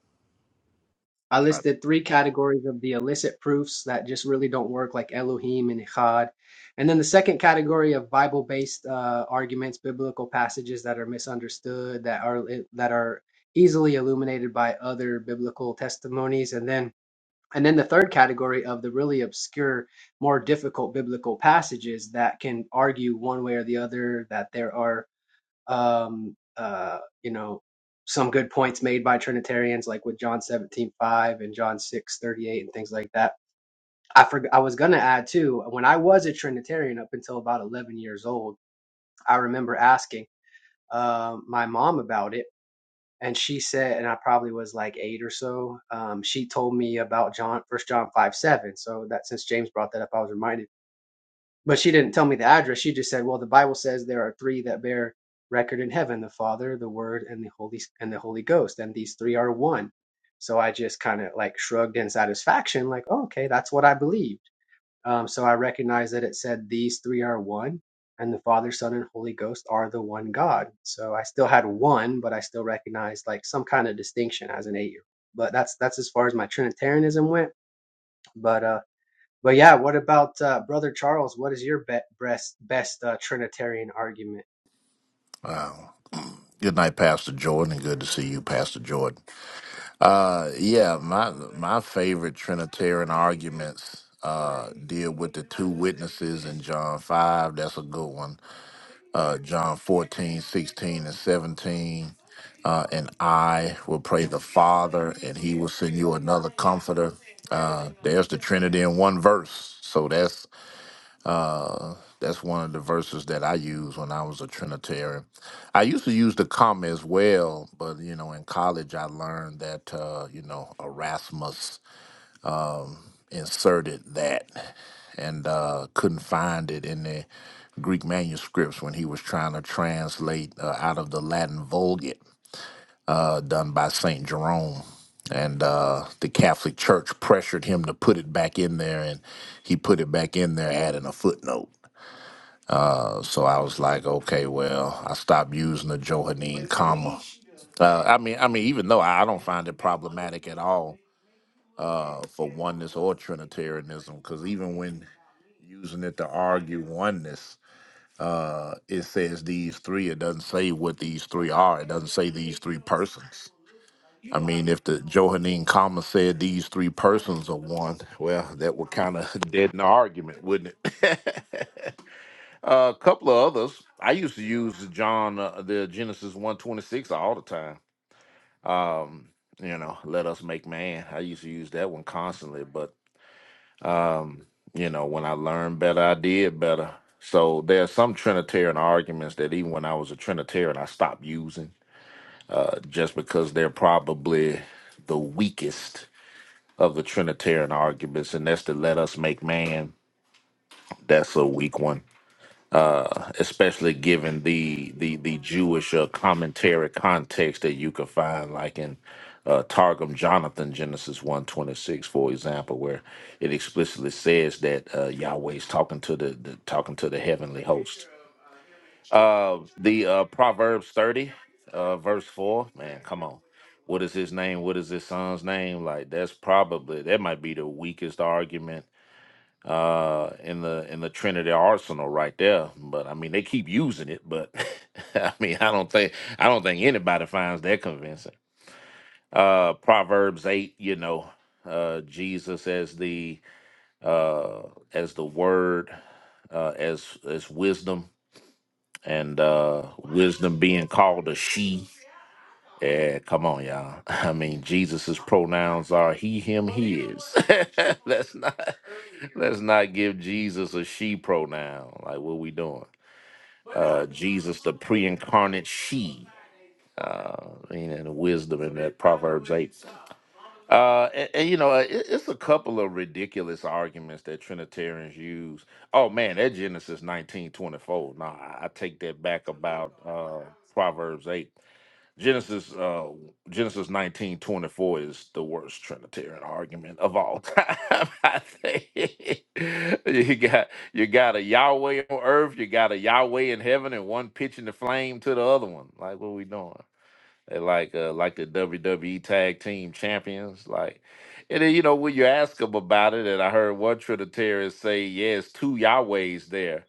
S4: I listed three categories of the illicit proofs that just really don't work, like Elohim and Echad. And then the second category of Bible-based uh, arguments, biblical passages that are misunderstood, that are that are easily illuminated by other biblical testimonies, and then And then the third category of the really obscure, more difficult biblical passages that can argue one way or the other that there are, um, uh, you know, some good points made by Trinitarians, like with John seventeen five and John six thirty eight and things like that. I forg I was going to add too, when I was a Trinitarian up until about 11 years old, I remember asking um my mom about it and she said, and I probably was like eight or so. Um, she told me about John, First John five seven. So that since James brought that up, I was reminded. But she didn't tell me the address. She just said, "Well, the Bible says there are three that bear record in heaven: the Father, the Word, and the Holy and the Holy Ghost. And these three are one." So I just kind of like shrugged in satisfaction, like, oh, "Okay, that's what I believed." Um, so I recognize that it said these three are one, and the Father, Son, and Holy Ghost are the one God. So I still had one, but I still recognized like some kind of distinction as an eight year old. But that's that's as far as my Trinitarianism went. But uh, but yeah, what about uh, Brother Charles? What is your be- best best uh, Trinitarian argument?
S11: Wow. Good night, Pastor Jordan, and good to see you, Pastor Jordan. Uh, yeah, my my favorite Trinitarian arguments uh, deal with the two witnesses in John 5. That's a good one. Uh, John 14, 16, and 17. Uh, and I will pray the Father, and he will send you another comforter. Uh, there's the Trinity in one verse. So that's Uh, that's one of the verses that I used when I was a Trinitarian. I used to use the comma as well, but you know, in college I learned that uh, you know Erasmus inserted that and uh, couldn't find it in the Greek manuscripts when he was trying to translate uh, out of the Latin Vulgate uh, done by Saint Jerome. And uh, the Catholic Church pressured him to put it back in there, and he put it back in there, adding a footnote. So I was like, okay, well, I stopped using the Johannine comma. Uh, I mean, I mean, even though I I don't find it problematic at all uh, for oneness or Trinitarianism, because even when using it to argue oneness, uh, it says these three. It doesn't say what these three are. It doesn't say these three persons. I mean, if the Johannine comma said these three persons are one, well, that would kind of deaden the argument, wouldn't it? Uh, A couple of others. I used to use the John, uh, the Genesis one twenty six all the time. Um, you know, let us make man. I used to use that one constantly, but you know, when I learned better, I did better. So there are some Trinitarian arguments that even when I was a Trinitarian, I stopped using uh, just because they're probably the weakest of the Trinitarian arguments, and that's to let us make man. That's a weak one especially given the the the Jewish uh, commentary context that you can find, like in uh, Targum Jonathan Genesis one twenty six, for example, where it explicitly says that uh, Yahweh is talking to the, the talking to the heavenly host. Uh, the uh, Proverbs thirty, uh, verse four. Man, come on. What is his name? What is his son's name? Like that's probably that might be the weakest argument uh in the in the Trinity arsenal right there. But I mean they keep using it, but I mean I don't think I don't think anybody finds that convincing. Uh Proverbs eight, you know, uh Jesus as the uh as the word, uh as as wisdom and uh wisdom being called a she. Yeah, come on, y'all. I mean, Jesus's pronouns are he, him, his. let's not let's not give Jesus a she pronoun. Like, what we doing? Uh, Jesus, the pre-incarnate she. Uh, I mean, and the wisdom in that Proverbs eight. Uh, and, and, you know, uh, it, it's a couple of ridiculous arguments that Trinitarians use. Oh man, that Genesis nineteen twenty four. Nah, I I take that back about uh, Proverbs eight Genesis uh Genesis nineteen twenty four is the worst Trinitarian argument of all time. I think you got you got a Yahweh on earth, you got a Yahweh in heaven, and one pitching the flame to the other one. Like what we doing? They like uh like the WWE tag team champions, like and then you know when you ask them about it, and I heard one Trinitarian say, Yes, two Yahwehs there.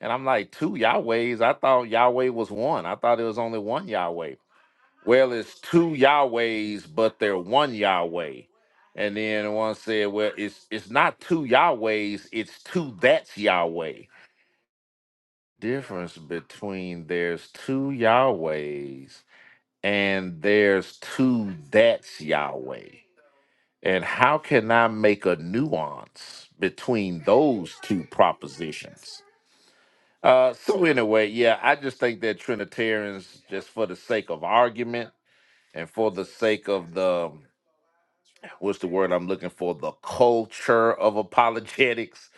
S11: And I'm like, two Yahwehs? I thought Yahweh was one. I thought it was only one Yahweh. Well, it's two Yahwehs, but they're one Yahweh. And then one said, Well, it's it's not two Yahwehs, it's two that's Yahweh. Difference between there's two Yahwehs and there's two that's Yahweh. And how can I make a nuance between those two propositions? Uh, so anyway, yeah, I just think that Trinitarians, just for the sake of argument and for the sake of the what's the word I'm looking for? The culture of apologetics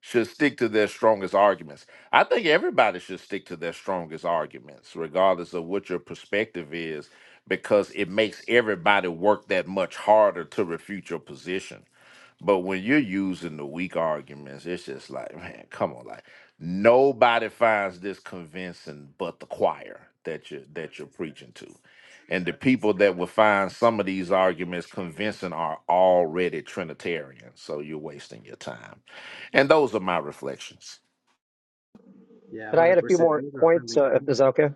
S11: should stick to their strongest arguments. I think everybody should stick to their strongest arguments, regardless of what your perspective is, because it makes everybody work that much harder to refute your position. But when you're using the weak arguments, it's just like, man, come on, like nobody finds this convincing but the choir that you that you're preaching to. And the people that will find some of these arguments convincing are already Trinitarian. So you're wasting your time. And those are my reflections.
S4: Yeah, one
S9: Could I add
S4: hundred
S9: a few
S4: percent.
S9: more
S4: Those are
S9: points?
S4: really.
S9: Uh, if is that okay?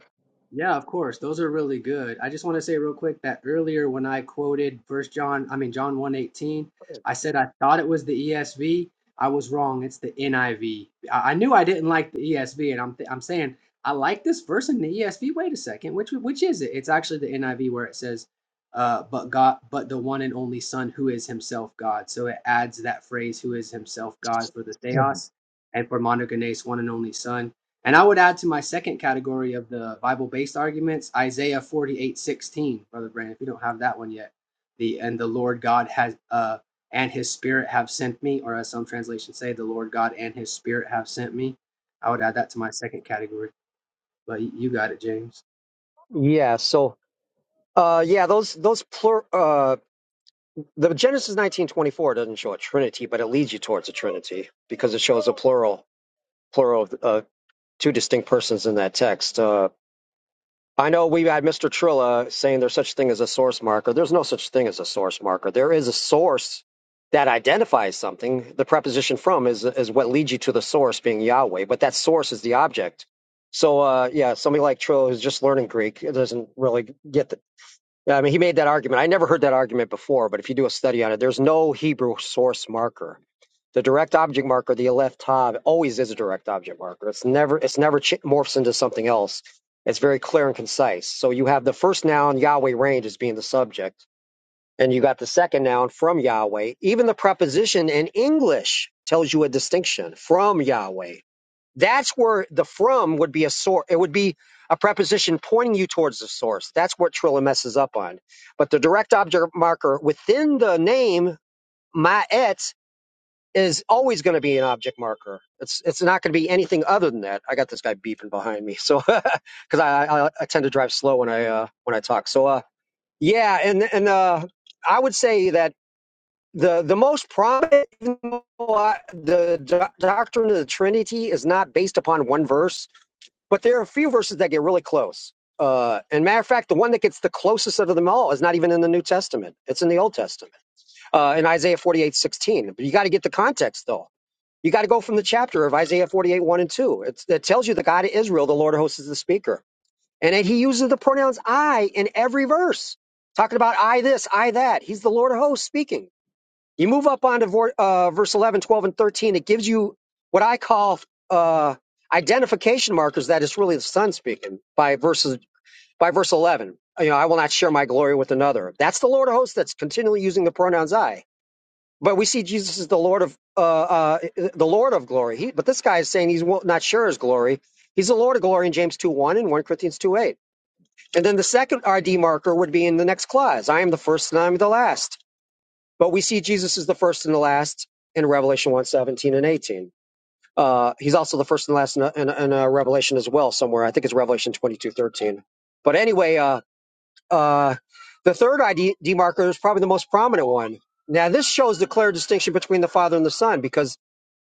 S4: Yeah, of course. Those are really good. I just want to say real quick that earlier when I quoted First John, I mean John one eighteen, I said I thought it was the ESV. I was wrong. It's the NIV. I, V. I I knew I didn't like the ESV, and I'm th- I'm saying I like this verse in the ESV. Wait a second, which which is it? It's actually the NIV where it says, uh, "But God, but the one and only Son, who is Himself God." So it adds that phrase, "Who is Himself God," for the
S9: Mhm.
S4: Theos, and for monogenes, one and only Son. And I would add to my second category of the Bible based arguments Isaiah 48 16, Brother Brandon, if you don't have that one yet. The and the Lord God has uh and his spirit have sent me, or as some translations say, the Lord God and his spirit have sent me. I would add that to my second category. But you got it, James.
S9: Yeah. So, uh, yeah, those those plur, uh, the Genesis nineteen twenty four doesn't show a trinity, but it leads you towards a trinity because it shows a plural plural of uh, two distinct persons in that text. Uh, I know we had Mr. Trilla saying there's such thing as a source marker. There's no such thing as a source marker. There is a source that identifies something. The preposition from is is what leads you to the source being Yahweh, but that source is the object. So uh, yeah, somebody like Trilla who's just learning Greek doesn't really get the. I mean, he made that argument. I never heard that argument before, but if you do a study on it, there's no Hebrew source marker the direct object marker that you left tab always is a direct object marker. It's never it's never ch- morphs into something else. It's very clear and concise. So you have the first noun Yahweh range as being the subject, and you got the second noun from Yahweh. Even the preposition in English tells you a distinction from Yahweh. That's where the from would be a source. It would be a preposition pointing you towards the source. That's what Trilla messes up on. But the direct object marker within the name Ma'et is always going to be an object marker. It's it's not going to be anything other than that. I got this guy beeping behind me, so because I, I I tend to drive slow when I uh, when I talk. So uh, yeah, and and uh, I would say that the the most prominent even though I- the doc- doctrine of the Trinity is not based upon one verse, but there are a few verses that get really close. Uh, and matter of fact, the one that gets the closest out of them all is not even in the New Testament; it's in the Old Testament, uh, in Isaiah forty eight sixteen. But you got to get the context though you got to go from the chapter of Isaiah 48, 1 and 2. It's, it tells you the God of Israel, the Lord of hosts, is the speaker. And then he uses the pronouns I in every verse, talking about I this, I that. He's the Lord of hosts speaking. You move up onto vor- uh, verse 11, 12, and 13. It gives you what I call uh, identification markers that it's really the Son speaking by verses by verse 11. You know, I will not share my glory with another. That's the Lord of hosts that's continually using the pronouns I. But we see Jesus is the Lord of uh, uh, the Lord of glory. He, but this guy is saying he's wo- not sure his glory. He's the Lord of glory in James 2 1 and 1 Corinthians 2 8. And then the second RD marker would be in the next clause I am the first and I am the last. But we see Jesus is the first and the last in Revelation one seventeen and 18. Uh, he's also the first and last in, in, in uh, Revelation as well, somewhere. I think it's Revelation twenty two thirteen. But anyway, uh, uh, the third ID demarker is probably the most prominent one. Now, this shows the clear distinction between the Father and the Son because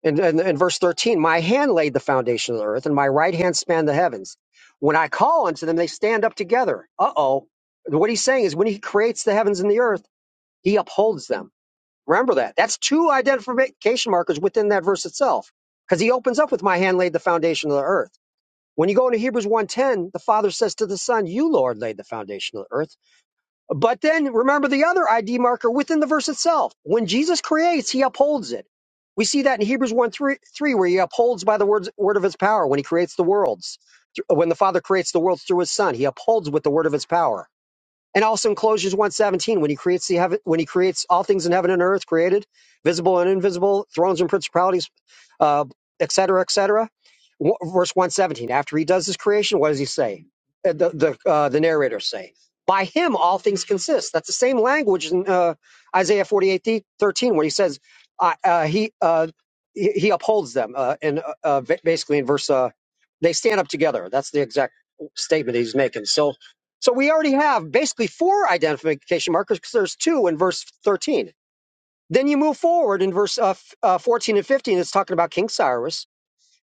S9: in, in, in verse 13, my hand laid the foundation of the earth and my right hand spanned the heavens. When I call unto them, they stand up together. Uh oh. What he's saying is when he creates the heavens and the earth, he upholds them. Remember that. That's two identification markers within that verse itself because he opens up with my hand laid the foundation of the earth. When you go into Hebrews 1:10, the Father says to the Son, "You Lord laid the foundation of the earth." But then remember the other ID marker within the verse itself. When Jesus creates, he upholds it. We see that in Hebrews 1 3, three where he upholds by the words, word of his power when he creates the worlds. When the Father creates the worlds through his Son, he upholds with the word of his power. And also in Colossians 1.17, when he creates the heaven, when he creates all things in heaven and earth created, visible and invisible, thrones and principalities, uh, et cetera, et cetera. W- Verse 117, after he does his creation, what does he say? Uh, The, the, uh, the narrators say, by him all things consist. That's the same language in uh, Isaiah forty eight thirteen, 13, when he says uh, uh, he, uh, he he upholds them. Uh, and uh, uh, ba- basically in verse, uh, they stand up together. That's the exact statement he's making. So so we already have basically four identification markers because there's two in verse 13. Then you move forward in verse uh, f- uh, 14 and 15, it's talking about King Cyrus.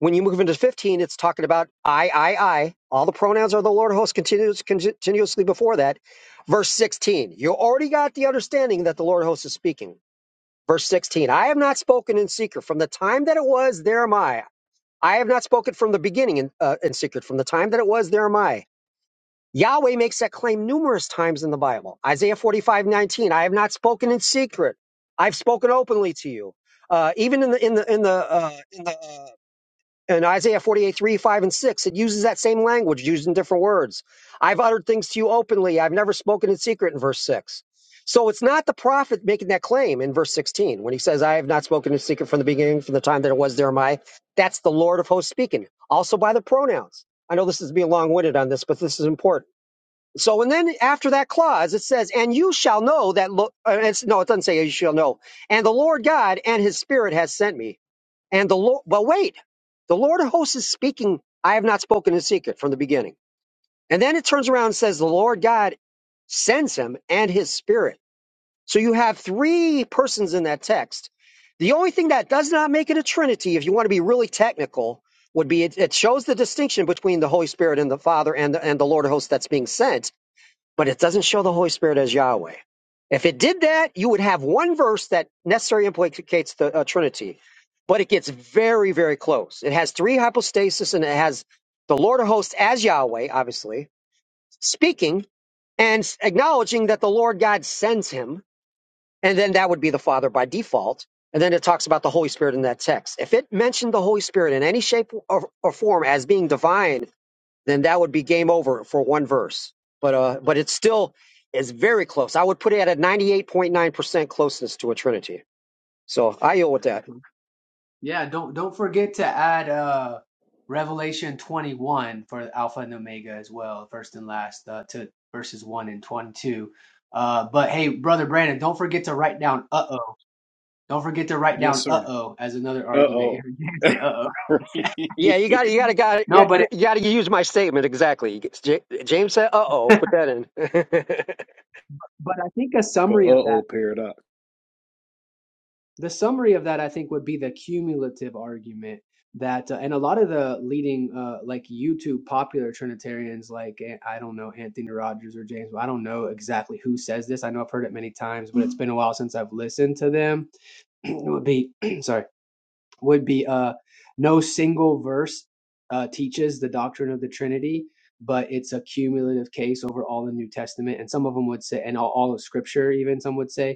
S9: When you move into 15, it's talking about I, I, I. All the pronouns are the Lord of hosts continuous, continuously before that. Verse 16, you already got the understanding that the Lord of hosts is speaking. Verse 16, I have not spoken in secret. From the time that it was, there am I. I have not spoken from the beginning in, uh, in secret. From the time that it was, there am I. Yahweh makes that claim numerous times in the Bible. Isaiah 45:19. I have not spoken in secret. I've spoken openly to you. Uh, even in the, in the, in the, uh, in the, uh, in Isaiah 48, three, 5, and 6, it uses that same language, used in different words. I've uttered things to you openly. I've never spoken in secret in verse 6. So it's not the prophet making that claim in verse 16 when he says, I have not spoken in secret from the beginning, from the time that it was there, my. That's the Lord of hosts speaking, also by the pronouns. I know this is being long winded on this, but this is important so, and then after that clause, it says, and you shall know that, lo- uh, it's, no, it doesn't say you shall know. And the Lord God and his spirit has sent me. And the Lord, but wait, the Lord of hosts is speaking. I have not spoken in secret from the beginning. And then it turns around and says, the Lord God sends him and his spirit. So you have three persons in that text. The only thing that does not make it a trinity, if you want to be really technical, would be it, it shows the distinction between the Holy Spirit and the Father and the, and the Lord of hosts that's being sent but it doesn't show the Holy Spirit as Yahweh. If it did that, you would have one verse that necessarily implicates the uh, Trinity, but it gets very, very close. It has three hypostases and it has the Lord of hosts as Yahweh, obviously, speaking and s- acknowledging that the Lord God sends him. And then that would be the Father by default. And then it talks about the Holy Spirit in that text. If it mentioned the Holy Spirit in any shape or, or form as being divine, then that would be game over for one verse. But uh, but it's still is very close. I would put it at a ninety eight point nine percent closeness to a trinity. So I yield with that.
S4: Yeah, don't don't forget to add uh Revelation 21 for Alpha and Omega as well, first and last uh to verses 1 and 22. Uh but hey, brother Brandon, don't forget to write down uh-oh. Don't forget to write
S2: Yes,
S4: down
S2: sir.
S4: uh-oh as another
S2: Uh
S4: argument. You
S2: oh.
S4: heard not
S2: uh
S4: say uh-oh.
S9: Yeah, you got to you got to
S4: No, but it,
S9: got you got to use my statement exactly. J- James said, "Uh oh, put that in."
S4: but I think a summary of that.
S2: oh paradox.
S4: the summary of that i think would be the cumulative argument that uh, and a lot of the leading uh, like youtube popular trinitarians like eh, i don't know anthony rogers or james i don't know exactly who says this i know i've heard it many times but it's been a while since i've listened to them It would be sorry would be uh no single verse uh, teaches the doctrine of the trinity but it's a cumulative case over all the new testament and some of them would say and all, all of scripture even some would say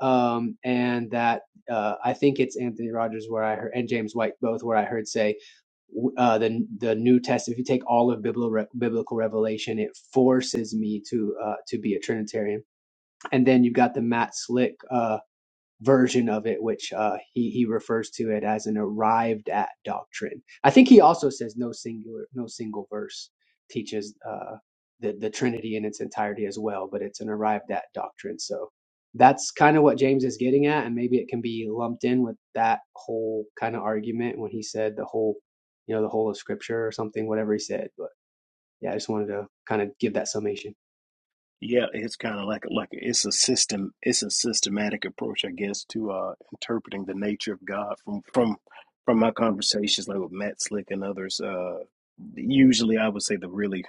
S4: um, and that uh, I think it's Anthony Rogers where I heard and James White both where I heard say uh, the the New Test. If you take all of biblical biblical revelation, it forces me to uh, to be a Trinitarian. And then you've got the Matt Slick. Uh, version of it, which uh, he he refers to it as an arrived at doctrine. I think he also says no singular, no single verse teaches uh, the the Trinity in its entirety as well, but it's an arrived at doctrine. So that's kind of what James is getting at, and maybe it can be lumped in with that whole kind of argument when he said the whole, you know, the whole of Scripture or something, whatever he said. But yeah, I just wanted to kind of give that summation.
S2: Yeah, it's kind of like like it's a system. It's a systematic approach, I guess, to uh, interpreting the nature of God from from from my conversations like with Matt Slick and others. Uh, usually, I would say the really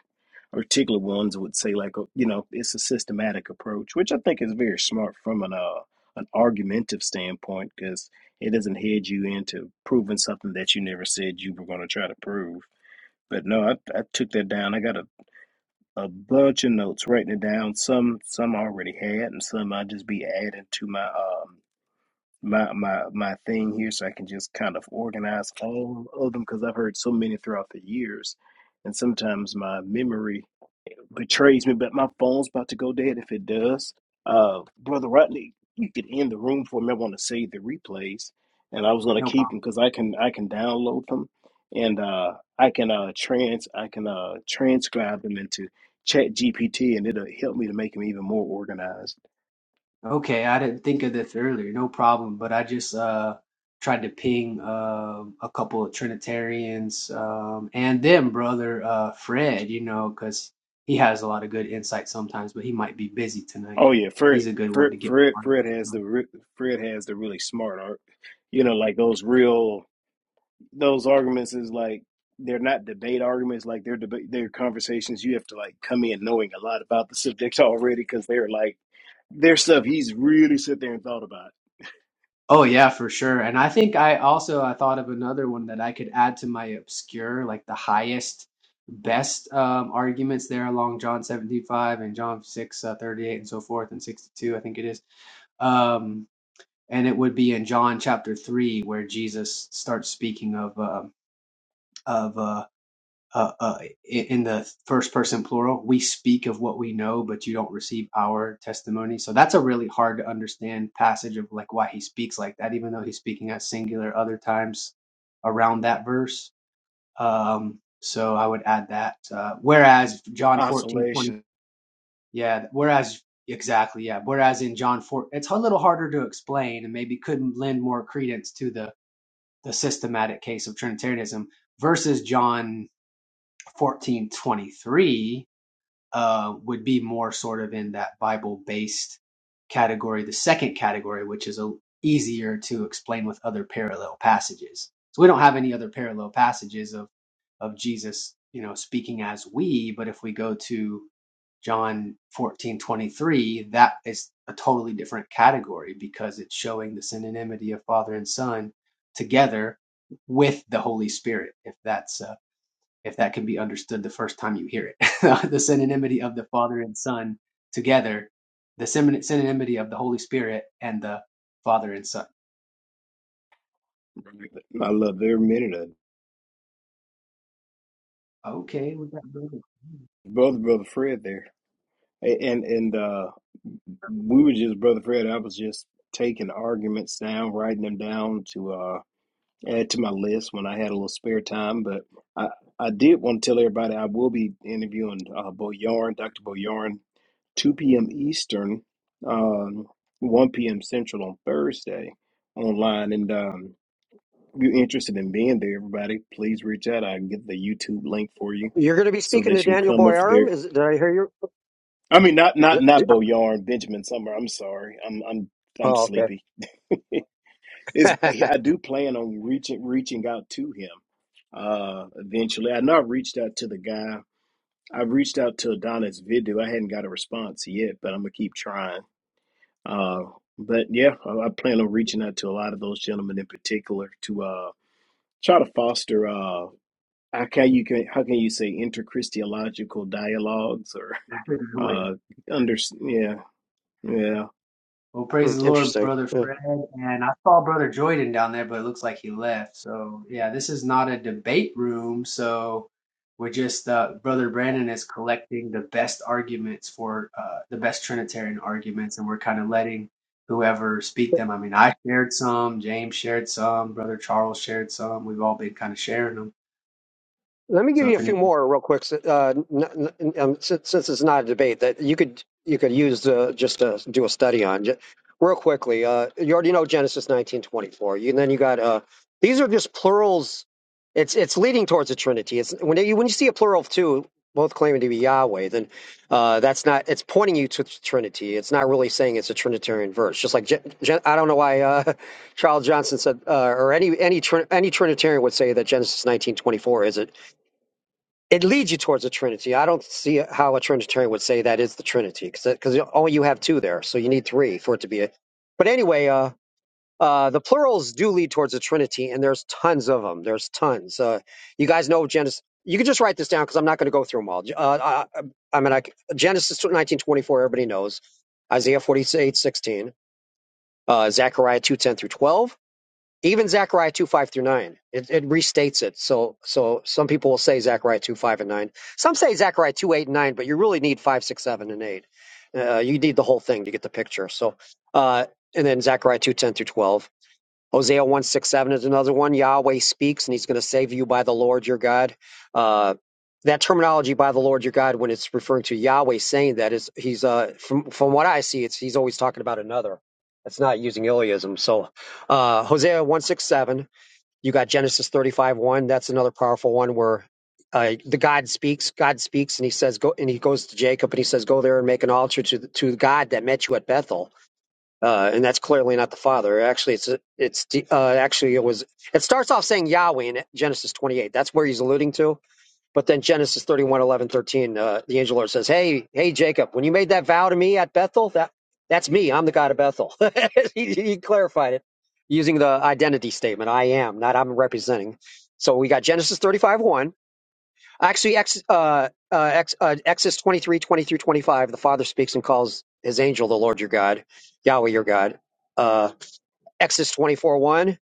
S2: particular ones would say like uh, you know it's a systematic approach which i think is very smart from an uh, an argumentative standpoint because it doesn't head you into proving something that you never said you were going to try to prove but no I, I took that down i got a, a bunch of notes writing it down some some I already had and some i'll just be adding to my um my my my thing here so i can just kind of organize all of them because i've heard so many throughout the years and sometimes my memory betrays me, but my phone's about to go dead if it does. Uh, Brother Rodney, you could end the room for me. I want to save the replays, and I was going to
S4: No
S2: keep them because I can I can download them, and uh, I can uh, trans I can uh, transcribe them into Chat GPT, and it'll help me to make them even more organized.
S4: Okay, I didn't think of this earlier. No problem. But I just uh tried to ping uh, a couple of Trinitarians um and then brother uh Fred, you know, because he has a lot of good insight sometimes, but he might be busy tonight.
S2: Oh yeah, Fred
S4: He's a good one
S2: Fred
S4: to get
S2: Fred,
S4: on.
S2: Fred has the re- Fred has the really smart art, you know, like those real. those arguments is like they're not debate arguments like they're debate they're conversations you have to like come in knowing a lot about the subject already because they're like their stuff he's really sit there and thought about
S4: Oh yeah, for sure. And I think I also I thought of another one that I could add to my obscure, like the highest best um arguments there along John 75 and John 6 uh, 38 and so forth and 62 I think it is. Um and it would be in John chapter 3 where Jesus starts speaking of um of uh uh, uh, in the first person plural, we speak of what we know, but you don't receive our testimony. So that's a really hard to understand passage of like why he speaks like that, even though he's speaking at singular other times around that verse. Um, so I would add that. Uh, whereas John fourteen twenty,
S2: oscillation
S4: yeah, whereas exactly, yeah, whereas in John 4, it's a little harder to explain and maybe could lend more credence to the, the systematic case of Trinitarianism versus John 1423 uh, would be more sort of in that Bible based category, the second category, which is a, easier to explain with other parallel passages. So we don't have any other parallel passages of of Jesus, you know, speaking as we, but if we go to John 14:23, that is a totally different category because it's showing the synonymity of Father and Son together with the Holy Spirit, if that's uh, if that can be understood the first time you hear it. the synonymity of the Father and Son together, the symon- synonymity of the Holy Spirit and the Father and Son.
S2: i love every minute of it
S4: Okay, we got that
S2: brother brother fred there and and uh we were just brother fred i was just taking arguments down writing them down to uh add to my list when i had a little spare time but i i did want to tell everybody i will be interviewing uh Bo Yarn, dr boyarn 2 p.m. Eastern, um, 1 p.m. Central on Thursday online. And um, if you're interested in being there, everybody, please reach out. I can get the YouTube link for you
S9: You're going to be
S2: so
S9: speaking to
S2: that you can
S9: Daniel
S2: come up there.
S9: Boyarum. Is did I hear you?
S2: I mean, not
S9: Is
S2: not
S9: it-
S2: not Bo Yarn, Benjamin Summer. I'm sorry, I'm I'm I'm
S9: Oh, okay.
S2: sleepy. Is I, I do plan on reaching reaching out to him uh, eventually. I know I reached out to the guy. I reached out to Adonis Vidu. I hadn't got a response yet, but I'm gonna keep trying. Uh, but yeah, I, I plan on reaching out to a lot of those gentlemen in particular to uh, try to foster uh, how can you can how can you say interchristiological dialogues or
S4: out of the way.
S2: uh, under yeah yeah.
S4: Well,
S9: Hmm,
S4: praise the Lord,
S9: Interesting.
S4: Brother
S9: Hmm.
S4: Fred. And I saw Brother Joyden down there, but it looks like he left. So, yeah, this is not a debate room. So, we're just, uh, Brother Brandon is collecting the best arguments for uh, the best Trinitarian arguments, and we're kind of letting whoever speak them. I mean, I shared some, James shared some, Brother Charles shared some. We've all been kind of sharing them.
S9: Let me give
S4: So,
S9: you
S4: if
S9: a
S4: anybody
S9: few more real quick, uh, n- n- um, since, since it's not a debate that you could you could use uh, just to do a study on. Ju- Real quickly, uh, you already know Genesis nineteen twenty four. You then you got uh, these are just plurals. It's it's leading towards the Trinity. It's when you when you see a plural of two, both claiming to be Yahweh, then uh, that's not. It's pointing you to the Trinity. It's not really saying it's a Trinitarian verse. Just like Je- Je- I don't know why uh, Charles Johnson said, uh, or any any Trin- any Trinitarian would say that Genesis nineteen twenty four is a it leads you towards the Trinity. I don't see how a Trinitarian would say that is the Trinity because only you have two there, so you need three for it to be a. But anyway, uh, uh, the plurals do lead towards the Trinity, and there's tons of them. There's tons. Uh, you guys know Genesis. You can just write this down because I'm not going to go through them all. Uh, I, I mean, I, c- Genesis 19:24, everybody knows. Isaiah 48:16, uh, Zechariah 2:10 through 12. Even Zechariah 2, 5 through 9, it, it restates it. So so some people will say Zechariah 2, 5 and 9. Some say Zechariah 2, 8 and 9, but you really need 5 6 7 and 8. Uh, you need the whole thing to get the picture. So uh, And then Zechariah 2 10 through 12. Hosea one six seven is another one. Yahweh speaks, and He's going to save you by the Lord your God. Uh, that terminology by the Lord your God, when it's referring to Yahweh saying that, is He's uh, from from what I see, it's He's always talking about another. It's not using Iliism. So uh, Hosea one six seven. You got Genesis thirty five one. That's another powerful one where. Uh, the God speaks. God speaks, and He says, "Go." And He goes to Jacob, and He says, "Go there and make an altar to the, to God that met you at Bethel." uh, and that's clearly not the Father. Actually, it's it's uh, actually it was. It starts off saying Yahweh in Genesis 28. That's where he's alluding to. But then Genesis 31, 11, 13, uh, the angel Lord says, "Hey, hey, Jacob, when you made that vow to me at Bethel, that that's me. I'm the God of Bethel." he, he clarified it using the identity statement: "I am," not "I'm representing." So we got Genesis 35, 1. Actually, ex, uh, uh, ex, uh, Exodus 23, twenty through 25, the Father speaks and calls his angel the Lord your God, Yahweh your God. Uh, Exodus 24, 1,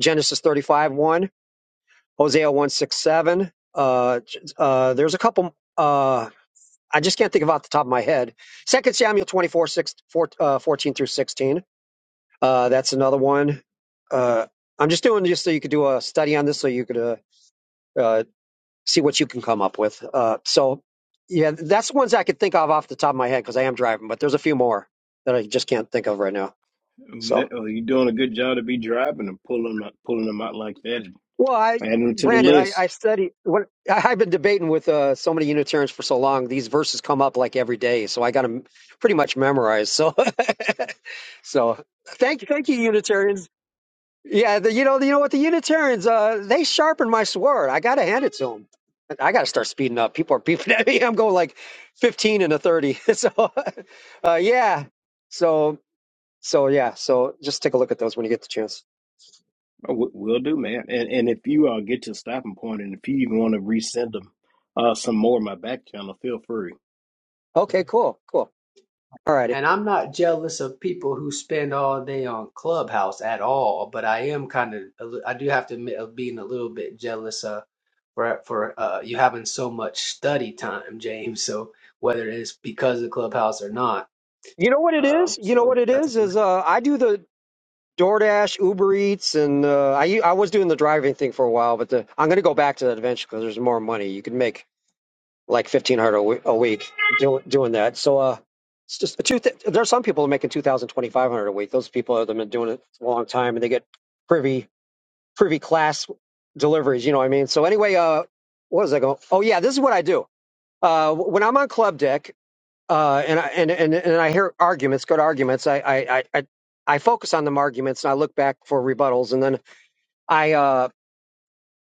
S9: Genesis 35, 1, Hosea one 6 7. Uh, j- uh, there's a couple, uh, I just can't think of off the top of my head. Second Samuel 24, six, four, uh, 14 through 16. Uh, that's another one. Uh, I'm just doing just so you could do a study on this so you could uh, uh, see what you can come up with. Uh, so, yeah, that's the ones I could think of off the top of my head because I am driving, but there's a few more that I just can't think of right now. So,
S2: That- oh, you're doing a good job to be driving and pulling them pulling them out like that.
S9: well, I,
S2: Adding them to the
S9: Brandon, I,
S2: list.
S9: I study when I- I've been debating with uh, so many Unitarians for so long. These verses come up like every day, so I got them pretty much memorized. So, so thank you, thank you, Unitarians. Yeah, the, you know, you know what? The Unitarians, uh, they sharpen my sword. I gotta hand it to them. I gotta start speeding up. People are beeping at me. I'm going like 15 and a 30. So, uh, yeah. So, so yeah. So just take a look at those when you get the chance.
S2: Oh, we- we'll do, man. And and if you uh, get to a stopping point, and if you even want to resend them uh, some more in my back channel, feel free.
S9: Okay, cool, cool. All righty.
S4: And I'm not jealous of people who spend all day on Clubhouse at all, but I am kind of, I do have to admit of being a little bit jealous uh, for for uh, you having so much study time, James. So whether it's because of Clubhouse or not,
S9: You know what it
S4: uh,
S9: is? You know what
S4: so
S9: it
S4: that's
S9: is? Is uh, I do the DoorDash, Uber Eats, and uh, I u- I was doing the driving thing for a while, but the, I'm gonna go back to that eventually because there's more money you can make like fifteen hundred a we- a week doing doing that. So uh, it's just two. Th- there are some people making two thousand twenty five hundred a week. Those people have been doing it a long time, and they get privy privy class deliveries. You know what I mean? So anyway, uh, what was I going? Oh yeah, this is what I do. Uh, when I'm on club deck, uh, and I and and, and I hear arguments, good arguments, I I I. I I focus on them arguments and I look back for rebuttals, and then I uh,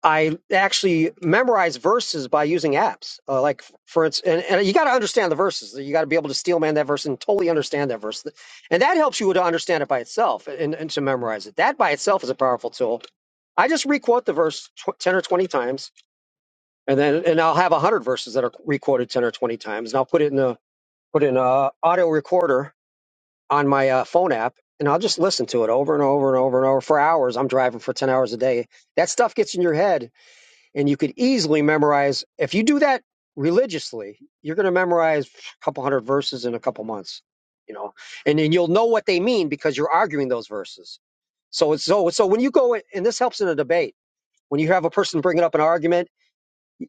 S9: I actually memorize verses by using apps. Uh, like for instance, and, and you got to understand the verses. You got to be able to steel man that verse and totally understand that verse, and that helps you to understand it by itself and, and to memorize it. That by itself is a powerful tool. I just requote the verse tw- ten or twenty times, and then and I'll have hundred verses that are requoted ten or twenty times, and I'll put it in a put it in a audio recorder on my uh, phone app, and I'll just listen to it over and over and over and over for hours. I'm driving for ten hours a day. That stuff gets in your head and you could easily memorize if you do that religiously you're going to memorize a couple hundred verses in a couple months you know and then you'll know what they mean because you're arguing those verses so it's so so when you go and this helps in a debate when you have a person bringing up an argument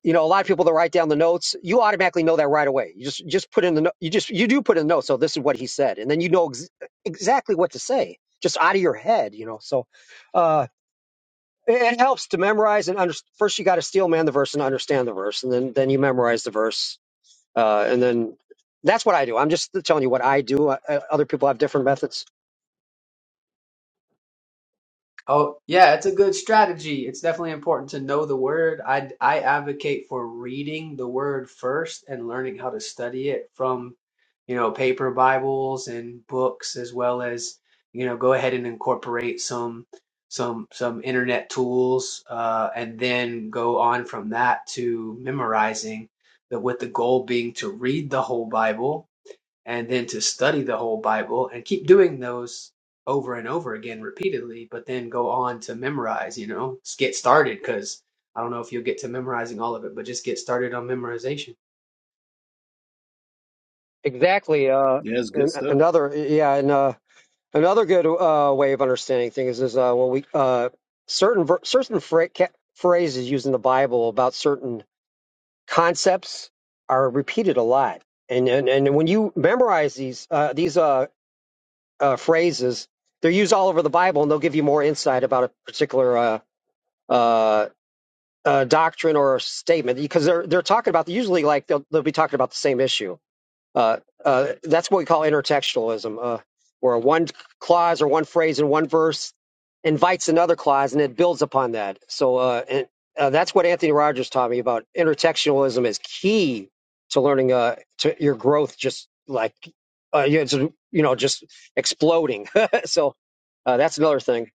S9: you know a lot of people that write down the notes you automatically know that right away you just just put in the no- you just you do put in the notes so this is what he said and then you know ex- exactly what to say just out of your head you know so Uh, it helps to memorize and under, first you got to steel man the verse and understand the verse and then then you memorize the verse uh, and then that's what i do i'm just telling you what i do uh, uh, other people have different methods
S4: Oh, yeah, it's a good strategy. It's definitely important to know the word. I I advocate for reading the word first and learning how to study it from, you know, paper Bibles and books as well as, you know, go ahead and incorporate some some some internet tools uh and then go on from that to memorizing the with the goal being to read the whole Bible and then to study the whole Bible and keep doing those over and over again repeatedly, but then go on to memorize, you know, just get started because I don't know if you'll get to memorizing all of it, but just get started on memorization.
S9: exactly uh,
S2: Yeah, that's good
S9: and
S2: stuff.
S9: another yeah and uh, another good uh, way of understanding things is uh, well we uh, certain ver- certain phra- ca- phrases used in the bible about certain concepts are repeated a lot and and, and when you memorize these uh, these uh, uh, phrases. They're used all over the Bible, and they'll give you more insight about a particular uh, uh, uh, doctrine or statement because they're they're talking about usually like they'll they'll be talking about the same issue. Uh, uh, that's what we call intertextualism, uh, where one clause or one phrase in one verse invites another clause and it builds upon that. So uh, and, uh, that's what Anthony Rogers taught me about intertextualism is key to learning uh, to your growth, just like uh, you it's, you know, just exploding. so uh, that's another thing,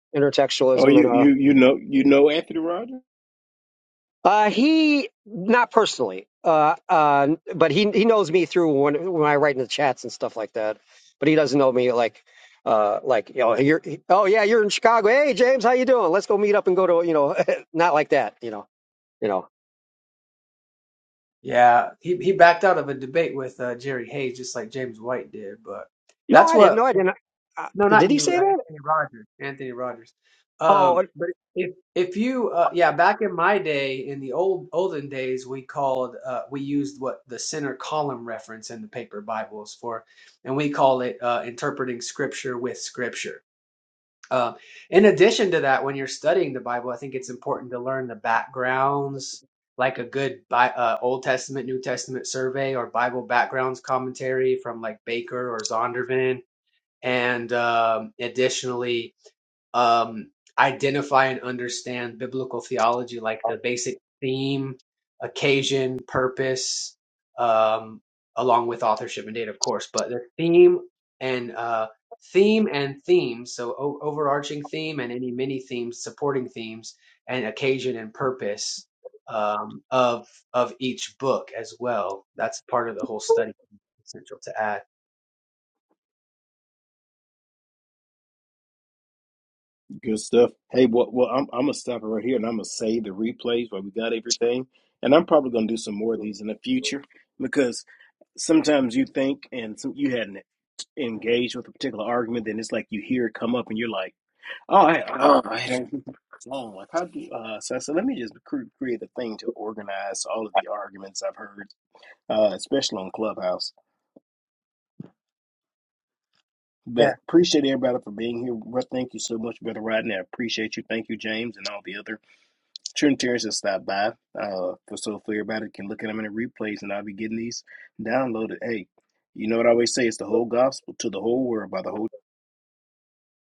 S2: Oh,
S9: intertextualism, and
S2: you
S9: uh,
S2: you you know you know Anthony Rogers.
S9: uh, he not personally, uh, uh, but he he knows me through when when I write in the chats and stuff like that. But he doesn't know me like, uh, like you know, you're oh yeah, you're in Chicago. Hey James, how you doing? Let's go meet up and go to you know, not like that. You know, you know.
S4: Yeah, he, he backed out of a debate with uh, Jerry Hayes, just like James White did, but
S9: No,
S4: that's
S9: I didn't.
S4: what
S9: No, I didn't. Uh,
S4: No,
S9: did
S4: not
S9: he
S4: you,
S9: say
S4: uh,
S9: that?
S4: Anthony Rogers. Anthony Rogers.
S9: Oh.
S4: Um, but if if you uh, yeah, back in my day, in the old olden days, we called uh, we used what the center column reference in the paper Bibles for, and we call it uh, interpreting scripture with scripture. Uh, in addition to that, when you're studying the Bible, I think it's important to learn the backgrounds, like a good Bi- uh, Old Testament, New Testament survey or Bible backgrounds commentary from like Baker or Zondervan and um, additionally um, identify and understand biblical theology like the basic theme occasion purpose um, along with authorship and date, of course but the theme and uh, theme and themes so o- overarching theme and any mini themes supporting themes and occasion and purpose um, of of each book as well that's part of the whole study essential to add
S2: Good stuff. Hey, well, well I'm, I'm gonna stop it right here, and I'm gonna save the replays where we got everything, and I'm probably gonna do some more of these in the future because sometimes you think and some, you hadn't engaged with a particular argument, then it's like you hear it come up, and you're like, oh, I, oh, I don't, oh, like how do? Uh, so I said, let me just cre- create a thing to organize all of the arguments I've heard, uh, especially on Clubhouse. But appreciate everybody for being here. Russ, Thank you so much, Brother Rodney. I appreciate you. Thank you, James, and all the other. Trent Terrence has stopped by. Uh, for so if everybody can look at them in the replays, and I'll be getting these downloaded. Hey, you know what I always say? It's the whole gospel to the whole world by the whole.